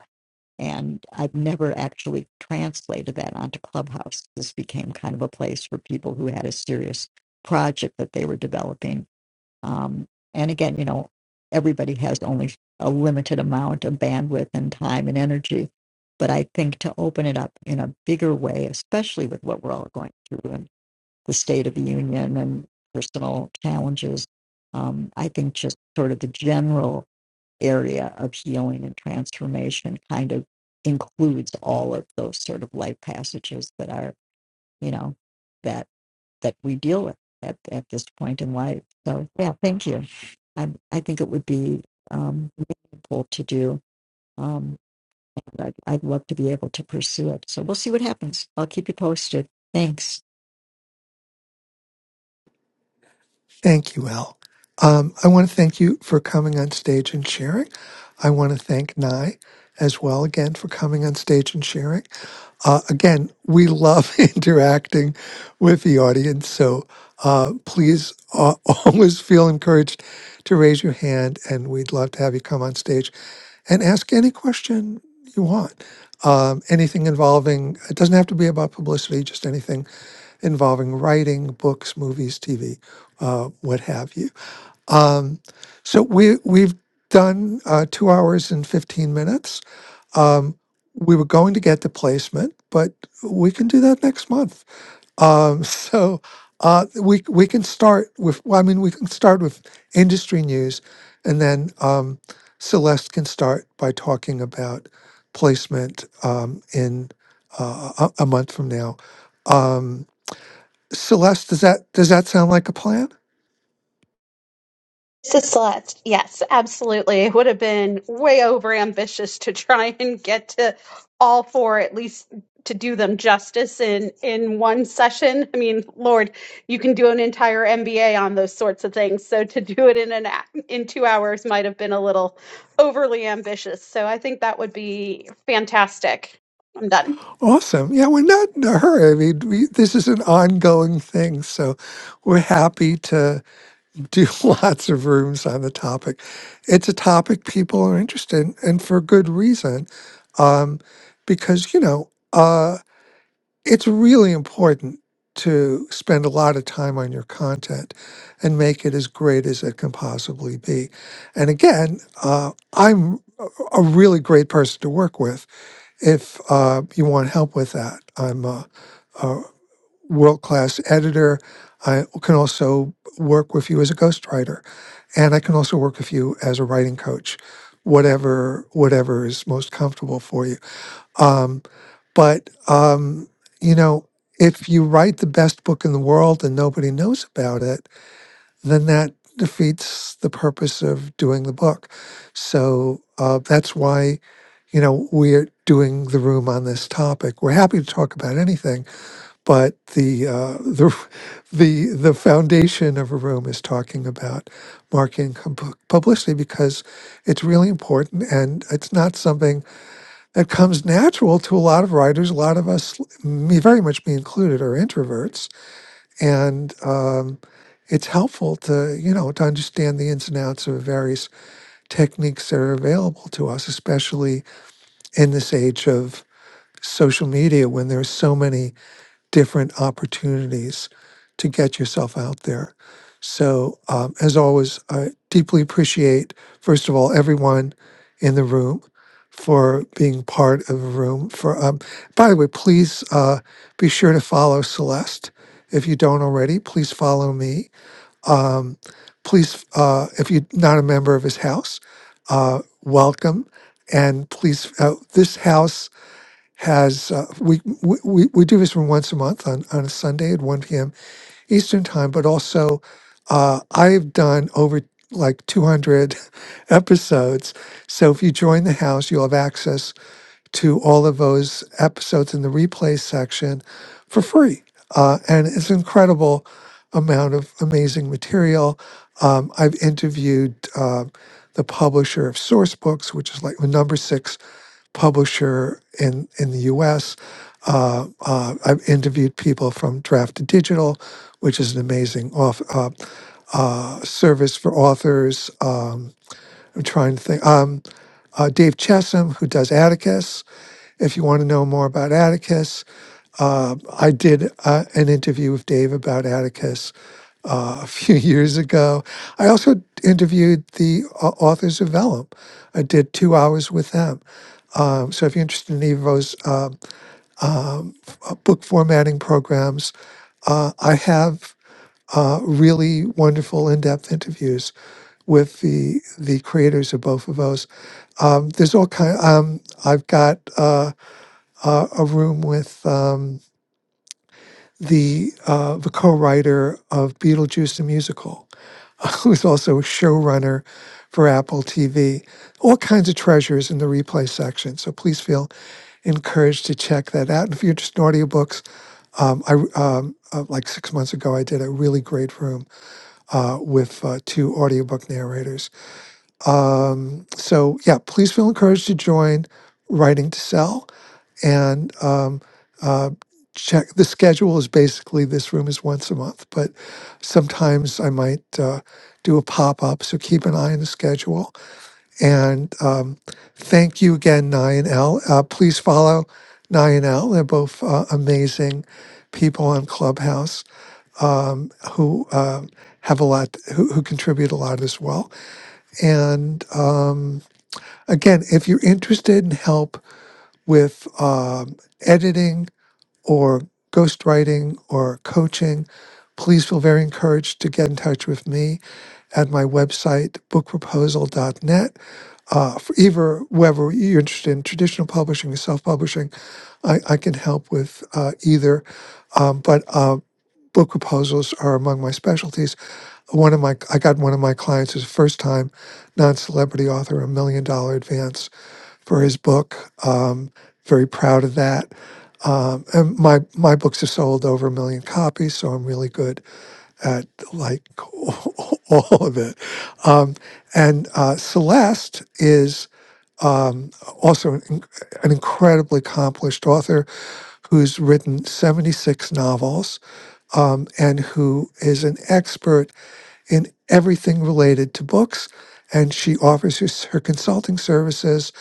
And I've never actually translated that onto Clubhouse. This became kind of a place for people who had a serious project that they were developing. Um, and again, you know, everybody has only a limited amount of bandwidth and time and energy. But I think to open it up in a bigger way, especially with what we're all going through and the state of the union and personal challenges, um, I think just sort of the general area of healing and transformation kind of includes all of those sort of life passages that are you know that that we deal with at, at this point in life so yeah thank you i i think it would be um helpful to do um I'd, I'd love to be able to pursue it so we'll see what happens i'll keep you posted thanks Thank you, Al. Um, I want to thank you for coming on stage and sharing. I want to thank Nye as well again for coming on stage and sharing. Uh, again, we love <laughs> interacting with the audience, so uh, please uh, <laughs> always feel encouraged to raise your hand, and we'd love to have you come on stage and ask any question you want. Um, anything involving, it doesn't have to be about publicity, just anything involving writing, books, movies, TV, uh, what have you. Um, so we, we've done uh, two hours and 15 minutes. Um, we were going to get the placement, but we can do that next month. Um, <laughs> so uh, we we can start with. Well, I mean, we can start with industry news, and then um, Celeste can start by talking about placement um, in uh, a, a month from now. Um, Celeste, does that does that sound like a plan? It's a slut. Yes, absolutely. It would have been way over ambitious to try and get to all four, at least to do them justice in in one session. I mean, Lord, you can do an entire MBA on those sorts of things. So to do it in an a- in two hours might have been a little overly ambitious. So I think that would be fantastic. I'm done. Awesome. Yeah, we're not in a hurry. I mean, we, this is an ongoing thing. So we're happy to do <laughs> lots of rooms on the topic. It's a topic people are interested in, and for good reason. Um, because, you know, Uh, it's really important to spend a lot of time on your content and make it as great as it can possibly be. And again, uh, I'm a a really great person to work with if uh, you want help with that. I'm a, a world class editor. I can also work with you as a ghostwriter, and I can also work with you as a writing coach. Whatever, whatever is most comfortable for you. Um, but um, you know, if you write the best book in the world and nobody knows about it, then that defeats the purpose of doing the book. So uh, that's why, you know, we're doing the room on this topic. We're happy to talk about anything, but the uh, the <laughs> the the foundation of a room is talking about marketing and pub- publicity because it's really important and it's not something that comes natural to a lot of writers. A lot of us, me very much me included, are introverts, and um, it's helpful to you know to understand the ins and outs of various techniques that are available to us, especially in this age of social media when there's so many different opportunities to get yourself out there. So, um, as always, I deeply appreciate, first of all, everyone in the room for being part of the room. For um, by the way, please uh, be sure to follow Celeste if you don't already. Please follow me. Um, please, uh, if you're not a member of his house, uh, welcome. And please, uh, this house has uh, we, we we do this one once a month on on a Sunday at one p.m. Eastern time, but also uh, I've done over like two hundred <laughs> episodes. So if you join the house, you'll have access to all of those episodes in the replay section for free, uh, and it's an incredible amount of amazing material. Um, I've interviewed. Uh, the publisher of Source Books, which is like the number six publisher in in the U.S. Uh, uh, I've interviewed people from Draft to Digital, which is an amazing off, uh, uh, service for authors. Um, I'm trying to think. Um, uh, Dave Chesham, who does Atticus. If you want to know more about Atticus, uh, I did uh, an interview with Dave about Atticus uh, a few <laughs> years ago. I also interviewed the uh, authors of Vellum. I did two hours with them. Um, so if you're interested in either of those uh, uh, book formatting programs, uh, I have uh, really wonderful in-depth interviews with the the creators of both of those. Um, there's all kind. um, I've got uh, uh, a room with um, the uh, the co-writer of Beetlejuice the musical, <laughs> who's also a showrunner for Apple TV. All kinds of treasures in the replay section. So please feel encouraged to check that out. And if you're just in audiobooks, um, I um, uh, like six months ago, I did a really great room uh, with uh, two audiobook narrators. Um, so, yeah, please feel encouraged to join Writing to Sell. And um, uh, check the schedule is basically this room is once a month, but sometimes I might uh, do a pop up. So keep an eye on the schedule. And um, thank you again, Nye and L. Uh, please follow Nye and L. They're both uh, amazing people on Clubhouse um, who uh, have a lot, who, who contribute a lot as well. And um, again, if you're interested in help with um, editing or ghostwriting or coaching, please feel very encouraged to get in touch with me at my website, bookproposal.net. Uh, for either whether you're interested in traditional publishing or self-publishing, I, I can help with uh, either. Um, but uh, book proposals are among my specialties. One of my I got one of my clients his first time non-celebrity author a million dollar advance for his book. Um, very proud of that. Um, and my my books have sold over a million copies, so I'm really good at like <laughs> all of it. Um, and uh, Celeste is um, also an, in- an incredibly accomplished author who's written 76 novels um, and who is an expert in everything related to books. And she offers her, s- her consulting services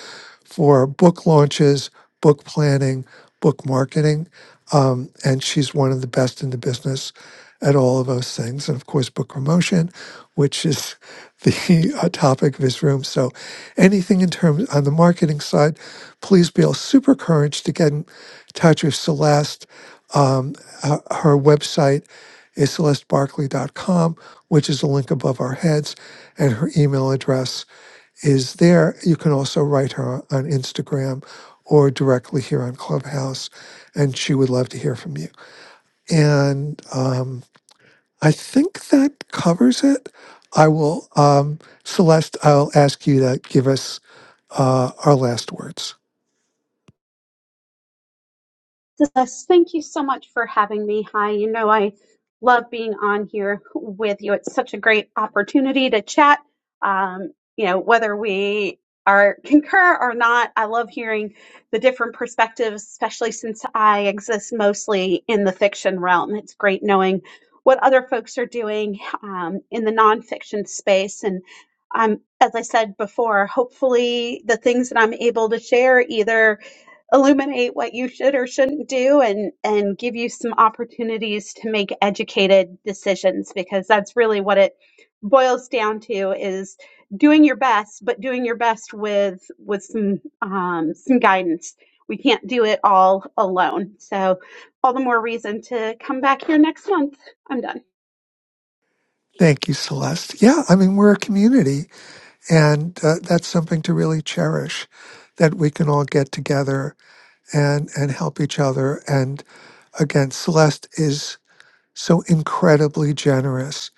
for book launches, book planning, book marketing. Um, and she's one of the best in the business at all of those things. And of course, book promotion, which is <laughs> the uh, topic of this room. So, anything in terms on the marketing side, please be all super encouraged to get in touch with Celeste. Um, her, her website is celestebarkley.com, which is the link above our heads, and her email address is there. You can also write her on Instagram or directly here on Clubhouse, and she would love to hear from you. And um, I think that covers it. I will, um, Celeste, I'll ask you to give us uh, our last words. Yes, thank you so much for having me. Hi, you know, I love being on here with you. It's such a great opportunity to chat. Um, you know, whether we are <laughs> concur or not, I love hearing the different perspectives, especially since I exist mostly in the fiction realm. It's great knowing what other folks are doing um, in the nonfiction space. And um, as I said before, hopefully the things that I'm able to share either illuminate what you should or shouldn't do and and give you some opportunities to make educated decisions because that's really what it boils down to is doing your best but doing your best with with some um, some guidance we can't do it all alone so all the more reason to come back here next month i'm done Thank you, Celeste. Yeah, I mean, we're a community, and uh, that's something to really cherish that we can all get together and and help each other. And again, Celeste is so incredibly generous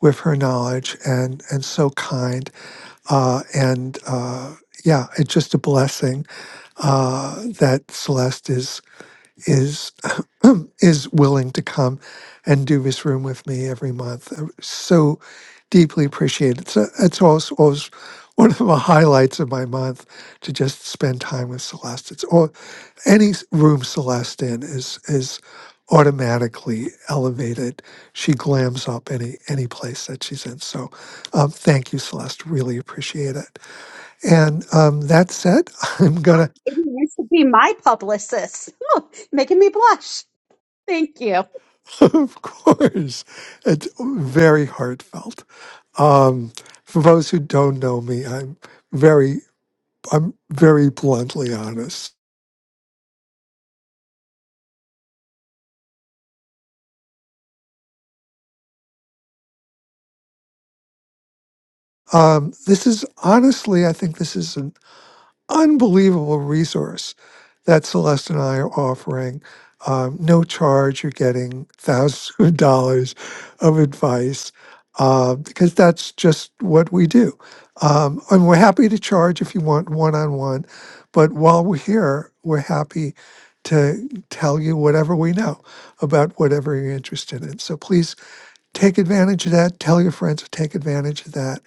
with her knowledge and and so kind. Uh, and uh, yeah, it's just a blessing uh, that Celeste is is <clears throat> is willing to come and do this room with me every month. I So deeply appreciated. It's So it's always, always one of the highlights of my month to just spend time with Celeste. It's all any s- room Celeste in is is automatically elevated. She glams up any any place that she's in. So, um, thank you, Celeste. Really appreciate it. And um, that said, <laughs> I'm Hi, gonna, Maybe you should be my publicist <laughs> making me blush thank you <laughs> of course, it's very heartfelt. Um, for those who don't know me, I'm very I'm very bluntly honest. Um, this is honestly, I think this is. unbelievable resource that Celeste and I are offering. Um, no charge, you're getting thousands of dollars of advice uh, because that's just what we do. Um, and we're happy to charge if you want one on one, but while we're here, we're happy to tell you whatever we know about whatever you're interested in. So please take advantage of that. Tell your friends to take advantage of that.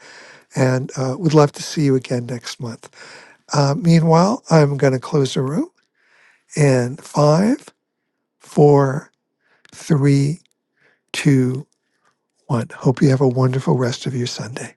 And uh, we'd love to see you again next month. Uh, meanwhile, I'm going to close the room in five, four, three, two, one. Hope you have a wonderful rest of your Sunday.